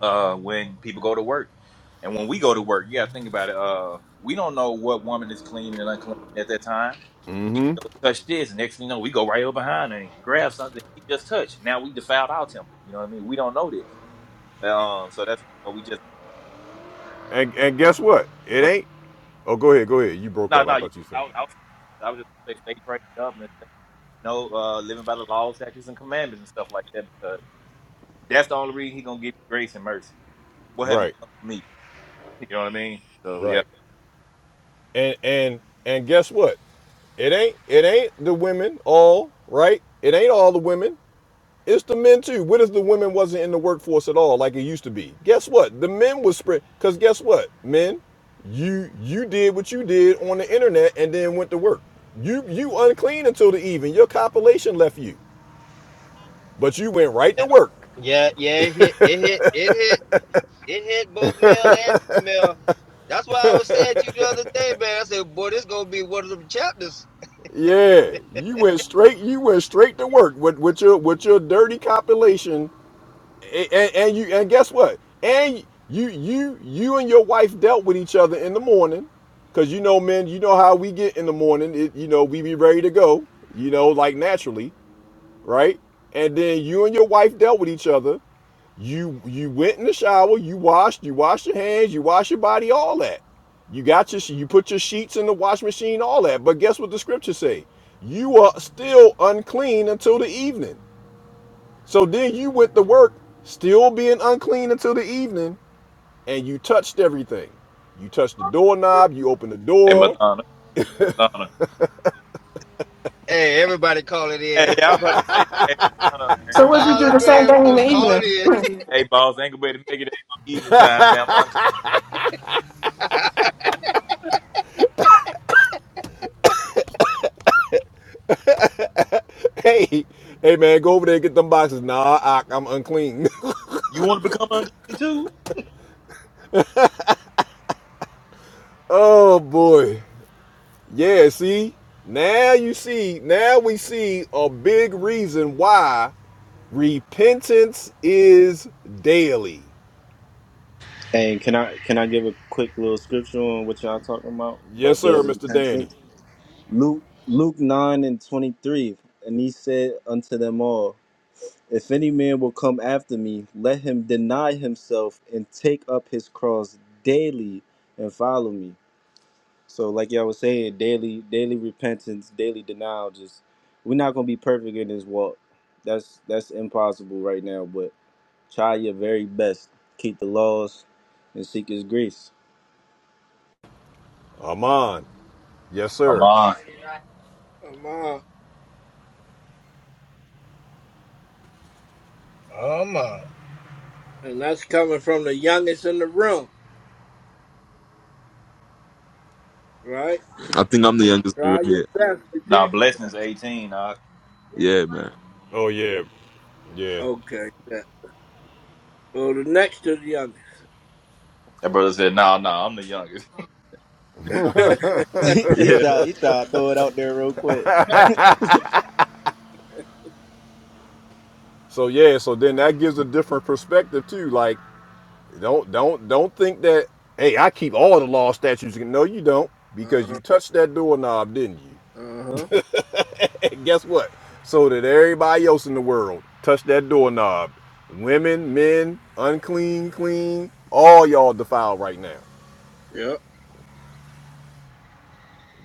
Speaker 15: Uh, when people go to work, and when we go to work, you got to think about it. Uh, we don't know what woman is clean and unclean at that time. She go touch this, and next thing you know, we go right over behind her and grab something that she just touched. Now we defiled our temple. You know what I mean? We don't know this. Um, so that's what we just.
Speaker 1: And and guess what? It
Speaker 15: well,
Speaker 1: ain't. Oh, go ahead. Go ahead. You broke
Speaker 15: No,
Speaker 1: up. I
Speaker 15: no, you,
Speaker 1: thought you said.
Speaker 15: I, was- I was, I was just gonna say stay prayed up and stay, you know, uh, living by the laws, statutes, and commandments and stuff like that because that's the only reason he gonna give you grace and mercy. What have you
Speaker 1: Right.
Speaker 15: done for me? You know what I mean? So yeah.
Speaker 1: Right. And and and guess what? It ain't it ain't the women all right. It ain't all the women. It's the men too. What if the women wasn't in the workforce at all, like it used to be? Guess what? The men was spread. Cause guess what, men, you you did what you did on the internet and then went to work. You you unclean until the even. Your compilation left you, but you went right
Speaker 13: Yeah,
Speaker 1: to work.
Speaker 13: yeah, yeah, it hit, it hit, it hit, it hit both male and female That's why I was saying to you the other day, man. I said, boy, this gonna be one of them chapters.
Speaker 1: Yeah, you went straight. You went straight to work with with your with your dirty compilation and, and, and you and guess what? And you you you and your wife dealt with each other in the morning, because you know, men, you know how we get in the morning. It, you know, we be ready to go. You know, like naturally, right? And then you and your wife dealt with each other. You you went in the shower. You washed. You washed your hands. You washed your body. All that. You got your you put your sheets in the wash machine. All that. But guess what the scriptures say? You are still unclean until the evening. So then you went to work, still being unclean until the evening, and you touched everything. You touched the doorknob, you opened the
Speaker 15: Hey,
Speaker 1: door.
Speaker 15: Madonna, Madonna.
Speaker 13: Hey, everybody call it
Speaker 15: Hey,
Speaker 13: in.
Speaker 15: I was about to say, hey, Madonna, hey,
Speaker 2: So what if we
Speaker 13: All
Speaker 2: do
Speaker 13: the
Speaker 2: the same
Speaker 13: married
Speaker 2: thing in
Speaker 13: folks
Speaker 2: the
Speaker 13: call
Speaker 2: evening?
Speaker 13: it in.
Speaker 15: hey, boss, ain't gonna be able to make it at eating time, man. I'm unclean. Like,
Speaker 1: Hey, hey man, go over there and get them boxes. Nah, I, I'm unclean.
Speaker 15: you want to become unclean too?
Speaker 1: oh boy. Yeah, see? Now you see, now we see a big reason why repentance is daily.
Speaker 10: And can I can I give a quick little scripture on what y'all talking about
Speaker 1: Yes,
Speaker 10: about
Speaker 1: sir,
Speaker 10: daily
Speaker 1: Mr. Danny.
Speaker 10: repentance? Luke Luke nine and twenty three, and he said unto them all, If any man will come after me, let him deny himself and take up his cross daily and follow me. So like y'all was saying, daily daily repentance, daily denial, just we're not gonna be perfect in this walk. That's that's impossible right now, but try your very best. Keep the laws and seek his grace.
Speaker 1: Aman. Yes,
Speaker 15: I'm
Speaker 1: sir.
Speaker 15: on.
Speaker 5: Come on.
Speaker 13: Oh my.
Speaker 5: And that's coming from the youngest in the room, right?
Speaker 16: I think I'm the youngest in the
Speaker 5: Try your
Speaker 16: room
Speaker 5: best to
Speaker 15: Nah,
Speaker 5: do.
Speaker 15: blessings 18. Nah.
Speaker 16: here. Yeah, man.
Speaker 1: Oh, yeah. Yeah.
Speaker 5: Okay. Yeah. Well, the next to the youngest.
Speaker 15: That brother said, nah, nah, I'm the youngest.
Speaker 5: uh
Speaker 10: he
Speaker 16: Yeah.
Speaker 10: try, he try to throw it out there real quick.
Speaker 1: So yeah, so then that gives a different perspective too. Like, don't don't don't think that hey, I keep all the law statutes. No, you don't, because
Speaker 5: huh.
Speaker 1: you touched that doorknob, didn't you?
Speaker 5: Uh huh.
Speaker 1: And guess what? So did everybody else in the world touch that doorknob. Women, men, unclean, clean, all y'all defiled right now.
Speaker 5: Yep.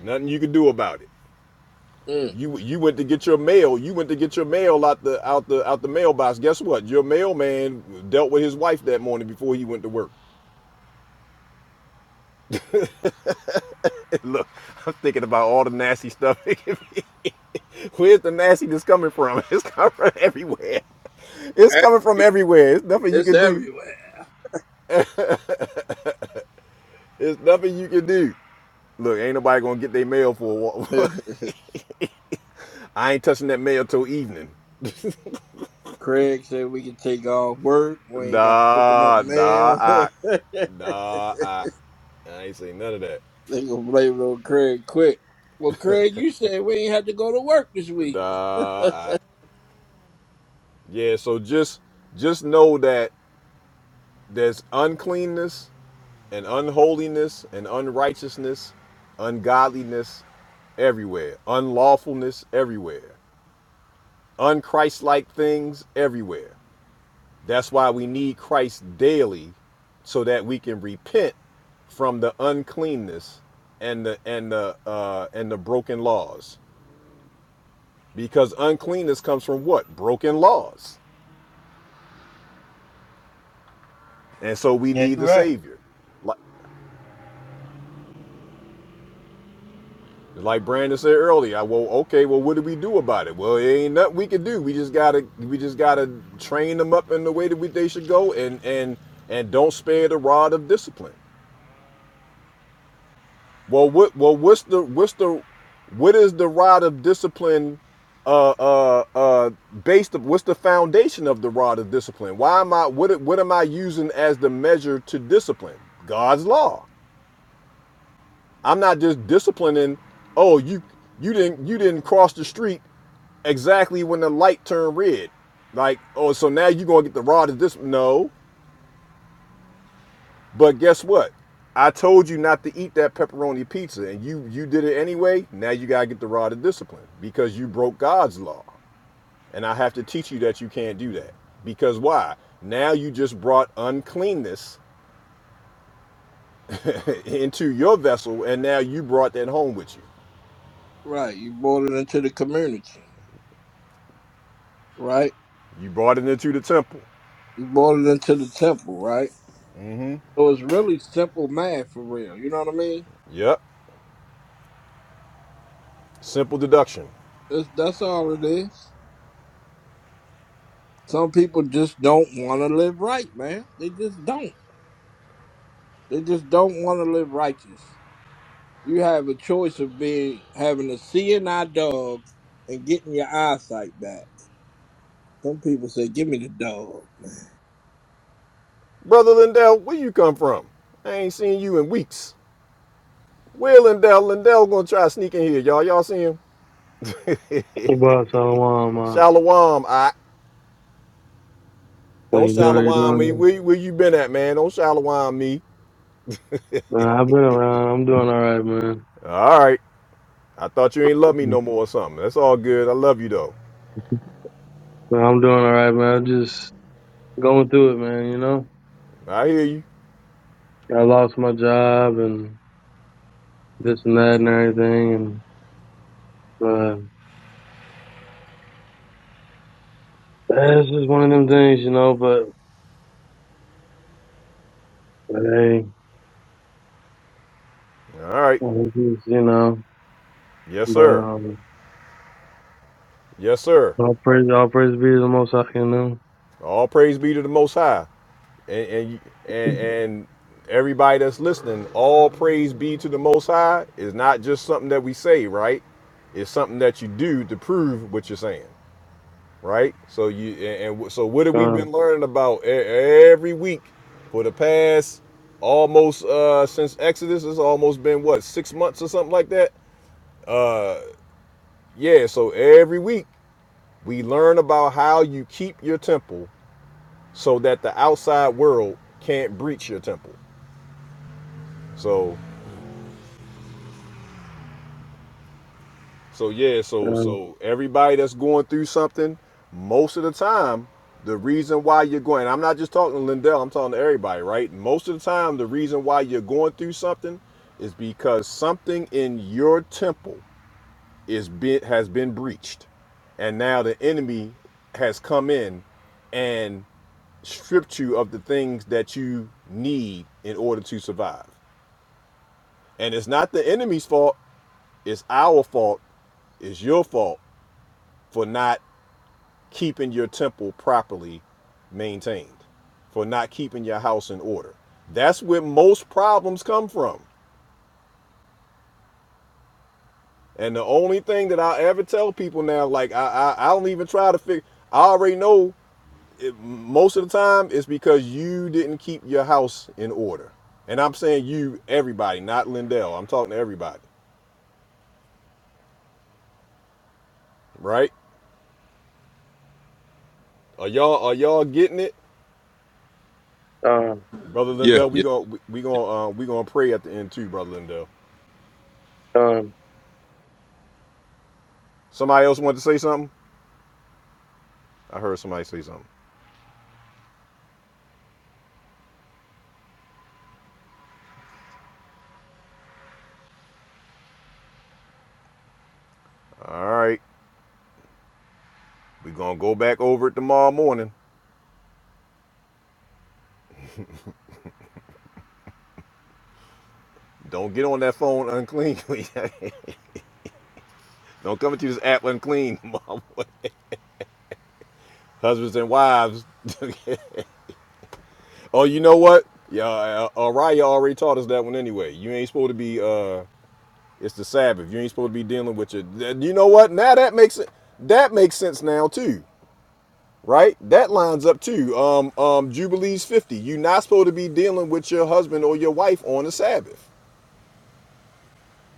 Speaker 1: Nothing you can do about it.
Speaker 5: Mm.
Speaker 1: You you went to get your mail. You went to get your mail out the out the out the mailbox. Guess what? Your mailman dealt with his wife that morning before he went to work. Look, I'm thinking about all the nasty stuff. Where's the nastiness coming from? It's coming from everywhere. It's
Speaker 5: Eh,
Speaker 1: coming from everywhere. It's nothing you
Speaker 5: It's
Speaker 1: can do.
Speaker 5: everywhere.
Speaker 1: It's nothing you can do. Look, ain't nobody gonna get their mail for a while. I ain't touching that mail till evening.
Speaker 5: Craig said we can take off work. We ain't got to open no
Speaker 1: Nah, nah,
Speaker 5: mail.
Speaker 1: I,
Speaker 5: they
Speaker 1: nah, I, I ain't say none of that.
Speaker 5: gonna blame it on Craig quick. Well, Craig, you said we ain't had to go to work this week.
Speaker 1: Nah, I. Yeah, so just, just know that there's uncleanness and unholiness and unrighteousness, ungodliness everywhere, unlawfulness everywhere, unchristlike things everywhere. That's why we need Christ daily so that we can repent from the uncleanness and the and the uh, and the broken laws because uncleanness comes from what broken laws and so we
Speaker 13: Yeah,
Speaker 1: need
Speaker 13: you're
Speaker 1: the
Speaker 13: right.
Speaker 1: savior Like Brandon said earlier, I, well, okay, well, what do we do about it? Well, it ain't nothing we can do. We just gotta, we just gotta train them up in the way that we, they should go, and and and don't spare the rod of discipline. Well, what, well, what's the, what's the, what is the rod of discipline? Uh, uh, uh, based. Of, what's the foundation of the rod of discipline? Why am I? What, what am I using as the measure to discipline? God's law. I'm not just disciplining. Oh, you, you didn't, you didn't cross the street exactly when the light turned red. Like, oh, so now you're gonna get the rod of this? No, but guess what? I told you not to eat that pepperoni pizza, and you you did it anyway. Now you gotta get the rod of discipline because you broke God's law, and I have to teach you that you can't do that. Because why? Now you just brought uncleanness into your vessel, and now you brought that home with you.
Speaker 5: right. You brought it into the community, right?
Speaker 1: You brought it into the temple.
Speaker 5: You brought it into the temple, right? So it's really simple math for real. You know what I mean?
Speaker 1: Yep. Simple deduction.
Speaker 5: That's, that's all it is. Some people just don't want to live right, man. They just don't. They just don't want to live righteous. You have a choice of being having a CNI dog and getting your eyesight back. Some people say, "Give me the dog."
Speaker 1: Brother Lindell, where you come from? I ain't seen you in weeks. Where Lindell? Lindell gonna try to sneak in here, y'all. Y'all see him?
Speaker 17: What's up, Salawam?
Speaker 1: Shalawam, I
Speaker 17: How
Speaker 1: don't
Speaker 17: you doing? You
Speaker 1: shalawam me.
Speaker 17: doing?
Speaker 1: Where, where you been at, man? Don't shalawam me.
Speaker 17: Man, I've been around. I'm doing all right, man.
Speaker 1: All right. I thought you ain't love me no more or something. That's all good. I love you though.
Speaker 17: Man, I'm doing all right, man. I'm just going through it, man. You know,
Speaker 1: I hear you.
Speaker 17: I lost my job and this and that and everything, and but eh, it's just one of them things, you know. But but, hey,
Speaker 1: All right.
Speaker 17: it's just, you know,
Speaker 1: Yes,
Speaker 17: but
Speaker 1: sir.
Speaker 17: um,
Speaker 1: Yes, sir.
Speaker 17: all praise, all praise be to the Most High, you know.
Speaker 1: All praise be to the Most High. And and and, and everybody that's listening, all praise be to the Most High is not just something that we say, right? It's something that you do to prove what you're saying. right? So you and, and so what have we been
Speaker 17: Done,
Speaker 1: learning about e- every week for the past almost uh since Exodus? It's almost been what six months or something like that. Uh, yeah. So every week we learn about how you keep your temple so that the outside world can't breach your temple. So So yeah, so
Speaker 17: done,
Speaker 1: so everybody that's going through something, most of the time, the reason why you're going, I'm not just talking to Lindell, I'm talking to everybody, right? Most of the time, the reason why you're going through something is because something in your temple is been has been breached, and now the enemy has come in and stripped you of the things that you need in order to survive. And it's not the enemy's fault, it's our fault, it's your fault for not keeping your temple properly maintained, for not keeping your house in order. That's where most problems come from. And the only thing that I ever tell people now, like I, I, I don't even try to figure. I already know it, most of the time it's because you didn't keep your house in order. And I'm saying you, everybody, not Lindell. I'm talking to everybody, right? Are y'all are y'all getting it,
Speaker 17: done,
Speaker 1: brother
Speaker 16: Yeah.
Speaker 1: Lindell? We
Speaker 16: Yeah.
Speaker 1: gonna we, we
Speaker 16: yeah.
Speaker 1: gonna uh, we gonna pray at the end too, brother Lindell.
Speaker 17: done.
Speaker 1: Somebody else want to say something? I heard somebody say something. All right, we're gonna go back over it tomorrow morning. Don't get on that phone unclean. Don't come into this app unclean, tomorrow husbands and wives. oh, you know what? Yeah, uh, Araya already taught us that one anyway. You ain't supposed to be. uh It's the Sabbath. You ain't supposed to be dealing with your. You know what? Now that makes it. That makes sense now too, right? That lines up too. Um, um, Jubilees fifty. You're not supposed to be dealing with your husband or your wife on the Sabbath.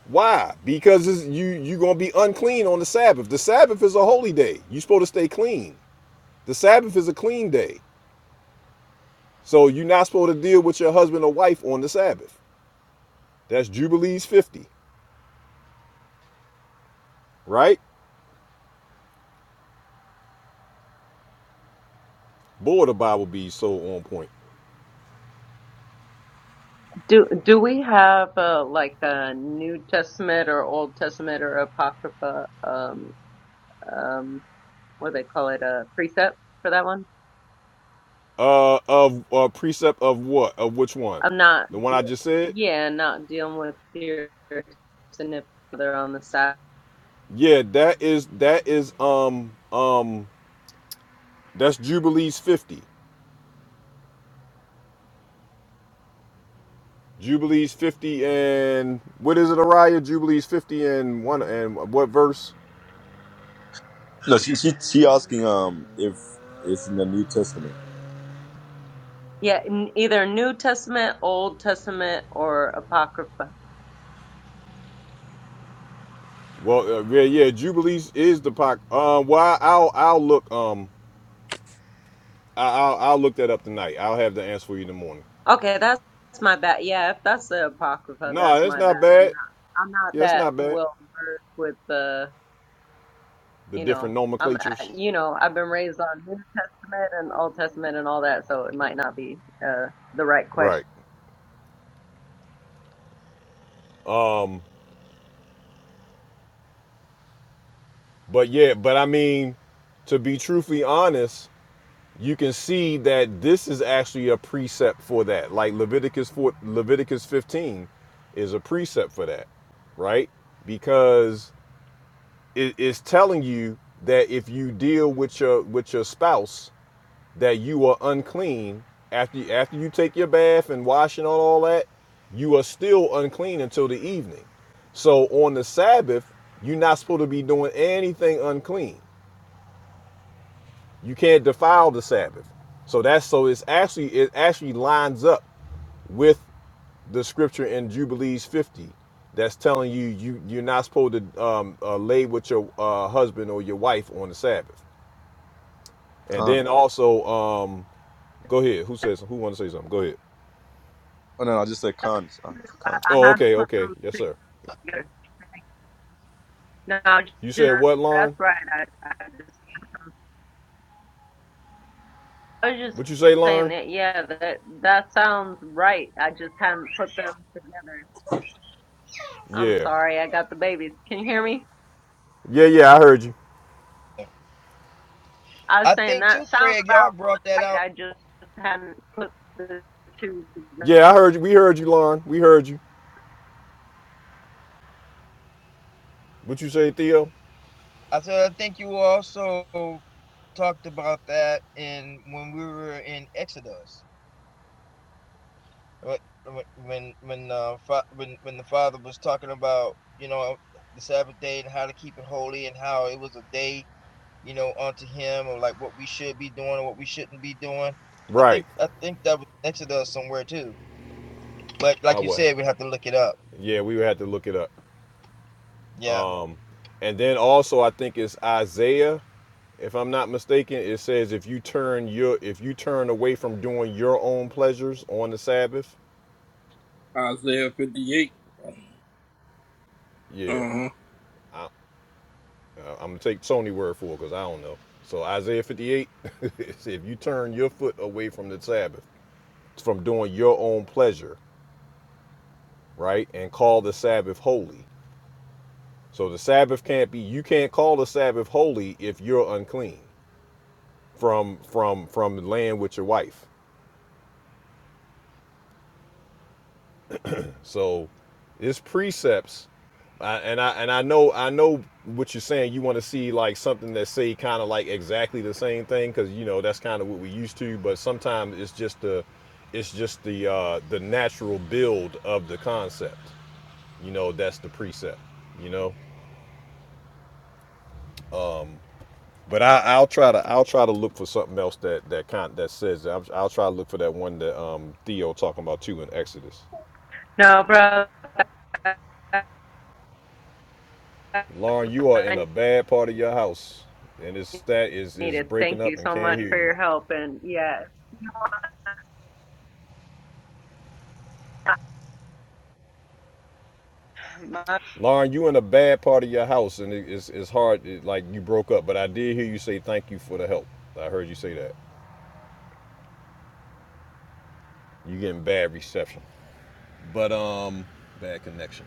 Speaker 1: Why? Because it's, you you gonna be unclean on the Sabbath. The Sabbath is a holy day. you supposed to stay clean. The Sabbath is a clean day, so you're not supposed to deal with your husband or wife on the Sabbath. That's Jubilees 50, right? Boy, the Bible be so on point.
Speaker 18: Do do we have uh, like a New Testament or Old Testament or Apocrypha um um what do they call it a precept for that one?
Speaker 1: Uh, of uh, precept of what? Of which one?
Speaker 18: I'm not
Speaker 1: The one I just said?
Speaker 18: yeah not dealing with your significant other on the side.
Speaker 1: Yeah, that is that is um um that's Jubilees 50. Jubilees 50 and what is it, Araya? Jubilees 50 and one and what verse?
Speaker 16: No, she she she asking um if it's in the New Testament.
Speaker 18: Yeah, n- either New Testament, Old Testament, or Apocrypha.
Speaker 1: Well, uh, yeah, yeah, Jubilees is the pac. Um, well, I'll I'll look um I- I'll I'll look that up tonight. I'll have the answer for you in the morning.
Speaker 18: Okay, that's, that's my bad. Yeah, if that's the Apocrypha,
Speaker 1: Nah,
Speaker 18: that's
Speaker 1: that's
Speaker 18: my bad.
Speaker 1: not
Speaker 18: I'm
Speaker 1: bad.
Speaker 18: not I'm not
Speaker 1: Yeah, it's
Speaker 18: that
Speaker 1: not bad.
Speaker 18: well versed with the
Speaker 1: The
Speaker 18: you
Speaker 1: different
Speaker 18: know, I'm, I-
Speaker 1: nomenclatures,
Speaker 18: you know, I've been raised on New Testament and Old Testament and all that, so it might not be uh, the right question.
Speaker 1: right? Um, but yeah, but I mean, to be truthfully honest, you can see that this is actually a precept for that. Like Leviticus four, Leviticus fifteen, is a precept for that, right? Because it, it's telling you that if you deal with your with your spouse that you are unclean after you, after you take your bath and wash and all that you are still unclean until the evening so on the sabbath you're not supposed to be doing anything unclean you can't defile the sabbath so that's so it's actually it actually lines up with the scripture in jubilees 50 that's telling you you you're not supposed to um, uh, lay with your uh, husband or your wife on the sabbath And
Speaker 16: Khan.
Speaker 1: then also, um, go ahead. Who says? Who want to say something? Go ahead.
Speaker 16: Oh no, no, I just said Khan. Uh,
Speaker 18: I,
Speaker 16: Khan.
Speaker 18: I
Speaker 1: Oh,
Speaker 16: Khan.
Speaker 18: had to
Speaker 1: okay,
Speaker 18: put
Speaker 1: okay. Yes,
Speaker 18: those
Speaker 1: sir.
Speaker 18: together. No,
Speaker 1: You
Speaker 18: just
Speaker 1: said what,
Speaker 18: that's
Speaker 1: Lauren?
Speaker 18: right. I, I just, I was just
Speaker 1: What you say,
Speaker 18: saying
Speaker 1: Lauren?
Speaker 18: that. Yeah, that that sounds right. I just hadn't put them together. I'm
Speaker 1: Yeah,
Speaker 18: sorry. I got the babies. Can you hear me?
Speaker 1: yeah, yeah. I heard you.
Speaker 18: I was
Speaker 13: I
Speaker 18: saying
Speaker 13: think
Speaker 18: that
Speaker 13: too,
Speaker 18: sounds
Speaker 13: Craig, y'all
Speaker 18: about
Speaker 13: brought that
Speaker 18: right.
Speaker 13: out.
Speaker 18: I just hadn't put the two together.
Speaker 1: Yeah, I heard you. We heard you, Lauren. We heard you. What you say, Theo?
Speaker 13: I said I think you also talked about that in when we were in Exodus. When when uh, fa- when when the father was talking about, you know, the Sabbath day and how to keep it holy and how it was a day you know, onto him or like what we should be doing or what we shouldn't be doing. I
Speaker 1: Right.
Speaker 13: think I think that was mentioned us somewhere too. But
Speaker 1: I
Speaker 13: like you
Speaker 1: would.
Speaker 13: said, we have to look it up.
Speaker 1: Yeah, we would have to look it up.
Speaker 13: Yeah.
Speaker 1: And then also, I think it's Isaiah. If I'm not mistaken, it says if you turn your if you turn away from doing your own pleasures on the Sabbath.
Speaker 5: Isaiah fifty-eight. Uh
Speaker 1: Yeah.
Speaker 5: huh.
Speaker 1: I, Uh, I'm gonna take Tony word for it because I don't know. So Isaiah 58, it says, if you turn your foot away from the Sabbath, from doing your own pleasure, right, and call the Sabbath holy. So the Sabbath can't be. You can't call the Sabbath holy if you're unclean from from from laying with your wife. So it's precepts, I, and I and I know I know what you're saying. You want to see like something that say kind of like exactly the same thing because you know that's kind of what we used to. But sometimes it's just the it's just the uh, the natural build of the concept. You know that's the precept. You know. But I, I'll try to I'll try to look for something else that that kind that says that. I'll, I'll try to look for that one that um, Theo talking about too in Exodus.
Speaker 18: No,
Speaker 1: Lauren, you are in
Speaker 18: bro.
Speaker 1: a bad part of your house, and this stat is is
Speaker 18: needed.
Speaker 1: breaking
Speaker 18: Thank
Speaker 1: up
Speaker 18: you
Speaker 1: and
Speaker 18: so
Speaker 1: can't
Speaker 18: much
Speaker 1: hear
Speaker 18: for
Speaker 1: you.
Speaker 18: your help. And yeah, my
Speaker 1: Lauren, you in a bad part of your house, and it, it's it's hard. It, like you broke up, but I did hear you say thank you for the help. I heard you say that. You getting bad reception, but um, bad connection.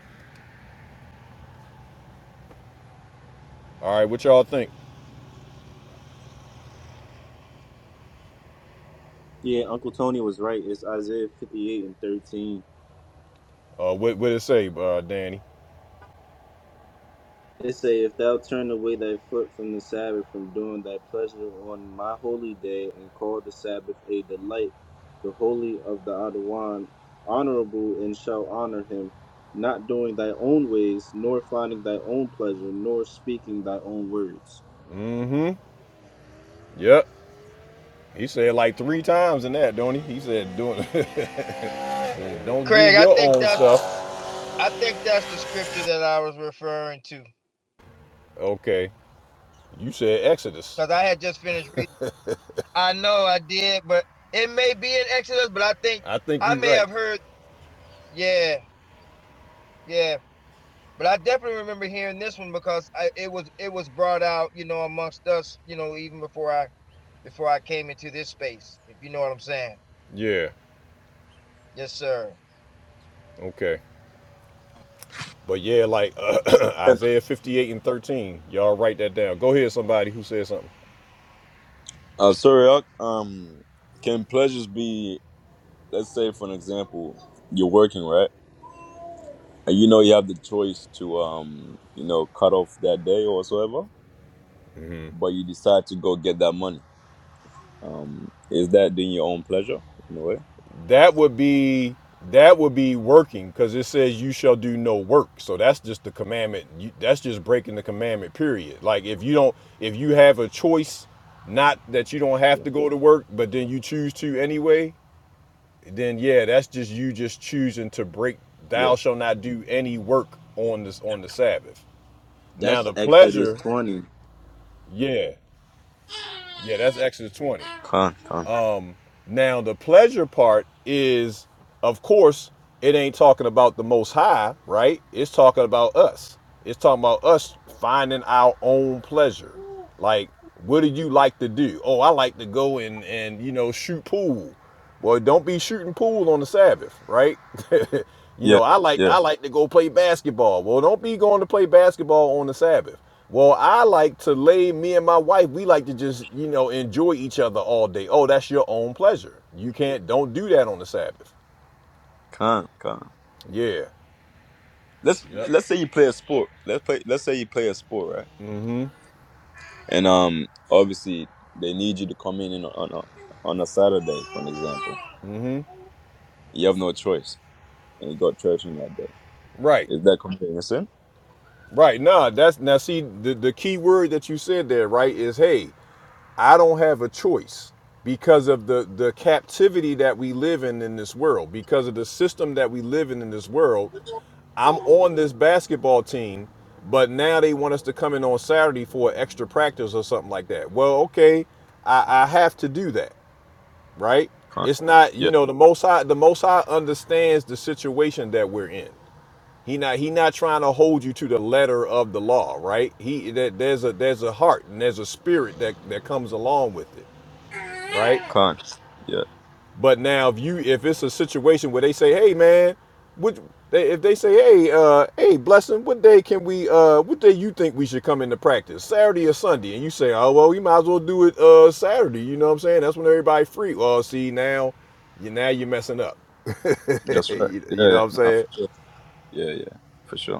Speaker 1: All right, what y'all think?
Speaker 10: Yeah, Uncle Tony was right. It's Isaiah fifty eight and 13.
Speaker 1: Uh, what what it say, uh, Danny?
Speaker 10: It say, If thou turn away thy foot from the Sabbath, from doing thy pleasure on my holy day, and call the Sabbath a delight, the holy of the Adawan, honorable, and shall honor him, not doing thy own ways, nor finding thy own pleasure, nor speaking thy own words.
Speaker 1: Mm-hmm. Yep. He said like three times in that, don't he? He said doing don't do
Speaker 13: Craig, I
Speaker 1: your
Speaker 13: think
Speaker 1: own
Speaker 13: that's
Speaker 1: stuff.
Speaker 13: I think that's the scripture that I was referring to.
Speaker 1: Okay. You said Exodus.
Speaker 13: Because I had just finished reading. I know I did, but it may be in Exodus, but I think
Speaker 1: I think
Speaker 13: I
Speaker 1: you're
Speaker 13: may
Speaker 1: right.
Speaker 13: have heard yeah, yeah. But I definitely remember hearing this one because I, it was it was brought out, you know, amongst us, you know, even before I before I came into this space, if you know what I'm saying.
Speaker 1: Yeah.
Speaker 13: Yes, sir.
Speaker 1: Okay. But yeah, like uh,
Speaker 16: And,
Speaker 1: Isaiah 58 and 13. Y'all write that down. Go ahead, somebody who said something.
Speaker 16: uh, sorry. uh, Um, can pleasures be? Let's say, for an example, you're working right, and you know you have the choice to um, you know, cut off that day or whatsoever, but you decide to go get that money. Um, is that doing your own pleasure in a way?
Speaker 1: That would be that would be working because it says you shall do no work. So that's just the commandment. You, that's just breaking the commandment. Period. Like if you don't, if you have a choice, not that you don't have
Speaker 16: Yeah.
Speaker 1: to go to work, but then you choose to anyway. Then yeah, that's just you just choosing to break. Thou
Speaker 16: Yeah.
Speaker 1: shall not do any work on this on the Sabbath. Now
Speaker 10: That's
Speaker 1: the
Speaker 10: Exodus
Speaker 1: pleasure,
Speaker 10: 20.
Speaker 1: yeah. Yeah, that's Exodus 20.
Speaker 16: Khan. Khan.
Speaker 1: Now, the pleasure part is, of course, it ain't talking about the Most High, right? It's talking about us. It's talking about us finding our own pleasure. Like, what do you like to do? Oh, I like to go and and you know shoot pool. Well, don't be shooting pool on the Sabbath, right? you
Speaker 16: Yeah.
Speaker 1: know, I like
Speaker 16: Yeah.
Speaker 1: I like to go play basketball. Well, don't be going to play basketball on the Sabbath. Well, I like to lay me and my wife, we like to just, you know, enjoy each other all day. Oh, that's your own pleasure. You can't don't do that on the Sabbath.
Speaker 16: Con, con.
Speaker 1: Yeah.
Speaker 16: Let's
Speaker 1: Yep.
Speaker 16: let's say you play a sport. Let's play. Let's say you play a sport, right? And um, obviously they need you to come in on a on a Saturday, for an example. You have no choice, and you got church on that day.
Speaker 1: Right.
Speaker 16: Is that committing a sin?
Speaker 1: Right. Nah, that's now see the, the key word that you said there, right, is hey. I don't have a choice because of the the captivity that we live in in this world, because of the system that we live in in this world. I'm on this basketball team, but now they want us to come in on Saturday for extra practice or something like that. Well, okay, I, I have to do that, right?
Speaker 16: Con.
Speaker 1: It's not, you
Speaker 16: Yeah.
Speaker 1: know, the most high the most high understands the situation that we're in. He not he not trying to hold you to the letter of the law, right? He that there's a there's a heart and there's a spirit that that comes along with it right?
Speaker 16: Con. Yeah.
Speaker 1: But now, if you if it's a situation where they say, "Hey, man," would they, if they say, "Hey, uh, hey, blessing, what day can we? Uh, what day you think we should come into practice? Saturday or Sunday?" And you say, "Oh, well, we might as well do it uh, Saturday." You know what I'm saying? That's when everybody free. Well, see now, you now you're messing up.
Speaker 16: That's right.
Speaker 1: you, you
Speaker 16: Yeah.
Speaker 1: know what I'm
Speaker 16: yeah. Nah,
Speaker 1: saying?
Speaker 16: for sure. Yeah. Yeah. For sure.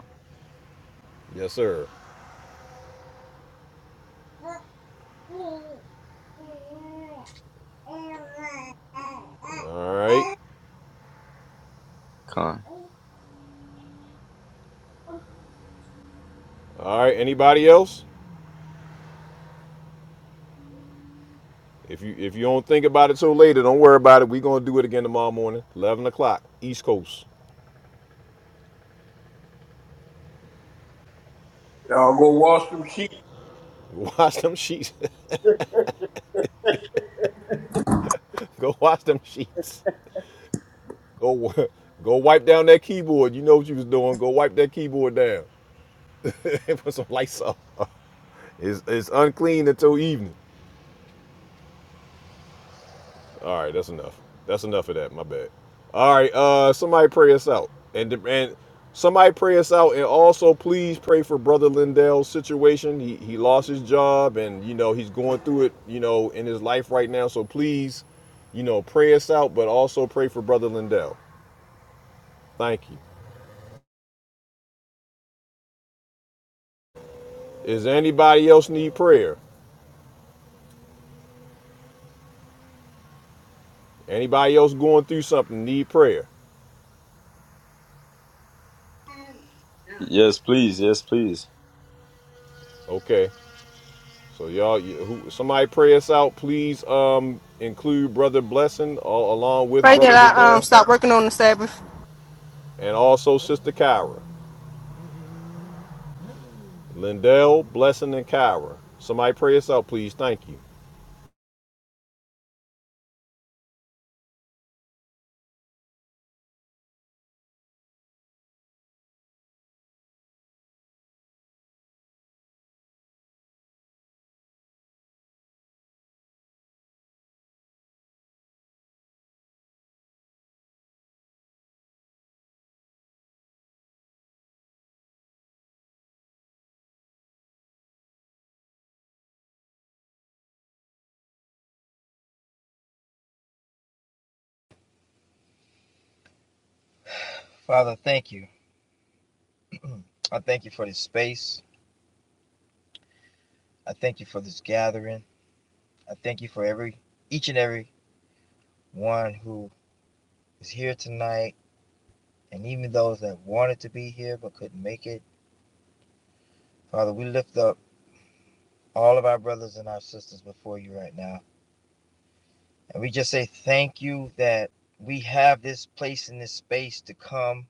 Speaker 1: Yes, sir. All right,
Speaker 16: Con.
Speaker 1: all right. Anybody else? If you if you don't think about it till later, don't worry about it. We're gonna do it again tomorrow morning, eleven o'clock, East Coast.
Speaker 5: Y'all go wash them sheep.
Speaker 1: Wash them sheets. go wash them sheets. Go go wipe down that keyboard. You know what you was doing. Go wipe that keyboard down. Put some lights up. It's, it's unclean until evening. All right, that's enough. That's enough of that. My bad. All right, uh, somebody pray us out, and and somebody pray us out, and also please pray for Brother Lindell's situation. He he lost his job, and you know he's going through it, you know, in his life right now. So please, you know, pray us out, but also pray for Brother Lindell. Thank you. Is anybody else need prayer? Anybody else going through something need prayer?
Speaker 16: Yes, please. Yes, please.
Speaker 1: Okay. So y'all, who, somebody pray us out, please. Um, include brother Blessing all, along with
Speaker 2: Pray
Speaker 1: brother
Speaker 2: that I um
Speaker 1: Lindell,
Speaker 2: stop working on the Sabbath.
Speaker 1: and also sister Kyra. Lindell, Blessing, and Kyra. Somebody pray us out, please. Thank you.
Speaker 13: Father, thank you. I thank you for this space. I thank you for this gathering. I thank you for every each and every one who is here tonight and even those that wanted to be here but couldn't make it. Father, we lift up all of our brothers and our sisters before you right now. And we just say thank you that we have this place and this space to come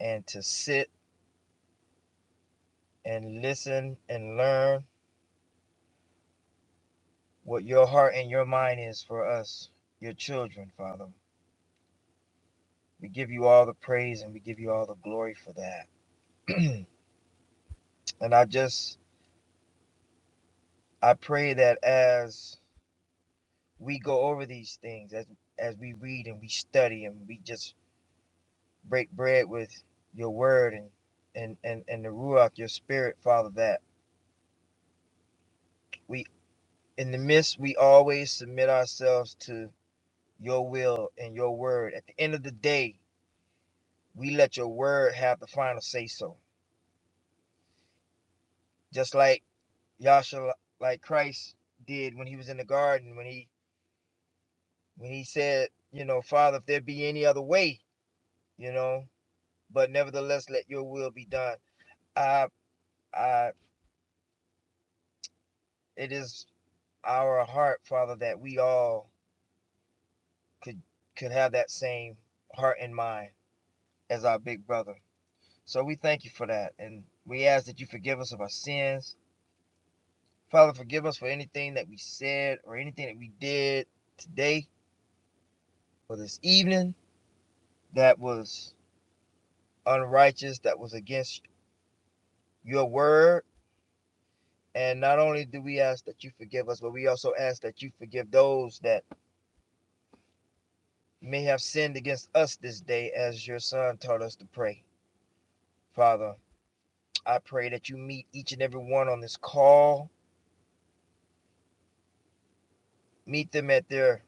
Speaker 13: and to sit and listen and learn what your heart and your mind is for us, your children, Father. We give you all the praise and we give you all the glory for that. and I just I pray that as we go over these things, as as we read and we study and we just break bread with your word and and and, and the ruach, your spirit, Father, that we in the midst we always submit ourselves to your will and your word. At the end of the day, we let your word have the final say so. Just like Yasha like Christ did when he was in the garden when he when he said, you know, Father, if there be any other way, you know, but nevertheless, let your will be done. I, I, it is our heart, Father, that we all could could have that same heart and mind as our big brother. So we thank you for that, and we ask that you forgive us of our sins, Father. Forgive us for anything that we said or anything that we did today or this evening that was unrighteous, that was against your word, And not only do we ask that you forgive us, but we also ask that you forgive those that may have sinned against us this day, as your son taught us to pray. Father, I pray that you meet each and every one on this call, meet them at their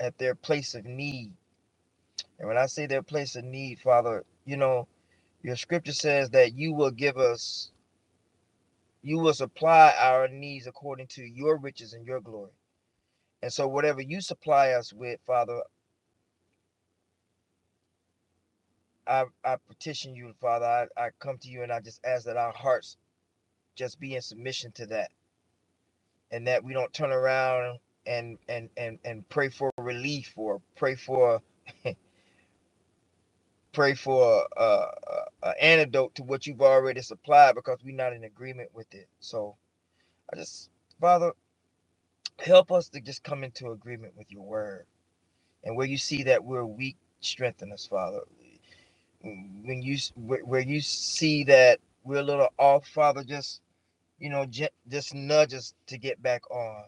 Speaker 13: at their place of need. And when I say their place of need, Father, you know, your scripture says that you will give us you will supply our needs according to your riches and your glory. And so whatever you supply us with, Father, I, I petition you, Father. I, I come to you and I just ask that our hearts just be in submission to that and that we don't turn around and and and, and pray for relief or pray for pray for uh, uh, an antidote to what you've already supplied because we're not in agreement with it. So I just, Father, help us to just come into agreement with your word. And where you see that we're weak, strengthen us, Father. When you where you see that we're a little off, Father, just you know, j- just nudge us to get back on,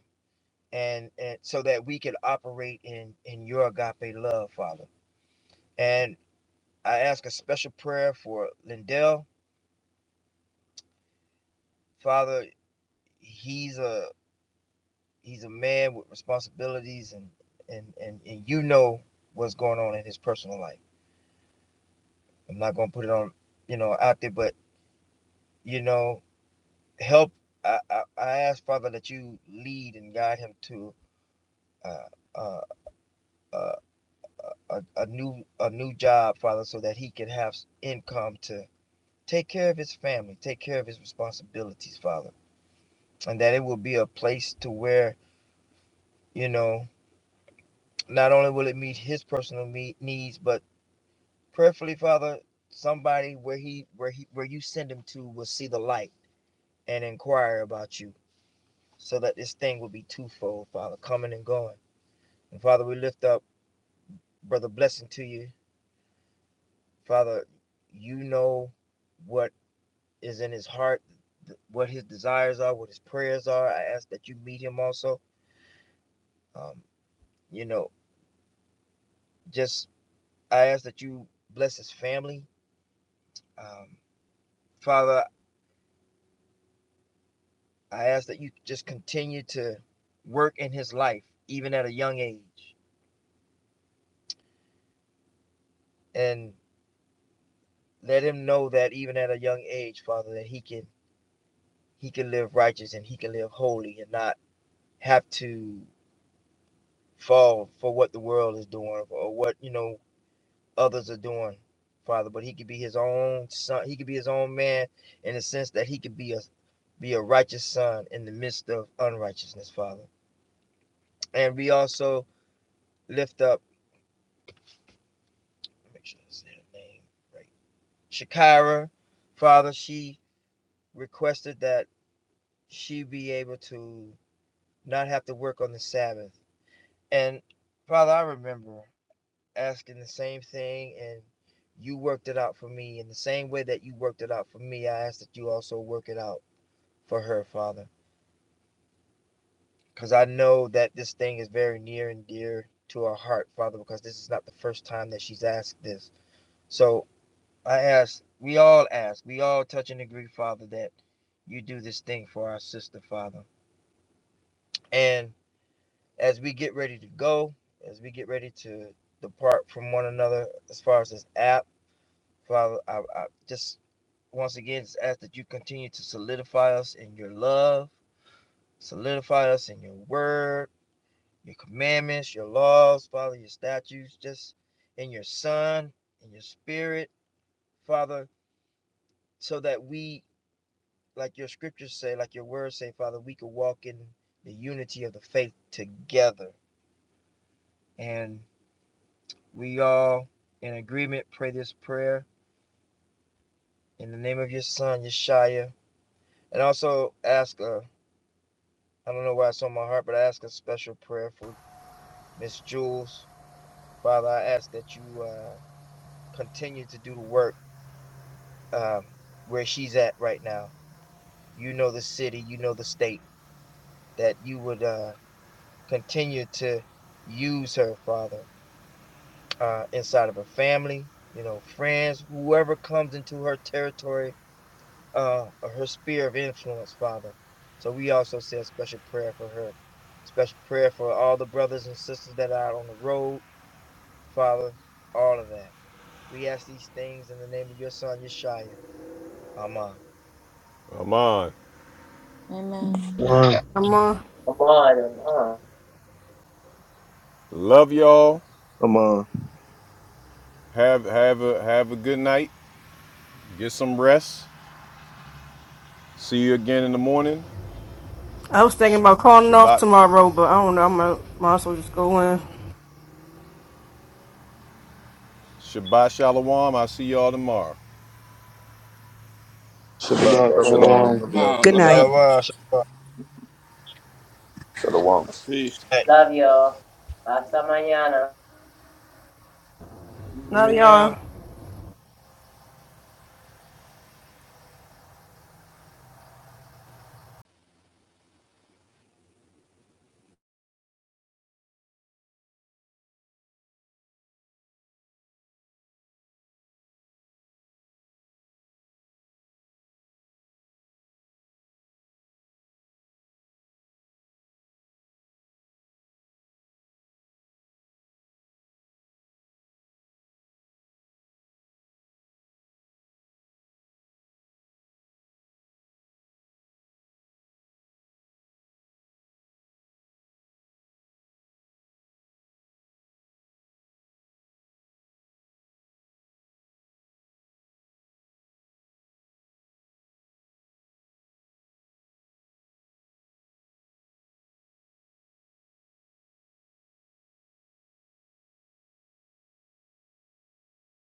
Speaker 13: and, and so that we can operate in in your agape love, Father. And I ask a special prayer for Lindell, Father. He's a he's a man with responsibilities, and and and and you know what's going on in his personal life. I'm not gonna put it on, you know, out there, but you know, help. I I, I ask Father that you lead and guide him to. Uh, uh, uh, a, a new a new job, Father, so that he can have income to take care of his family, take care of his responsibilities, Father, and that it will be a place to where you know not only will it meet his personal me- needs, but prayerfully, Father, somebody where he where he where you send him to will see the light and inquire about you, so that this thing will be twofold, Father, coming and going. And Father, we lift up brother blessing to you, Father. You know what is in his heart, what his desires are, what his prayers are. I ask that you meet him also. Um, you know, just I ask that you bless his family. Um, Father, I ask that you just continue to work in his life, even at a young age, and let him know that even at a young age, Father, that he can he can live righteous and he can live holy and not have to fall for what the world is doing or what you know others are doing, Father. But he could be his own son. He could be his own man in the sense that he could be a be a righteous son in the midst of unrighteousness, Father. And we also lift up, make sure I say her name right, Shakira, Father. She requested that she be able to not have to work on the Sabbath. And Father, I remember asking the same thing and you worked it out for me in the same way that you worked it out for me. I ask that you also work it out for her, Father, because I know that this thing is very near and dear to her heart, Father, because this is not the first time that she's asked this. So I ask, we all ask, we all touch and agree, Father, that you do this thing for our sister, Father. And as we get ready to go, as we get ready to depart from one another, as far as this app, Father, I, I just once again just ask that you continue to solidify us in your love, solidify us in your word your commandments, your laws, Father, your statutes, just in your Son, in your Spirit, Father, so that we, like your scriptures say, like your words say, Father, we could walk in the unity of the faith together. And we all, in agreement, pray this prayer in the name of your Son, Yeshua, and also ask a, I don't know why it's on my heart, but I ask a special prayer for Miss Jules. Father, I ask that you uh, continue to do the work um, where she's at right now. You know the city, you know the state, that you would uh, continue to use her, Father, uh, inside of her family, you know, friends, whoever comes into her territory uh, or her sphere of influence, Father. So we also say a special prayer for her, special prayer for all the brothers and sisters that are out on the road, Father, all of that. We ask these things in the name of your son, Yeshua. Amen.
Speaker 1: Come on.
Speaker 3: Amen.
Speaker 17: One,
Speaker 2: I'm on.
Speaker 7: One. Uh,
Speaker 1: Love y'all.
Speaker 10: Come on.
Speaker 1: Have have a have a good night. Get some rest. See you again in the morning.
Speaker 2: I was thinking about calling off
Speaker 1: Shabbat.
Speaker 2: tomorrow, but I don't know. I might, might as well just go in.
Speaker 1: Shabbat Shalom. I'll see y'all tomorrow.
Speaker 10: Shabbat.
Speaker 16: Bro, shalom,
Speaker 17: Shabbat,
Speaker 10: Shalom. Love y'all,
Speaker 5: Uh,
Speaker 19: Good
Speaker 5: love
Speaker 10: fam.
Speaker 5: y'all.
Speaker 19: night.
Speaker 13: Shalom. shalom.
Speaker 16: shalom.
Speaker 5: Peace.
Speaker 7: love y'all. Hasta mañana.
Speaker 2: Now,
Speaker 5: Manana.
Speaker 2: y'all.